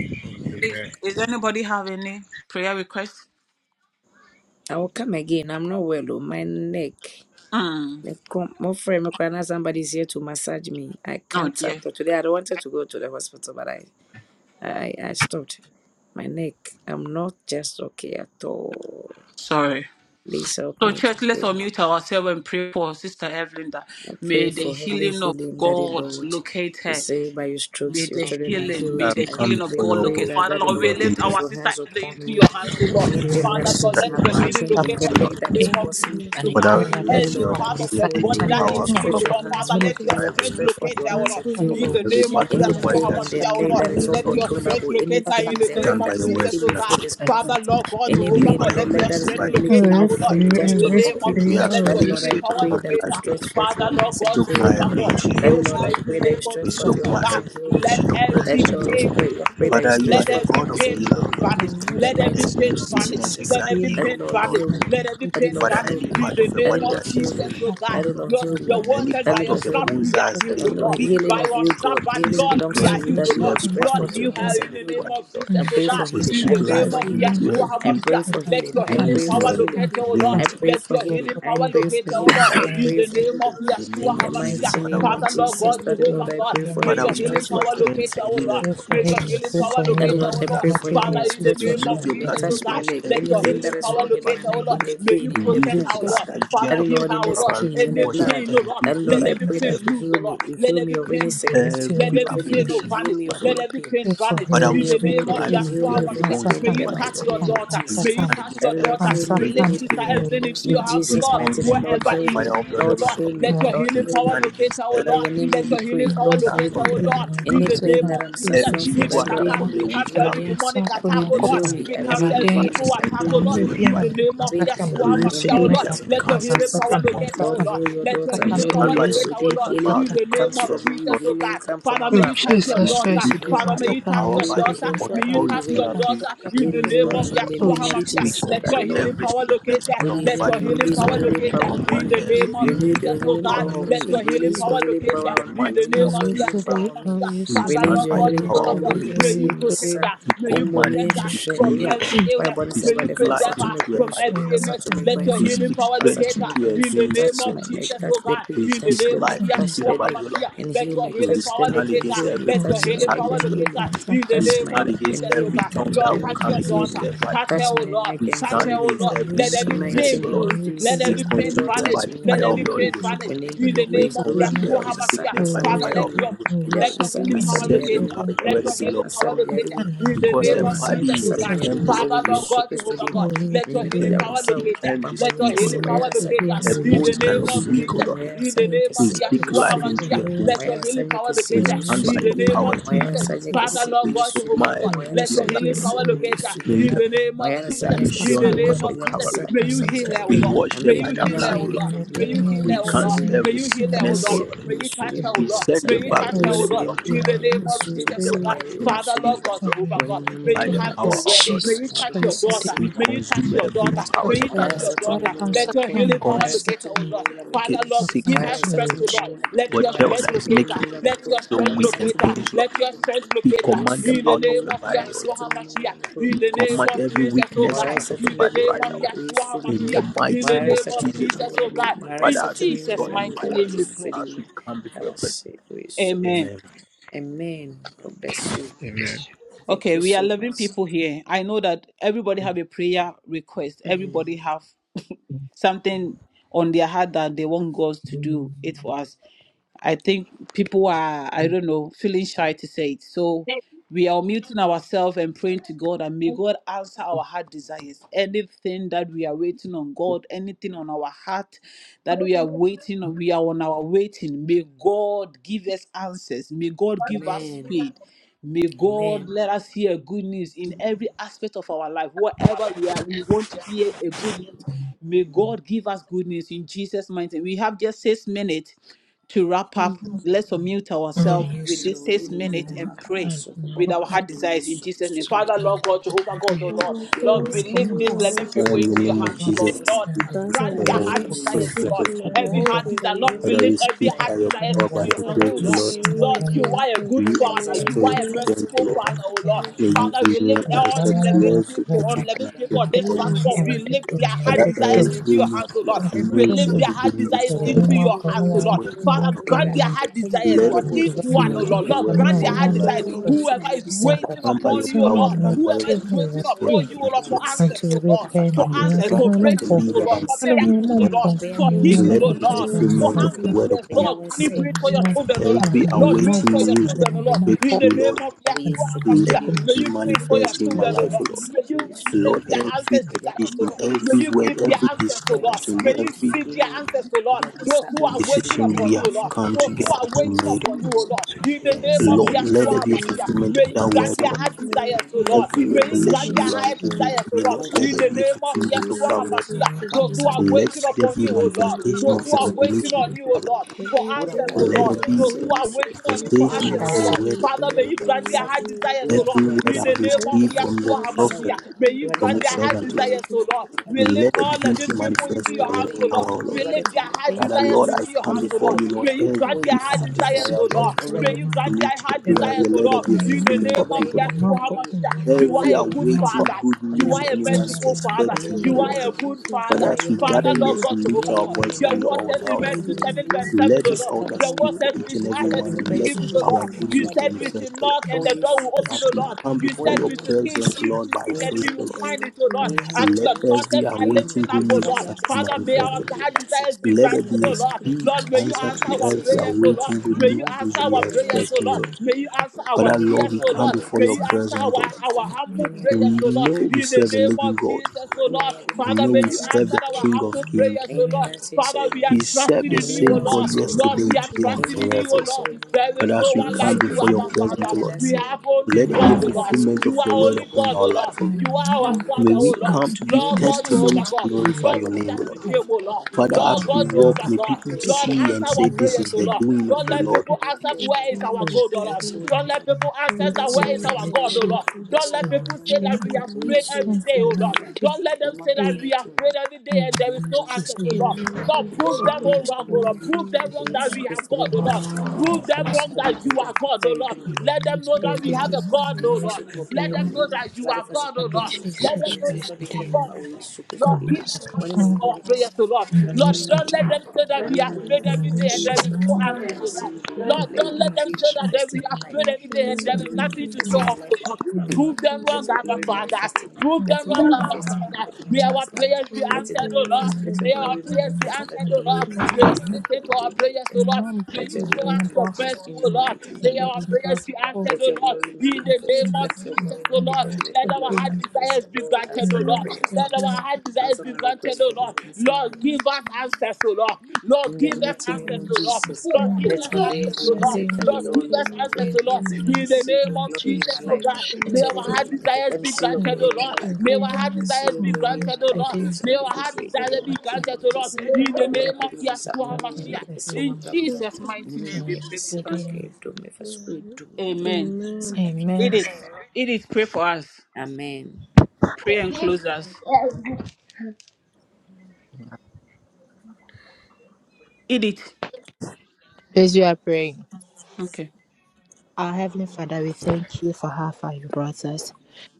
A: Please,
H: Amen.
A: does anybody have any prayer requests?
I: I will come again. I'm not well, oh, my neck.
A: Mm.
I: Like, come, my friend, my cry, now somebody's here to massage me. I
A: Oh
I: can't stop.
A: dear.
I: But today, I don't wanted to go to the hospital, but I, I, I stopped. My neck. I'm not just okay at all.
A: Sorry.
I: Please help
A: So
I: me to
A: church, let's
I: pray.
A: unmute ourselves and pray for Sister Evelyn that
I: I pray
A: may the
I: for heavenly
A: healing of
I: healing, Daddy
A: God
I: Lord.
A: locate
I: You
A: her.
I: say by your
A: May
I: strokes your
A: the
I: children are
A: healing, may
I: healed.
A: the
E: And
I: I
E: come
A: healing of
I: pray,
E: before
I: pray
E: your
I: that, Daddy Lord,
E: Lord in
I: you
E: the name
I: raise your hands upon me. Anything that
E: of
I: has
E: Sister
I: has hap-
E: Praying to
I: happened
E: you,
I: in my
E: O
I: neck
E: Lord.
I: that is causing
A: weakness,
G: ma
A: oh
G: ne
I: pain,
A: God.
G: werɛ,
E: Father,
G: Awurade
I: Daddy
E: let
A: Any
E: your
I: Lord, and
A: part
G: Nyankopɔn ma wo
A: of
G: nsa
A: her
I: before
G: nka
E: healing
A: body
I: thee,
G: ne ho.
A: that
I: that you
E: power
A: is
G: Awurade
A: weak,
E: fall
I: stretch
A: oh
I: your
G: Nyankopɔn
A: Lord.
E: upon
G: ma
I: hands
G: no
A: Father,
G: mmerɛ
I: forth,
A: let
I: you
A: your
G: biara
I: you
E: every
A: strength
E: Lord,
I: stretch
G: ma
I: forth
G: ne
A: locate
I: your
A: her,
G: nsa
A: oh
I: hands
A: Lord.
I: and
G: nka no
I: heal
A: In
G: wɔ
E: and
I: me.
A: the
E: every
A: name of
G: Yesu
E: part of
G: din
I: Any
E: the
G: mu.
A: Yeshua
E: body
I: pain
E: that is
I: in the
A: HaMashiach, oh
I: neck
E: feeling,
A: Lord.
I: that
G: no
I: is
E: pain,
A: Let
E: Lord.
A: your strength
I: uncontrollable, any
A: locate
F: for
A: her
I: pain
A: in
I: in
A: the
I: the
F: instant
A: name
I: neck
E: Stand by
I: that
A: of
E: your
I: is
F: healing.
E: words
A: Jesus,
I: making
A: oh
I: me
E: tonight, O
I: feel
A: God.
E: Lord.
A: Father,
I: discomfort,
A: Lord God,
G: no
E: We
I: any
A: Jehovah
E: plead
I: pain
E: by
I: in
A: God,
I: the
E: your
A: let
I: leg
A: your
I: that
E: mercy,
I: is
A: strength
E: by
I: ma-
E: your
A: locate
I: making
A: her,
I: me
A: oh Lord.
I: feel
E: blood, O Lord.
I: just
A: In the
F: Yes,
A: name
F: for
I: unokay.
A: of
E: We
A: Jesus,
F: instant
E: ask for
A: let
I: Daddy
A: your
E: healing
I: Lord,
A: healing
I: I
E: grace
A: power
I: pray
E: upon
I: that
E: my
A: locate
I: you
E: life,
A: her.
I: stretch
E: Lord. We
I: forth
A: Father,
I: your
G: no
A: Lord
I: hands and
A: God,
E: soak
I: heal
E: my
I: me.
A: Jehovah
E: every
A: God,
F: healing.
E: into your
I: Daddy
A: heal
E: grace,
I: Lord, I
E: Lord.
A: her in
I: pray
A: the
I: that you
A: name of
I: stretch
E: We
I: forth
A: Jesus,
E: soak
I: your
A: oh
E: my
I: hands
A: God.
E: every
I: and heal me.
F: Thank you.
E: into
A: Let
E: your
A: every
I: Daddy
E: presence,
I: Lord, we
A: pain
E: Lord.
I: pray, I pray that you
E: Father, you
I: stretch
E: are
A: Let
E: the
I: forth your
A: every
E: God of
I: hands and
A: pain
I: heal
E: healer,
I: me.
A: vanish.
E: Lord.
I: In the
A: Let every
I: mighty
E: There's
A: pain
E: no
I: name of
G: Jesus,
A: vanish.
E: sickness you
I: Jesus.
A: Let
E: can
A: every
E: heal
I: Daddy
E: or
A: pain
E: cure,
I: Lord,
A: vanish.
I: heal
E: Lord.
I: me.
A: Let every
I: Daddy
A: pain
I: Lord,
E: Father,
A: vanish.
I: heal
E: any
I: me.
A: In
E: part of
A: the
E: your
I: Daddy
A: name
E: body
A: of
I: Lord,
E: that
I: heal
E: she's
I: me.
A: Jesus,
E: feeling,
A: oh God.
E: pain,
I: Daddy
E: Lord.
I: Lord,
A: Your,
I: heal
A: your
I: me.
A: word
E: Any
A: said, by
I: Daddy
E: part
A: your
E: of
I: Lord,
E: the
I: heal
A: strap
I: me.
E: bones
A: we
E: that
A: are
E: has
A: healed,
I: Uh,
A: oh
E: been
I: Lord,
A: Lord.
E: weak,
I: healing
A: By
E: Lord.
I: of
A: your
I: you,
A: strap,
I: God.
A: but
E: We
I: Healing
A: Lord,
E: speak
I: belongs
A: we
I: to
A: are
E: life
I: you,
A: healed,
I: Daddy
A: oh
E: into
A: Lord.
I: Lord.
E: every
I: Stretch
E: part
A: Lord,
E: of
I: forth
E: the
I: your
A: heal
E: bone
A: her
I: hands
E: in
A: in
I: and
E: the
A: the
I: heal
A: name
E: body,
I: me.
A: of
E: Lord.
A: Jesus,
I: I
A: oh
I: pray for
A: God.
E: We
I: healing.
A: In
I: I
A: the
E: speak
G: shows
I: pray
G: the
A: name
E: life
I: for
A: of
I: healing.
G: demon.
E: into
A: Yeshua
I: I
E: every
I: pray
G: If
I: for
A: HaMashiach.
G: I'm
A: Let
I: healing.
A: your
I: I
G: second,
A: healing
I: pray
E: bones
G: for
E: in
I: for
A: power
E: the
G: second,
I: healing.
A: locate her, oh Lord.
I: I
E: veins,
G: second,
I: pray
E: Lord.
A: Let
I: for
A: your
G: we
I: healing.
A: healing
I: I
A: power
G: forgive
I: pray
G: him.
A: locate
I: for
A: her, oh
I: healing.
G: In
A: Lord.
G: the
I: I
G: name
A: In
I: pray
A: the
G: of
I: for
G: Jesus,
A: name of
I: healing.
E: In the
A: Yeshua
E: name
I: In the
E: of
G: Pray
E: Jesus,
I: mighty
A: HaMashiach.
G: for
E: Father,
I: name
E: we
I: of
G: healing,
A: Father,
E: ask for your
A: Lord
G: pray
I: Jesus,
E: strength,
A: God,
E: Lord.
I: Daddy Lord,
A: Jehovah
I: I
A: God,
I: pray for
A: may
E: Father,
I: healing.
A: your
E: we
I: Stretch
A: healing
E: ask for your
I: forth
A: power
I: your hands
A: locate
E: strength,
A: her,
I: and
A: oh
I: heal me.
A: Lord.
E: healer,
A: May your your healing
E: we
A: power
G: for
E: soak you
A: locate
I: Daddy
G: healing,
E: by
A: her,
E: your
I: Lord,
A: oh
I: I
G: and the
A: Lord.
E: blood,
I: pray
E: O
I: for
E: Lord.
G: material
A: Father,
I: healing.
G: of
A: in the
I: Stretch
E: We
A: name
I: forth
G: Jesus
I: your
A: of
E: use
G: Christ,
E: your
I: hand. May
G: the
A: Jesus,
E: blood
G: Lord.
E: to
A: oh
I: touch my
A: God,
E: wash
I: neck.
A: let
E: every
A: your
G: Always
I: Anything
E: pains
A: healing
I: that
E: out
I: is
A: power
E: of
I: wrong
E: the
G: forgive,
I: in
E: body,
A: locate
I: my
E: O
A: her, oh
I: neck,
E: Lord.
A: Lord.
I: in the
G: always
A: May
I: vein,
A: you
G: forgive,
I: in
E: We
I: the
E: use
A: protect
E: the
A: her,
G: always
A: oh
E: blood
I: bones.
A: Lord.
E: that is shed
A: Father,
I: Daddy
E: of us,
A: heal
I: Lord,
A: her,
I: in the
A: oh Lord.
E: Father,
I: skin,
E: to
G: forgive.
I: in the
A: Any
E: wash out
I: blood.
A: pain, oh Lord,
E: every
I: Daddy Lord,
A: let
I: I
A: every
I: pray
E: illness,
A: pain
I: that you
E: every,
A: lose,
I: heal
A: oh Lord.
I: me. You
A: Let
I: heal
A: every
I: me of any
A: pain
I: sickness. You
G: mighty
I: heal
A: let
E: every
I: me
G: Lord
A: every
I: of
G: Jesus.
I: any
A: pain oh,
E: affliction,
I: pain.
E: in
I: Heal
A: vanish.
E: the
I: me of
E: body, O
A: Let
I: any
E: Lord.
A: every
I: pain.
A: pain
G: Pray for
A: vanish.
I: Heal
E: Father, we
A: In
G: healing,
I: me
A: the
I: of
G: pray
I: any
E: speak
A: name
G: for
A: of
E: life
I: pain.
G: healing,
I: Heal
E: into
I: me
A: Yahshua
G: pray
I: of
E: every
G: for
I: any
A: Mashiach,
E: bones
I: pain
A: may
E: in
I: in
G: Satan,
E: the
A: you
I: the
G: for
E: body,
A: touch
I: mighty
E: Lord.
A: your
G: Satan,
I: name of
A: daughter.
E: We
G: for
A: May
I: Jesus.
A: you
G: Satan,
E: stand
A: touch
E: against
A: your
I: Daddy Lord,
A: daughter.
G: for
E: every
I: heal me of
E: spirit
A: Release
E: of
G: Satan,
I: any
A: Sister
I: pain.
E: sickness,
G: oh,
A: Evelyn
E: Lord.
G: you
A: into
G: should
A: your
I: In
G: be
A: house, oh
E: We
I: Jesus'
A: Lord.
I: mighty name,
E: consume
I: Lord,
E: them
A: Wherever
E: by the
I: heal
A: it-
E: fire
I: me.
E: of
A: she is,
E: the Holy
A: oh
I: Lord,
A: Lord,
E: Ghost,
I: heal
E: Lord.
I: me.
A: let
G: more,
A: your
G: you
I: Lord,
E: We
A: healing
G: should
I: heal
A: power
I: me.
E: stand
A: locate her,
E: against
A: oh
I: So that
A: Lord.
I: your
E: every
I: name will
A: Let
I: be
A: your
E: evil
A: healing
I: praised.
A: power
I: Lord,
E: attack
I: heal
A: locate her,
E: from
A: oh
I: me.
G: be
E: the
A: oh Lord,
E: enemy's
G: more,
A: in
G: you
I: Any
E: camp.
A: the
G: should be more, you should be
I: pain
A: name
G: more,
I: that
A: of
I: I'm
G: Jesus
I: suffering
A: Jesus.
I: for
E: every
A: In
G: Christ,
A: this
I: that,
E: water
I: Lord,
G: today,
I: I
A: attack,
G: ma,
E: from
A: we
E: the
I: plead,
E: witch
A: cancel
I: heal
G: Awurade
A: every
I: me.
E: couple,
G: yɛnsa
A: demonic
I: I
G: afo
A: attack,
I: plead,
A: oh
E: any
A: Lord.
I: heal
G: Nyankopɔn,
I: me.
A: We
I: I
E: sickness
I: plead,
A: cancel
I: you
G: Awurade
A: every
E: anyone
I: heal
E: has
I: me.
A: evil
I: I
E: sent
A: attack,
I: plead,
A: oh
I: you
A: Lord.
G: ɔmmerɛ
I: heal
E: into
I: me.
E: her
A: In
G: biara
A: the
E: body,
G: Awurade
A: name
G: fa
I: I
A: of
I: plead, you
G: nsakan
I: heal
G: wɔ
E: we
A: Yeshua
I: me
G: Yesu
I: in
A: Mashiach,
I: the
E: rebuke
G: din
A: oh
G: mu,
E: it
A: Lord.
G: fa
E: and
I: mighty
E: we
I: name
A: Let your
G: nsakan,
I: of
G: fa
E: cancel it
A: healing
E: in
I: Jesus.
A: power
E: the
G: nsakan,
E: name
G: fa
E: of
A: locate her,
I: Lord,
A: oh
G: nsakan,
E: Jesus.
A: Lord.
I: heal your
A: Let your
I: daughter.
E: We
G: nsakan
A: healing
I: Heal
G: ɛwɔ
I: your
A: power
E: stand by your
I: daughter.
A: locate
G: Yesu
A: her, oh
G: din mu, fa
A: Lord.
E: resurrection
A: In
E: power
I: Healing
G: nsakan.
E: to
A: the name
I: comes
A: of
E: cancel
I: from
E: every
I: you.
A: Jesus,
E: plot of
A: oh
E: the
I: Healing
A: God.
E: enemy.
I: comes from
A: Father, may
G: Oh,
A: you
I: above. That,
A: touch your
I: Lord, I
E: We
G: Jesus
I: plead,
A: daughter.
I: you
G: Christ,
E: speak
G: you
I: heal me.
A: Father,
E: by
G: defend
A: may
E: your
A: you
G: second,
I: I
A: touch
G: we
E: power,
A: your
G: use
I: plead,
G: you
E: by
I: you
E: your
A: daughter.
I: heal
G: defend
I: me. I
A: May you
G: second,
I: plead,
G: but
I: you
A: touch
E: authority
I: heal
E: you
A: your
I: me.
E: have
G: second,
E: given
G: but
A: daughter.
I: I
A: In
I: plead,
G: second,
I: you
A: the
G: but
I: heal
A: name
E: to
G: second.
I: me
A: of
E: us, O
I: in
E: Lord.
I: the
G: Oh,
A: Yeshua
I: name of
E: We
A: HaMashiach,
G: Jesus
I: Jesus.
A: let
I: That,
G: Christ,
A: your
E: command
I: Lord.
G: you
A: healing
E: every
G: know,
A: power locate
E: sickness
A: her.
G: you
E: out of
I: Lady,
E: the
G: know,
A: Let
I: heal
G: you
E: body,
I: me.
A: your
E: O
G: know,
A: healing
I: Release your
G: Jesus
A: power
E: Lord.
I: healing
E: We
A: locate
I: power
A: her.
G: Christ,
I: upon
A: In
E: command
I: me.
A: the
G: you
A: name of
E: every
I: Release
G: know,
E: weak
I: your
A: Jesus, oh
E: bone
I: healing
A: God.
E: out
G: you know,
I: power
E: of
I: on
E: her
A: Let
I: me.
A: your
E: veins,
A: healing
E: O
G: you
I: Release
A: power
G: know,
I: your
A: our
I: healing
E: Lord.
I: power
E: in the
I: on
A: her
I: me.
A: in
E: mighty
A: the
E: name
G: Oh,
E: of
A: name
I: Release
A: of
I: your healing
E: Jesus,
A: Yeshua
I: power
E: Lord.
G: yesterday,
I: on me.
G: oh,
A: HaMashiach.
E: We
A: Father,
G: yesterday,
I: Release
E: stand
A: Lord
I: your
G: oh,
E: by the
A: God,
I: healing
E: power
I: power
A: Jehovah
E: of
I: on
E: the
A: God,
I: me.
E: Holy
G: yesterday,
A: may
E: Ghost,
I: What's
A: you
E: Lord.
G: oh,
I: your
A: protect
I: missa?
G: yesterday,
A: her.
E: to
A: May
I: Your
A: you
E: command
I: mummy
E: and
A: protect
I: and
E: to
I: she
G: oh,
A: her
I: share.
A: from
E: decree,
G: yesterday,
I: Ura.
E: Lord.
A: every
I: My
A: illness.
I: body
E: We
A: May
I: said,
A: you
I: brother,
E: speak
I: for us
A: preserve
E: life
I: to
A: her
I: make
E: into a
I: queen
A: from
E: body,
I: so.
E: O
A: every
G: oh,
E: Lord.
I: Us
A: illness.
I: to make
A: Let
I: queen
A: your
E: We
I: so.
A: healing
E: speak
G: yesterday,
A: power
I: Us
E: strength
A: locate
I: to
A: her
I: make
E: into a
I: queen
A: in
I: so.
A: the
E: veins
I: Touch
A: name
E: and
A: of
I: my
E: bones, O
I: neck.
E: Lord.
A: Jesus,
I: Touch
A: oh
G: Jesus,
I: the
A: God.
E: We
I: pain.
A: In the
I: Touch
E: speak
I: the
A: name of
I: neck.
E: life
G: yesterday,
I: Touch
E: into a
A: Yeshua
I: the neck
E: body, O Lord.
I: and
A: HaMashiach. Let
I: heal
A: your
I: me.
A: healing
E: We
I: Touch
A: power
I: the neck
E: stand
A: locate
I: and
A: her.
E: against
I: heal me.
E: every
A: Let
G: oh,
A: your
I: Touch my
A: healing
I: neck
A: power
I: and
E: principality, O Lord.
I: heal
G: yesterday,
A: locate
I: me.
A: her
G: for
A: in the
G: something,
E: We
I: Touch
A: name
I: my
E: stand
A: of
I: neck
E: against
A: Jesus,
I: and heal
A: oh
G: I
E: every
I: me.
A: God.
E: tongue
I: Touch
G: can't
E: that
A: Lord,
I: my
G: get
E: will
I: neck
A: touch
E: come
A: your
I: and
G: some
I: heal
E: against
A: daughter.
I: me.
E: their body.
A: Touch her,
I: Touch my
A: oh
G: yesterday,
A: Lord.
I: neck
E: We
I: and
A: Touch
I: heal
E: stand
A: her, oh
I: me.
E: against
G: oh,
A: Lord.
E: every
A: Let
I: In the
A: every
G: yesterday,
I: mighty
E: sickness,
A: pain
E: O
I: name
E: Lord.
A: lose.
I: of
G: oh,
A: Let
E: We
I: Jesus,
A: every
G: yesterday.
I: Daddy
A: pain
E: consume
I: Lord,
E: them
A: vanish.
E: by
I: touch
E: the
I: me
G: I
I: and
A: Let
E: fire
I: heal
A: every
E: of
G: used
E: the
I: me.
A: every
G: to
A: pain
E: Holy Ghost,
G: do,
E: O
A: vanish
E: Lord.
I: Your name
G: I
I: will
A: in
I: be
A: the
G: used
E: We
A: name
I: praised.
G: to
A: of
I: Ora
G: do,
E: consume
I: peja
A: Yeshua
E: every
I: wansa
A: HaMashiach.
I: na
G: I
E: sickness by the
A: Father,
G: used
E: fire
G: to
A: let
E: of the
I: samiaru,
G: do,
A: your
E: Holy
G: I
E: Ghost, O Lord.
I: peja
A: let
G: used to
A: your
I: wansa
G: do,
A: healing
I: na
G: I
E: We
A: power
E: send
G: used
E: them
A: locate
G: to
I: samiaru,
A: her.
E: back
G: do.
I: peja
E: to where
A: Let
E: they
A: your
I: wansa
A: healing
E: belong,
I: na
E: O
A: power
E: Lord
G: My
A: locate
I: samiaru,
A: her. In the
E: because
I: peja
A: name
E: the
G: temple
A: of
I: wansa
G: and
A: Jesus,
I: na
G: which
E: body is
A: oh
E: the
G: is
A: God.
I: samiaru.
E: temple
G: suchness.
E: of
I: Ewe
A: Father, Lord
E: your
I: Yesu
A: God,
I: Kristo
A: Jehovah
G: I
I: dimu,
A: God.
G: used
A: Let your
G: to
I: ngine
A: healing
E: every
I: peja
G: do,
A: power
I: wansa
E: it
A: locate her.
E: can be
I: mambo
A: Let your
E: speak,
G: I
E: O
I: nyekesi,
A: healing
E: Lord.
G: used
A: power
I: wayara
G: to
A: locate
G: do,
A: her.
G: I
E: The
I: sanyekesi.
A: In
G: used
A: the
E: bones
I: O
G: to
A: name
E: cannot be
G: do,
A: of
I: Yesu
E: weak, O
I: dimu,
A: Jesus.
E: Lord.
I: wayara
A: In
G: I
A: the name of
E: We
I: sanyekesi,
G: used
I: o
G: to
E: speak
A: Yeshua
I: Yesu
E: life
I: dimu,
E: into your
A: HaMashiach.
G: suchness.
E: bones,
A: Let
E: O Lord.
A: your
I: wayara
A: healing power
I: sanyekesi,
G: I
E: We
A: locate
I: o
A: her.
E: stand
I: Yesu
E: by
A: In
G: used to
A: the
E: your
I: dimu,
A: name
G: do,
A: of
E: power
G: I
I: wayara
A: Jesus.
E: tonight.
G: used to do,
A: Father,
I: sanyekesi, o
A: Lord
E: We
A: God,
I: Yesu
E: soak
A: Jehovah
E: my
I: dimu,
G: I
A: God.
E: into
I: wayara
A: Let
G: used
E: your
A: your
G: to
E: blood,
A: healing
E: O
G: do,
E: Lord.
A: power
I: sanyekesi,
G: I
I: o
G: used
A: locate her.
I: Yesu
G: to do.
I: dimu.
E: May
A: In
E: the
G: that.
A: the name of
I: Mayana
E: blood
A: Jesus.
E: that
G: And
I: sanya
E: you share
A: In
I: kese
E: on
A: the
E: the
G: second,
I: ura
E: cross
A: name of
E: of
G: I used
A: Jesus.
G: to
E: Calvary,
I: pegawansa
G: do,
A: May you
G: I used
A: heal
G: to
A: her,
I: masamyari.
A: oh Lord.
E: we
G: do.
A: Lord.
E: wash
A: May
E: it
I: Namdiye
A: you
E: by the
A: heal
G: Sense
E: blood,
A: her, O
E: O Lord.
I: munyamahine
G: of
A: Lord. May
I: kambiye
A: you
I: bema
A: heal
E: We
A: her, O
G: energy,
A: Lord.
E: cancel
I: uyisurimu.
A: May
E: every
G: energy,
A: you heal her, O
E: sickness, O
A: Lord.
G: energy,
I: Yabase
E: Lord.
G: I
A: May
G: used
A: you touch
G: to
A: her,
I: uyisurimu.
G: do.
A: O
E: We
A: Lord.
E: send
A: May
E: them
A: you
I: Samyari
E: back
A: touch
E: to
A: her,
E: where they
A: O Lord.
E: belong,
I: uyisurimu.
A: In
E: O Lord.
A: the
I: Yari
A: name of
I: uyisurimu.
E: In
A: Jesus,
E: the
A: O
G: sitting
A: God.
I: Samyari
E: mighty name of
A: Father, Lord
I: uyisurimu.
A: God,
E: Jesus,
G: Oh,
E: Lord,
A: Jehovah
I: Wani
A: God. May
E: by
A: you
I: munyamahine
E: the
A: have your
E: power
I: nakase.
A: way.
E: of the Holy
A: May you
E: Ghost,
G: Jesus
A: touch
I: Mwadumi
A: your
G: Christ
A: daughter.
I: yakase.
E: we
G: sitting
A: May
I: Wani
A: you touch
E: consume
A: your
E: every
A: daughter.
G: on
I: munyamahine.
A: May
E: powers
A: you
E: of
I: Mayana
A: touch
G: suffer
A: your
E: darkness,
I: satu
E: Lord.
G: right
A: daughter.
G: from
I: mimura
A: Let your healing
G: Satan
I: mikuimu.
A: power
G: and
I: Mayana
E: Because
A: locate
I: satu
A: her, O
G: Satan
A: Lord.
I: mimura
A: Father,
E: sick-
I: mikuimu.
A: Lord, give
G: Satan
A: her
I: Mayana
E: sickness,
I: satu
A: strength, O
E: Lord.
G: which
A: Lord.
I: mimura
A: Let
I: mikuimu.
A: your
E: whatever
I: Mayana
A: strength
E: that is
I: satu
A: locate her.
E: making
I: mimura
E: it
A: Let your
I: mikuimu.
E: so
A: strength
I: Mayana
E: weak and
I: satu
A: locate her.
I: mimura
E: things, Lord.
A: Let your
I: mikuimu.
A: strength
E: We
A: locate her.
E: command them
I: Yesu
A: In the
E: out of
A: name
E: the
I: demu,
A: of
I: oya
E: body, O
A: Yeshua
E: Lord.
I: satu memu na
A: HaMashiach.
I: mekuru
A: In
E: We
A: the
I: mu
A: name
I: Yesu
E: command
A: of
I: demu.
E: every
A: Jesus, O
E: weakness
A: God.
E: out
I: Marisa
E: of
A: In
E: the
I: to
A: the-
I: me,
E: body right now.
I: Muramu,
E: okay? In the
I: Ustridimu,
E: mighty name of
I: Marisa to me,
E: Jesus, Lord.
I: Muramu,
E: Father,
I: Marisa to
E: as we
I: me,
E: join
I: Muramu,
E: voice and as
I: Ustridimu.
E: we come
I: That
E: before your presence.
I: was it, we so
A: Amen.
I: grateful.
E: Amen.
I: Amen. God bless
E: Amen.
I: you.
H: Amen.
I: Thank
A: Okay,
I: you
A: we are
I: so
A: 11
I: much.
A: people here. I know that everybody have a prayer request.
I: Mhm.
A: Everybody have something on their heart that they want God to do it for us. I think people are, I don't know, feeling shy to say it. So we are muting ourselves and praying to God and desire anything that we are wait,
D: I
A: waiting on. We are
I: Amen.
A: speed. God,
I: Amen.
A: let every aspect of Jesus made
I: Mhm.
A: up.
G: oh
A: ourselves with
G: Jesus
A: this
I: Lord, who
A: six
G: Oh,
I: named the
G: yes
A: minutes and
I: Damakuma
G: oh
A: pray
G: God,
I: so
G: you
I: the
A: with
I: bomb
G: know,
A: our
I: pile
A: heart
I: you
A: desires in
I: so
A: Jesus' name.
I: Christian
A: Father,
I: water.
G: something
A: Lord God, Jehovah
G: and
A: God,
G: they
F: I
A: oh
I: He
A: Lord,
I: beat a
G: and
A: Lord, we
G: the
I: west of
A: lift
G: bomb
A: these
I: coming,
G: bomb
I: sir.
A: 11
F: worship
E: Father,
A: people
E: in
G: and
E: the
A: into your
E: name
G: then
I: A
E: of
F: you.
A: hands, oh
E: Jesus,
I: beer
A: Lord.
G: off
I: was a
A: Lord,
E: we
G: and
E: come
G: then
I: coming,
E: you
F: God,
G: bomb
I: sir.
A: grant
E: for
A: their
G: bomb
I: You
E: your
F: I'm
E: word
I: may
F: not
A: heart
I: we
E: and for
A: desires,
E: your
I: use
A: oh
I: so
G: and
A: Lord.
I: good.
F: speaking
E: presence.
F: my
G: then
A: Every
I: Christian.
F: life
G: bomb
A: heart
G: off
F: in the
A: desire,
I: You
A: Lord,
I: know
F: mighty
A: we
I: my
E: Father,
F: name
E: we
A: lift
F: of
A: every
E: speak
G: and
F: Jesus.
A: heart
E: by
I: desire.
E: your
A: desires
G: then
E: power,
G: bomb
I: I
A: into
E: by
I: have
A: your
E: your
I: two
F: Lord,
A: hands,
E: grace,
I: hard
A: oh
F: Whatever
A: Lord.
F: my
E: Lord.
I: desires,
A: Lord,
F: name is
I: friend.
A: you are a
F: mentioned,
A: good
E: We
I: My
F: Father, may
A: father.
F: you
I: desire
E: ask
I: is
E: for
A: You
I: for
E: your
A: are
I: me
A: a
I: to
F: increase
I: get
E: strength,
F: and
I: my
A: merciful
E: Lord.
I: car.
F: favor
A: father,
G: off
A: oh
F: for
I: I
G: and
A: Lord.
I: have
E: May
F: children.
G: then
E: you
I: desire is
A: Father,
I: for my
E: give
A: we
E: me
A: lift
E: an
I: daughter to
G: Thank
I: get
G: you.
A: all
I: a
E: answer to
A: 11
I: school
G: are
E: every
A: people
E: petition
A: on
F: Father,
I: like
G: the
I: I'm
E: I
A: 11
E: pray
A: people
I: gambling.
A: on
I: And
F: in the
A: this
I: Baba,
E: before
I: I
E: you.
F: mighty
A: platform.
F: name
I: desire to
A: We lift their
I: my friends
A: heart
F: of
E: Father,
F: Jesus, in the mighty
I: to
A: desires
E: every
F: name of
A: into your
E: news,
F: Jesus,
I: support
A: hands, oh
F: in
A: Lord.
F: the
E: good
A: We
E: news,
F: mighty
A: lift their
E: every
A: heart
E: good
I: me
E: news,
A: desires
I: so that
E: every
A: into
G: woman
A: your
I: they
A: hands,
F: name
I: can
A: oh
E: I'm
A: Lord.
I: support.
E: waiting
F: of
A: Father,
E: for.
A: Lord,
F: Jesus,
A: grant
I: Ora,
A: their
I: and the
A: heart
I: penny
E: you.
A: desires
I: nyinaa
E: Let there
A: on
E: be a
F: in
I: wɔ
A: each
F: the mighty
I: push to
A: one,
F: of
I: wear
A: oh
E: fulfillment
A: Lord.
E: of
I: away.
F: Jesus,
E: your
A: Lord,
E: word
F: in
A: grant their
E: upon
A: heart
E: my
I: Nkuto
A: desires.
E: life. Lord.
I: nso
A: Whoever
I: na maybe
A: is
I: sound
E: I
A: waiting
I: have
E: Come
I: the
E: by
I: year.
A: upon
E: your
A: you, oh
E: power,
A: Lord.
I: Emu
E: come by your word,
I: mpae.
A: Whoever is waiting
E: Lord.
I: Sɛba
A: upon
I: de
A: you, oh
I: pɛgya
A: Lord, for
I: wɔn nsɛe.
A: answers, oh Lord.
I: N'afa ka
E: By
A: For
I: yi
E: the
I: dɔm
A: answers,
E: trust
A: for
I: yɛ.
E: and
G: poor.
A: breakthroughs,
E: belief
A: oh
I: Pɛgya
E: of
A: Lord.
I: wɔn
E: my
A: For
G: I
I: nsɛe.
G: don't
E: faith,
G: know,
A: miracles, oh
I: Na
G: mom
E: Lord.
A: Lord.
I: maame
G: poor,
I: bɛyɛ
A: For
G: you
I: kɔn aso
G: know,
A: healing,
E: Let
I: adeɛ
A: oh
E: there
G: because
I: mmerɛ
E: be
A: Lord
G: I
I: mu wɔ
G: am
A: for
E: fulfillment
I: sukuu
E: of
I: mu.
G: grandpa.
E: the
A: answering
E: word
G: I
A: prayers.
E: upon my
I: Pɛgya
A: Lord,
I: wɔn
A: can you
E: life.
A: do
I: a
A: it
G: don't know,
A: for your
G: mom
I: N'afa
A: children,
E: Lord.
G: poor,
I: sika
A: oh Lord?
G: I
I: mpɛ
E: Every
I: mu
G: don't know,
A: Lord, do
G: mom
A: it for
E: awaiting
G: poor,
A: your
G: I
E: news and
A: children, oh
G: don't know,
A: Lord.
G: mom
A: In
G: poor.
A: the
E: breakthrough, Lord.
A: name of
G: I
I: Louise
A: Yeshua
G: don't know,
E: Let
I: Jesucristo de
G: boy,
A: HaMashiach, may you
E: it
A: do it
G: I'm
A: for your
E: manifest in my
A: children, oh
E: life,
A: Lord.
G: going
E: Lord.
A: May you bring
E: Lord,
I: Ojawunsawuyesulimu,
A: their
E: every
G: to
A: answers' desires, oh
E: petition,
A: Lord. May
E: every
A: you
E: word,
A: give
I: Ojawunsawuyesulimu,
A: their
E: every
A: answers, oh Lord.
E: discussion,
A: May you
E: every
A: speak their
I: Ojawunsawuyesulimu,
A: answers, oh Lord. Those who are waiting
E: decision
I: Ojawunsawuyesulimu,
G: Thank
E: we
A: upon you, oh
E: have
A: Lord.
E: come
A: Those who are
E: together to
A: waiting
E: make,
A: upon you,
I: Ojawunsawuyesulimu,
A: oh Lord. In the name of
E: Lord, let
A: Yeshua
E: there
F: the mighty
E: be a
I: Ojawunsawuyesulimu,
A: HaMashiach,
E: fulfillment
A: may
E: of
F: of
A: you
E: that
F: Jesus.
A: grant
E: word,
A: their
E: Lord.
A: heart desires,
I: Ojawunsawuyesulimu,
F: Thank
A: oh Lord.
E: Every
A: May you grant their
E: revelation you have
A: heart
I: Ojawunsawuyesulimu,
E: given to
A: desires, oh
E: me,
A: Lord.
E: Lord, let
A: In
E: there
A: the
E: be a
A: name of
E: fulfillment of
A: Yeshua
E: that
I: Onkonkomawunsawuyesulimu,
E: word.
A: HaMashiach, those who are
E: Let
A: waiting
E: there
A: upon
E: be
A: you,
E: a
A: oh
I: Mawunsawuyesulimu,
A: Lord.
E: manifestation
A: Those
E: of
A: who
E: your
A: are waiting
E: revelation in
A: on you,
E: my
A: oh
I: Mawunsawuyesulimu,
A: Lord,
E: life.
A: for
I: Ura
A: answers, oh
I: mawado
E: Let
A: Lord.
E: there be
A: Those
E: a
A: who
I: mwenyekisi
A: are
I: Yesu
A: waiting
I: Kristo
A: on you
I: ndiwe
A: for
E: manifestation
I: kujawa
A: answers,
E: of
A: oh
I: nsa.
E: your
A: Lord.
E: word
A: Father,
E: in my
A: may
I: Wewe
A: you
E: life,
I: kujawa
A: grant
I: nsa.
A: their
E: Lord.
A: heart desires, oh
I: Ura
A: Lord.
E: Every
I: kujawa
E: word
A: In the
E: I've
I: nsa
A: name name of
E: received from your
A: Yeshua
I: nsa
E: prophet,
I: wo
A: HaMashiach. May you
I: awurade
E: from
I: fa
A: grant
E: your
A: their
I: ka
A: high
I: biribi
E: servant,
I: mu
E: Lord,
I: yi
A: desires, O
I: fa
A: Lord.
I: sika
A: We
I: dɔm na
A: lift
E: let it
I: ɛbɛyi
A: all
I: me
E: begin
A: living
E: to
I: dɔm na
A: people
I: nam
A: into
E: manifest
I: dɔm na
A: your
E: by your
A: hands,
I: ɛbɛyi
A: O
I: wo
A: Lord.
E: power, Lord.
A: We
I: awurade
A: lift
I: fa
A: their
I: me
A: high
I: bɛyɛ
E: Father,
I: akoma
A: desires
E: Lord,
I: so
E: I
A: into your
I: sukuu
E: come
A: hands, O
E: before
A: Lord.
I: ɛdɔm
E: you,
I: no
E: Lord.
A: May you
E: Every
I: wɔ
A: grant their high
I: yesu
E: our
I: kristo
A: desires,
I: din
E: desire,
A: O
I: mu
E: Lord,
A: Lord.
I: awura yɛ
A: May you
I: ma wo
A: grant
I: mɛ
E: in
A: their
E: each and
A: high
E: every
I: awura
E: one,
I: yɛ
A: desires,
E: you
I: ma
A: O
E: let
I: me
E: there
A: Lord.
I: ne me
E: be a
I: mɛyɛ
A: In the
E: fulfillment of
A: name
I: awura
A: of
I: yɛ
E: it, O
I: ma me ne
E: Lord.
A: Yeshua
I: me mɛyɛ na
A: HaMashiach,
I: me
A: you
I: wɔ
E: Every
I: ne
A: are a
I: mu yɛ
A: good
I: ma ma
E: awaiting
I: wo
A: father.
E: good
I: ɔhene
A: You are
E: news
I: ma wo
A: a
I: nsa
E: anyone
I: so
E: is
A: merciful Father.
I: ɔhene
E: expecting,
I: ma yɛ
A: You
E: O
I: ma
E: Lord.
I: yɛ
A: are a
I: no
A: good
E: But
I: owura
A: Father.
E: as
I: yɛ
E: we
I: ma yɛ
A: Father,
E: gather,
I: no
A: Lord
E: yes, we
A: God,
E: lift
I: ɔhene
A: Jehovah
E: our
I: yɛ
A: God.
E: voice
A: Your
I: no
E: in your
A: word says
E: altar, O
A: in
E: Lord.
A: Matthew 7, verse 7,
E: Let
A: O
E: this
A: Lord.
F: you.
E: altar
A: Your word
E: speak for
A: says we
E: each and
A: should
E: every
A: ask and it
F: Thank
E: one,
I: me
A: will be
E: and
I: bɛyɛ
E: let
A: given,
I: sukuu
A: O
E: our
A: Lord.
I: akoma
E: good
A: You
I: so
E: news
A: said
I: adeɛ
A: we
I: dɔm
E: manifest,
A: should
E: O
A: knock and
E: Lord.
A: the door
I: yesu
A: will open,
I: kristo
E: As
A: O
E: we
A: Lord.
E: come
A: You
E: before
I: Wani
A: said
E: your
A: we should
I: mulimu
A: seek,
E: presence,
I: kese.
A: you
E: Lord,
A: should
E: by
A: seek
I: Ayehu
A: and
E: faith,
A: we
E: O
I: wani
A: will
E: Lord,
I: mulimu.
A: find it, O Lord.
I: Ayehu wani
A: As
E: let
A: your
I: mulimu.
E: every
A: daughters are
I: Ayehu wani
E: awaiting
A: lifting
I: mulimu.
A: up,
E: good
A: O
E: news
I: Awurade
A: Lord.
E: start to
I: abɛsɛ
A: Father,
I: mu.
A: may
I: Ama
E: manifest,
A: our
E: O
I: yɛn
E: Lord.
I: ni
A: heart
I: yɛda ase
A: desires
I: nso
A: be
I: wɔ
E: Let there
I: n'anim.
A: granted,
E: be
A: O
E: a
A: Lord.
E: speed
A: Lord, may you
I: Yɛn
E: answer
I: ni
A: answer
I: yɛda
E: to
A: our
I: ase
E: every
I: nso wɔ
A: prayers,
G: you.
A: O
I: n'anim.
A: Lord.
E: awaiting good
A: May you answer
E: news
I: Ɔnkɔm
A: our
E: we
I: yɛn
E: are
I: ni yɛda
G: Thank
A: prayers,
I: ase.
A: oh
E: expecting,
A: Lord.
E: Lord.
A: May you answer our
I: Dome
E: Father,
I: ni yɛda
E: Lord,
I: mu.
A: tears,
E: we
A: oh
I: Ama
E: come
I: yɛn
A: Lord.
I: ni yɛda
E: before
A: May
E: your
I: ase
A: you
I: nso
A: answer
I: wɔ
E: presence,
I: n'anim.
E: O
A: our,
E: Lord.
A: our
I: Dome
A: humble
I: ni yɛda
E: We
I: mu.
A: prayers,
I: Ama yɛn
A: oh Lord.
E: know we
A: In the
E: serve a
A: name of
E: living God.
A: Jesus, oh Lord.
I: Maisha
E: We
A: Father,
E: know
A: may
E: we
A: you
E: serve
A: answer
E: the
A: our
E: King of
A: humble
E: Kings.
A: prayers, oh Lord. Father, we are
E: We serve
A: trusting
E: the
A: in you, oh
E: same
A: Lord.
E: God
A: Lord,
E: yesterday,
A: we are
E: today, and
A: trusting in you,
E: forever,
A: oh
E: Lord.
A: Lord. There
E: Father,
A: is no
E: as we
A: one like
E: come
A: you,
E: before your
A: Abba
E: presence, O
A: Father.
E: Lord,
A: We have only
E: let there be a
A: God, oh Lord.
E: fulfillment of
A: You are
E: your word
A: only
E: upon
A: God,
E: our
A: oh Lord.
E: life, O Lord.
A: You are our Father,
E: May
A: oh
E: we come
A: Lord.
E: to give
A: Lord God,
E: testimony
A: Jehovah
E: to
A: God.
E: glorify
A: Don't
E: your
A: put
E: name,
A: us
E: O
A: to
E: Lord.
A: shame, oh Lord.
E: Father,
A: Lord
E: as we
A: God,
E: walk,
A: Jehovah
E: may
A: God,
E: people
A: Lord,
E: see
A: answer
E: and say,
A: our
E: This
A: prayers,
E: is
A: O
E: the
A: Lord.
E: doing of
A: Don't
E: the
A: let
E: Lord.
A: people ask us where is our God, O Lord. Don't let people ask us that
I: this is
A: where is
I: what
A: our
I: we
A: God,
I: do.
A: O Lord.
I: This
A: Don't
I: is
A: let
I: what we
A: people say
I: do.
A: that we have
I: We
A: prayed
I: shoot
A: every
I: for
A: day, O
I: the moon.
A: Lord.
F: you.
A: Don't let
I: We
A: them say
I: make
G: you.
A: that
I: money.
A: we have
I: We
A: prayed every
G: I
A: day
G: have
A: and there
I: make
A: is
G: used
A: no
G: to
A: answer, O Lord.
G: him,
I: money.
G: I have
A: Lord,
I: We
G: used
A: prove
G: to
I: go
A: them
G: him,
A: all
I: to
A: wrong,
G: I
I: school.
A: O
G: have
A: Lord.
G: used
A: Prove
G: to
A: them wrong
I: We
A: that we have
I: study
A: God, O
G: him,
A: Lord. Prove them wrong that you are God, O Lord.
G: I
A: Let
G: have
A: them
G: used
A: know
G: to
A: that we have a
G: him, I
A: God,
G: have
A: O
G: used
A: Lord.
I: so
G: to
A: Let them
G: him,
A: know that you are God,
G: I
A: O
G: have
A: Lord. Let them know
G: Jesus
A: that you
G: Christ to
A: are
G: him.
A: God.
G: I
A: Lord,
G: have
A: be an
G: used to
A: answer to
G: him,
A: our prayers, O Lord.
G: I have
A: Lord,
G: used to
A: don't let
G: him,
A: them say that
J: Let's
A: we
J: go.
A: have prayed
G: I
A: every
G: have
A: day
I: Show
A: and
G: used to
A: there is
I: yourself
A: no
I: to
G: him,
I: me.
J: Come
A: answer,
J: here.
I: Let
A: O
I: me see
A: Lord.
I: your glory.
G: I
J: Let's
A: Lord,
G: have
I: Let
J: go.
I: your
A: don't let them
I: glory
A: say
G: Jesus
A: that they-
G: Christ
I: manifest
G: to
A: we
I: in my
G: him.
A: have
I: life.
A: prayed every day and
I: Let your
A: there is
I: glory
G: Amen,
A: nothing to
I: manifest
A: show
I: in the
G: amen,
A: up, O
I: life of
G: but
A: Lord.
I: my family.
G: amen,
A: Prove them wrong,
I: Let your
A: Abba
I: glory
A: Father.
I: manifest in my
A: Prove
G: amen,
I: let
A: them
G: but
I: it
A: wrong, Abba
I: manifest in my
G: amen, but
A: Father.
I: my
A: May
G: amen,
A: our
I: child's
G: but
I: life.
A: prayers be
I: Let it
A: answered, O Lord.
I: manifest. Let your
G: amen,
A: May
G: but
A: our
I: glory
A: prayers be
G: amen,
I: manifest.
G: but
I: Let
A: answered,
I: your
A: O
I: glory
G: amen,
A: Lord.
G: but amen. Amen, but amen, but amen, but
A: May you
I: manifest. Let
G: amen.
I: your
A: listen to
I: glory
A: our prayers, O
I: manifest.
A: Lord.
G: Amen, but
A: May
I: Let
A: you
I: your
A: show
I: glory
A: us your
I: manifest
A: mercy,
I: in
A: O
I: the
G: amen,
A: Lord.
I: mighty
A: May
I: name
G: but
I: of
A: our
G: amen,
A: prayers
G: but
I: Jesus.
A: be
G: amen.
A: answered,
I: Let
A: O
I: your
A: Lord.
I: glory
A: In the name
I: manifest.
A: of
G: Amen.
I: Let your
A: Jesus,
I: glory
A: O Lord,
I: manifest. Let
A: let
I: your
A: our
I: glory
A: heart
I: manifest.
A: desires be
I: Lord,
A: granted,
I: answer
A: O
I: my
A: Lord.
I: prayers for
A: Let
I: me.
A: our heart desires
I: Answer
A: be
I: my
A: granted,
I: request
A: O
I: for me.
A: Lord.
I: Answer my
A: Lord,
I: request
A: give us answers, O Lord. Lord,
I: in the
A: give us
I: mighty name
A: answers,
I: of
A: O Lord.
I: Jesus,
A: Lord, give
I: let
A: us
I: my prayers
A: answers,
I: be
A: O Lord.
I: answered. Daddy
A: Lord,
I: Lord,
A: give us
I: let my
A: answers,
I: prayers
A: O
I: be
A: Lord.
I: answered. Let
A: In
I: me
A: the
I: see
A: name
I: your
A: of
I: glory in my
A: Jesus, O
I: life.
A: God, may
I: Let your
A: our
I: glory
A: heart
I: manifest.
A: desires
I: Let me
A: be
I: see your
A: granted, O
I: glory in my
A: Lord.
I: life.
A: May our heart
I: Let me see
A: desires
I: your
A: be
I: glory in
A: granted,
I: my
A: O
I: life.
A: Lord.
I: We shall
A: May our
I: give you
A: heart
I: praise in
A: desires
I: the
A: be
I: mighty name
A: granted,
I: of
A: O Lord.
I: Jesus.
A: In the
I: Ora
A: name
I: pe
A: of
I: dum sa mo
A: Yeshua
I: ni mo nyam
A: Mashiach.
I: ye kese o
A: In
I: ma bra bom.
A: Jesus'
I: Mo ni
A: mighty
I: mo
A: name,
I: nyam
A: we
I: ye
A: pray with
I: kese ka
A: thanksgiving.
I: ke do me fa sku do me bi.
A: Amen.
I: Na se
F: Amen.
I: ka hwe me
A: Eat
I: ba
A: it.
I: wo.
A: Eat it. Pray for us.
I: Amen.
A: Pray and close us. Eat it.
G: As you are praying.
A: Okay.
G: Our Heavenly Father, we thank you for how far you brought us.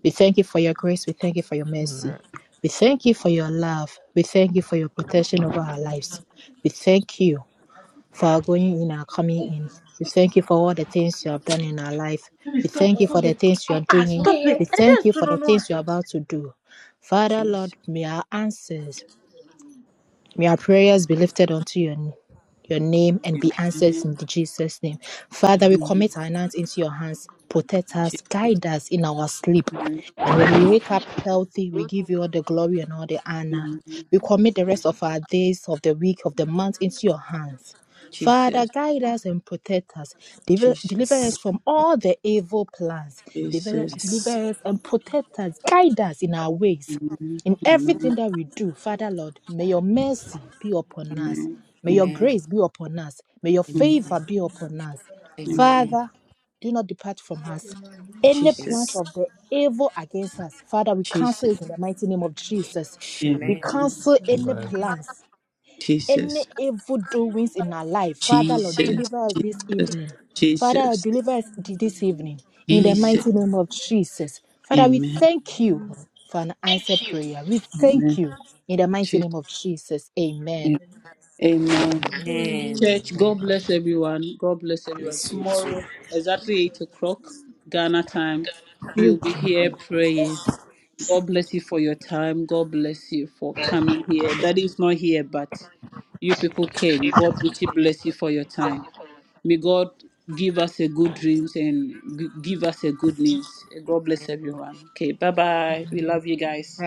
G: We thank you for your grace. We thank you for your mercy.
H: Amen.
G: We thank you for your love. We thank you for your protection over our lives. We thank you for our going in our coming in. We thank you for all the things you have done in our life.
J: Baby,
G: We
J: stop it.
G: thank you for
J: Stop
G: the
J: it.
G: things you are
J: Ah,
G: doing.
J: stop
G: We thank you for the things you are about to do. Father,
A: Jesus.
G: Lord, may our answers May our prayers be lifted unto your, your name and be answered
A: Amen.
G: in the Jesus' name. Father, we
I: Amen.
A: Amen.
G: commit our nights into your hands. Protect us,
A: Jesus.
G: guide us in our sleep.
A: Amen.
G: And when we wake up healthy, we give you all the glory and all the honor.
A: Amen.
G: We commit the rest of our days, of the week, of the month into your hands. Father,
A: Jesus.
G: guide us and protect us. Deliver,
A: Jesus.
G: deliver
I: Yes.
G: us from all the evil plans. Deliver,
A: Jesus.
I: Yes.
G: deliver us and protect us. Guide us in our ways. In
A: Amen.
G: everything that we do, Father Lord, may your mercy be upon us.
A: Amen.
G: May your
A: Amen.
I: Amen.
G: grace be upon us. May your
A: Amen.
G: favor
I: Amen.
G: be upon us.
A: Amen.
I: Amen.
G: Father, do not depart from us. Any
A: Jesus.
G: plans
I: Yes.
G: of the evil against us, Father, we cancel
A: Jesus.
G: it in the mighty name of Jesus.
A: Amen.
G: We
I: Amen.
G: cancel any
H: Amen.
G: plans
A: Jesus.
G: any evil doings in our life. Father,
A: Jesus.
G: Lord, deliver us this
A: Jesus.
G: evening. Father,
A: Jesus.
G: deliver us th- this evening in the
A: Jesus.
G: mighty
I: Amen.
G: name of Jesus. Father, we
A: Amen.
G: thank you for an answered prayer. We thank
A: Amen.
G: you in the mighty
A: Jesus.
G: name of Jesus. Amen.
A: Amen.
F: do.
I: Amen.
A: Church, God
H: Amen.
A: bless everyone. God bless everyone.
I: Bless you too.
A: Tomorrow, exactly 8 o'clock, Ghana time, we will be here praying. God bless you for your time. God bless you for coming here. Daddy is not here, but you people came. God richly bless you for your time.
J: it.
A: May God give us a good dreams and g- give us a good news. God bless
I: Amen.
A: everyone. Okay, bye bye. We love you guys.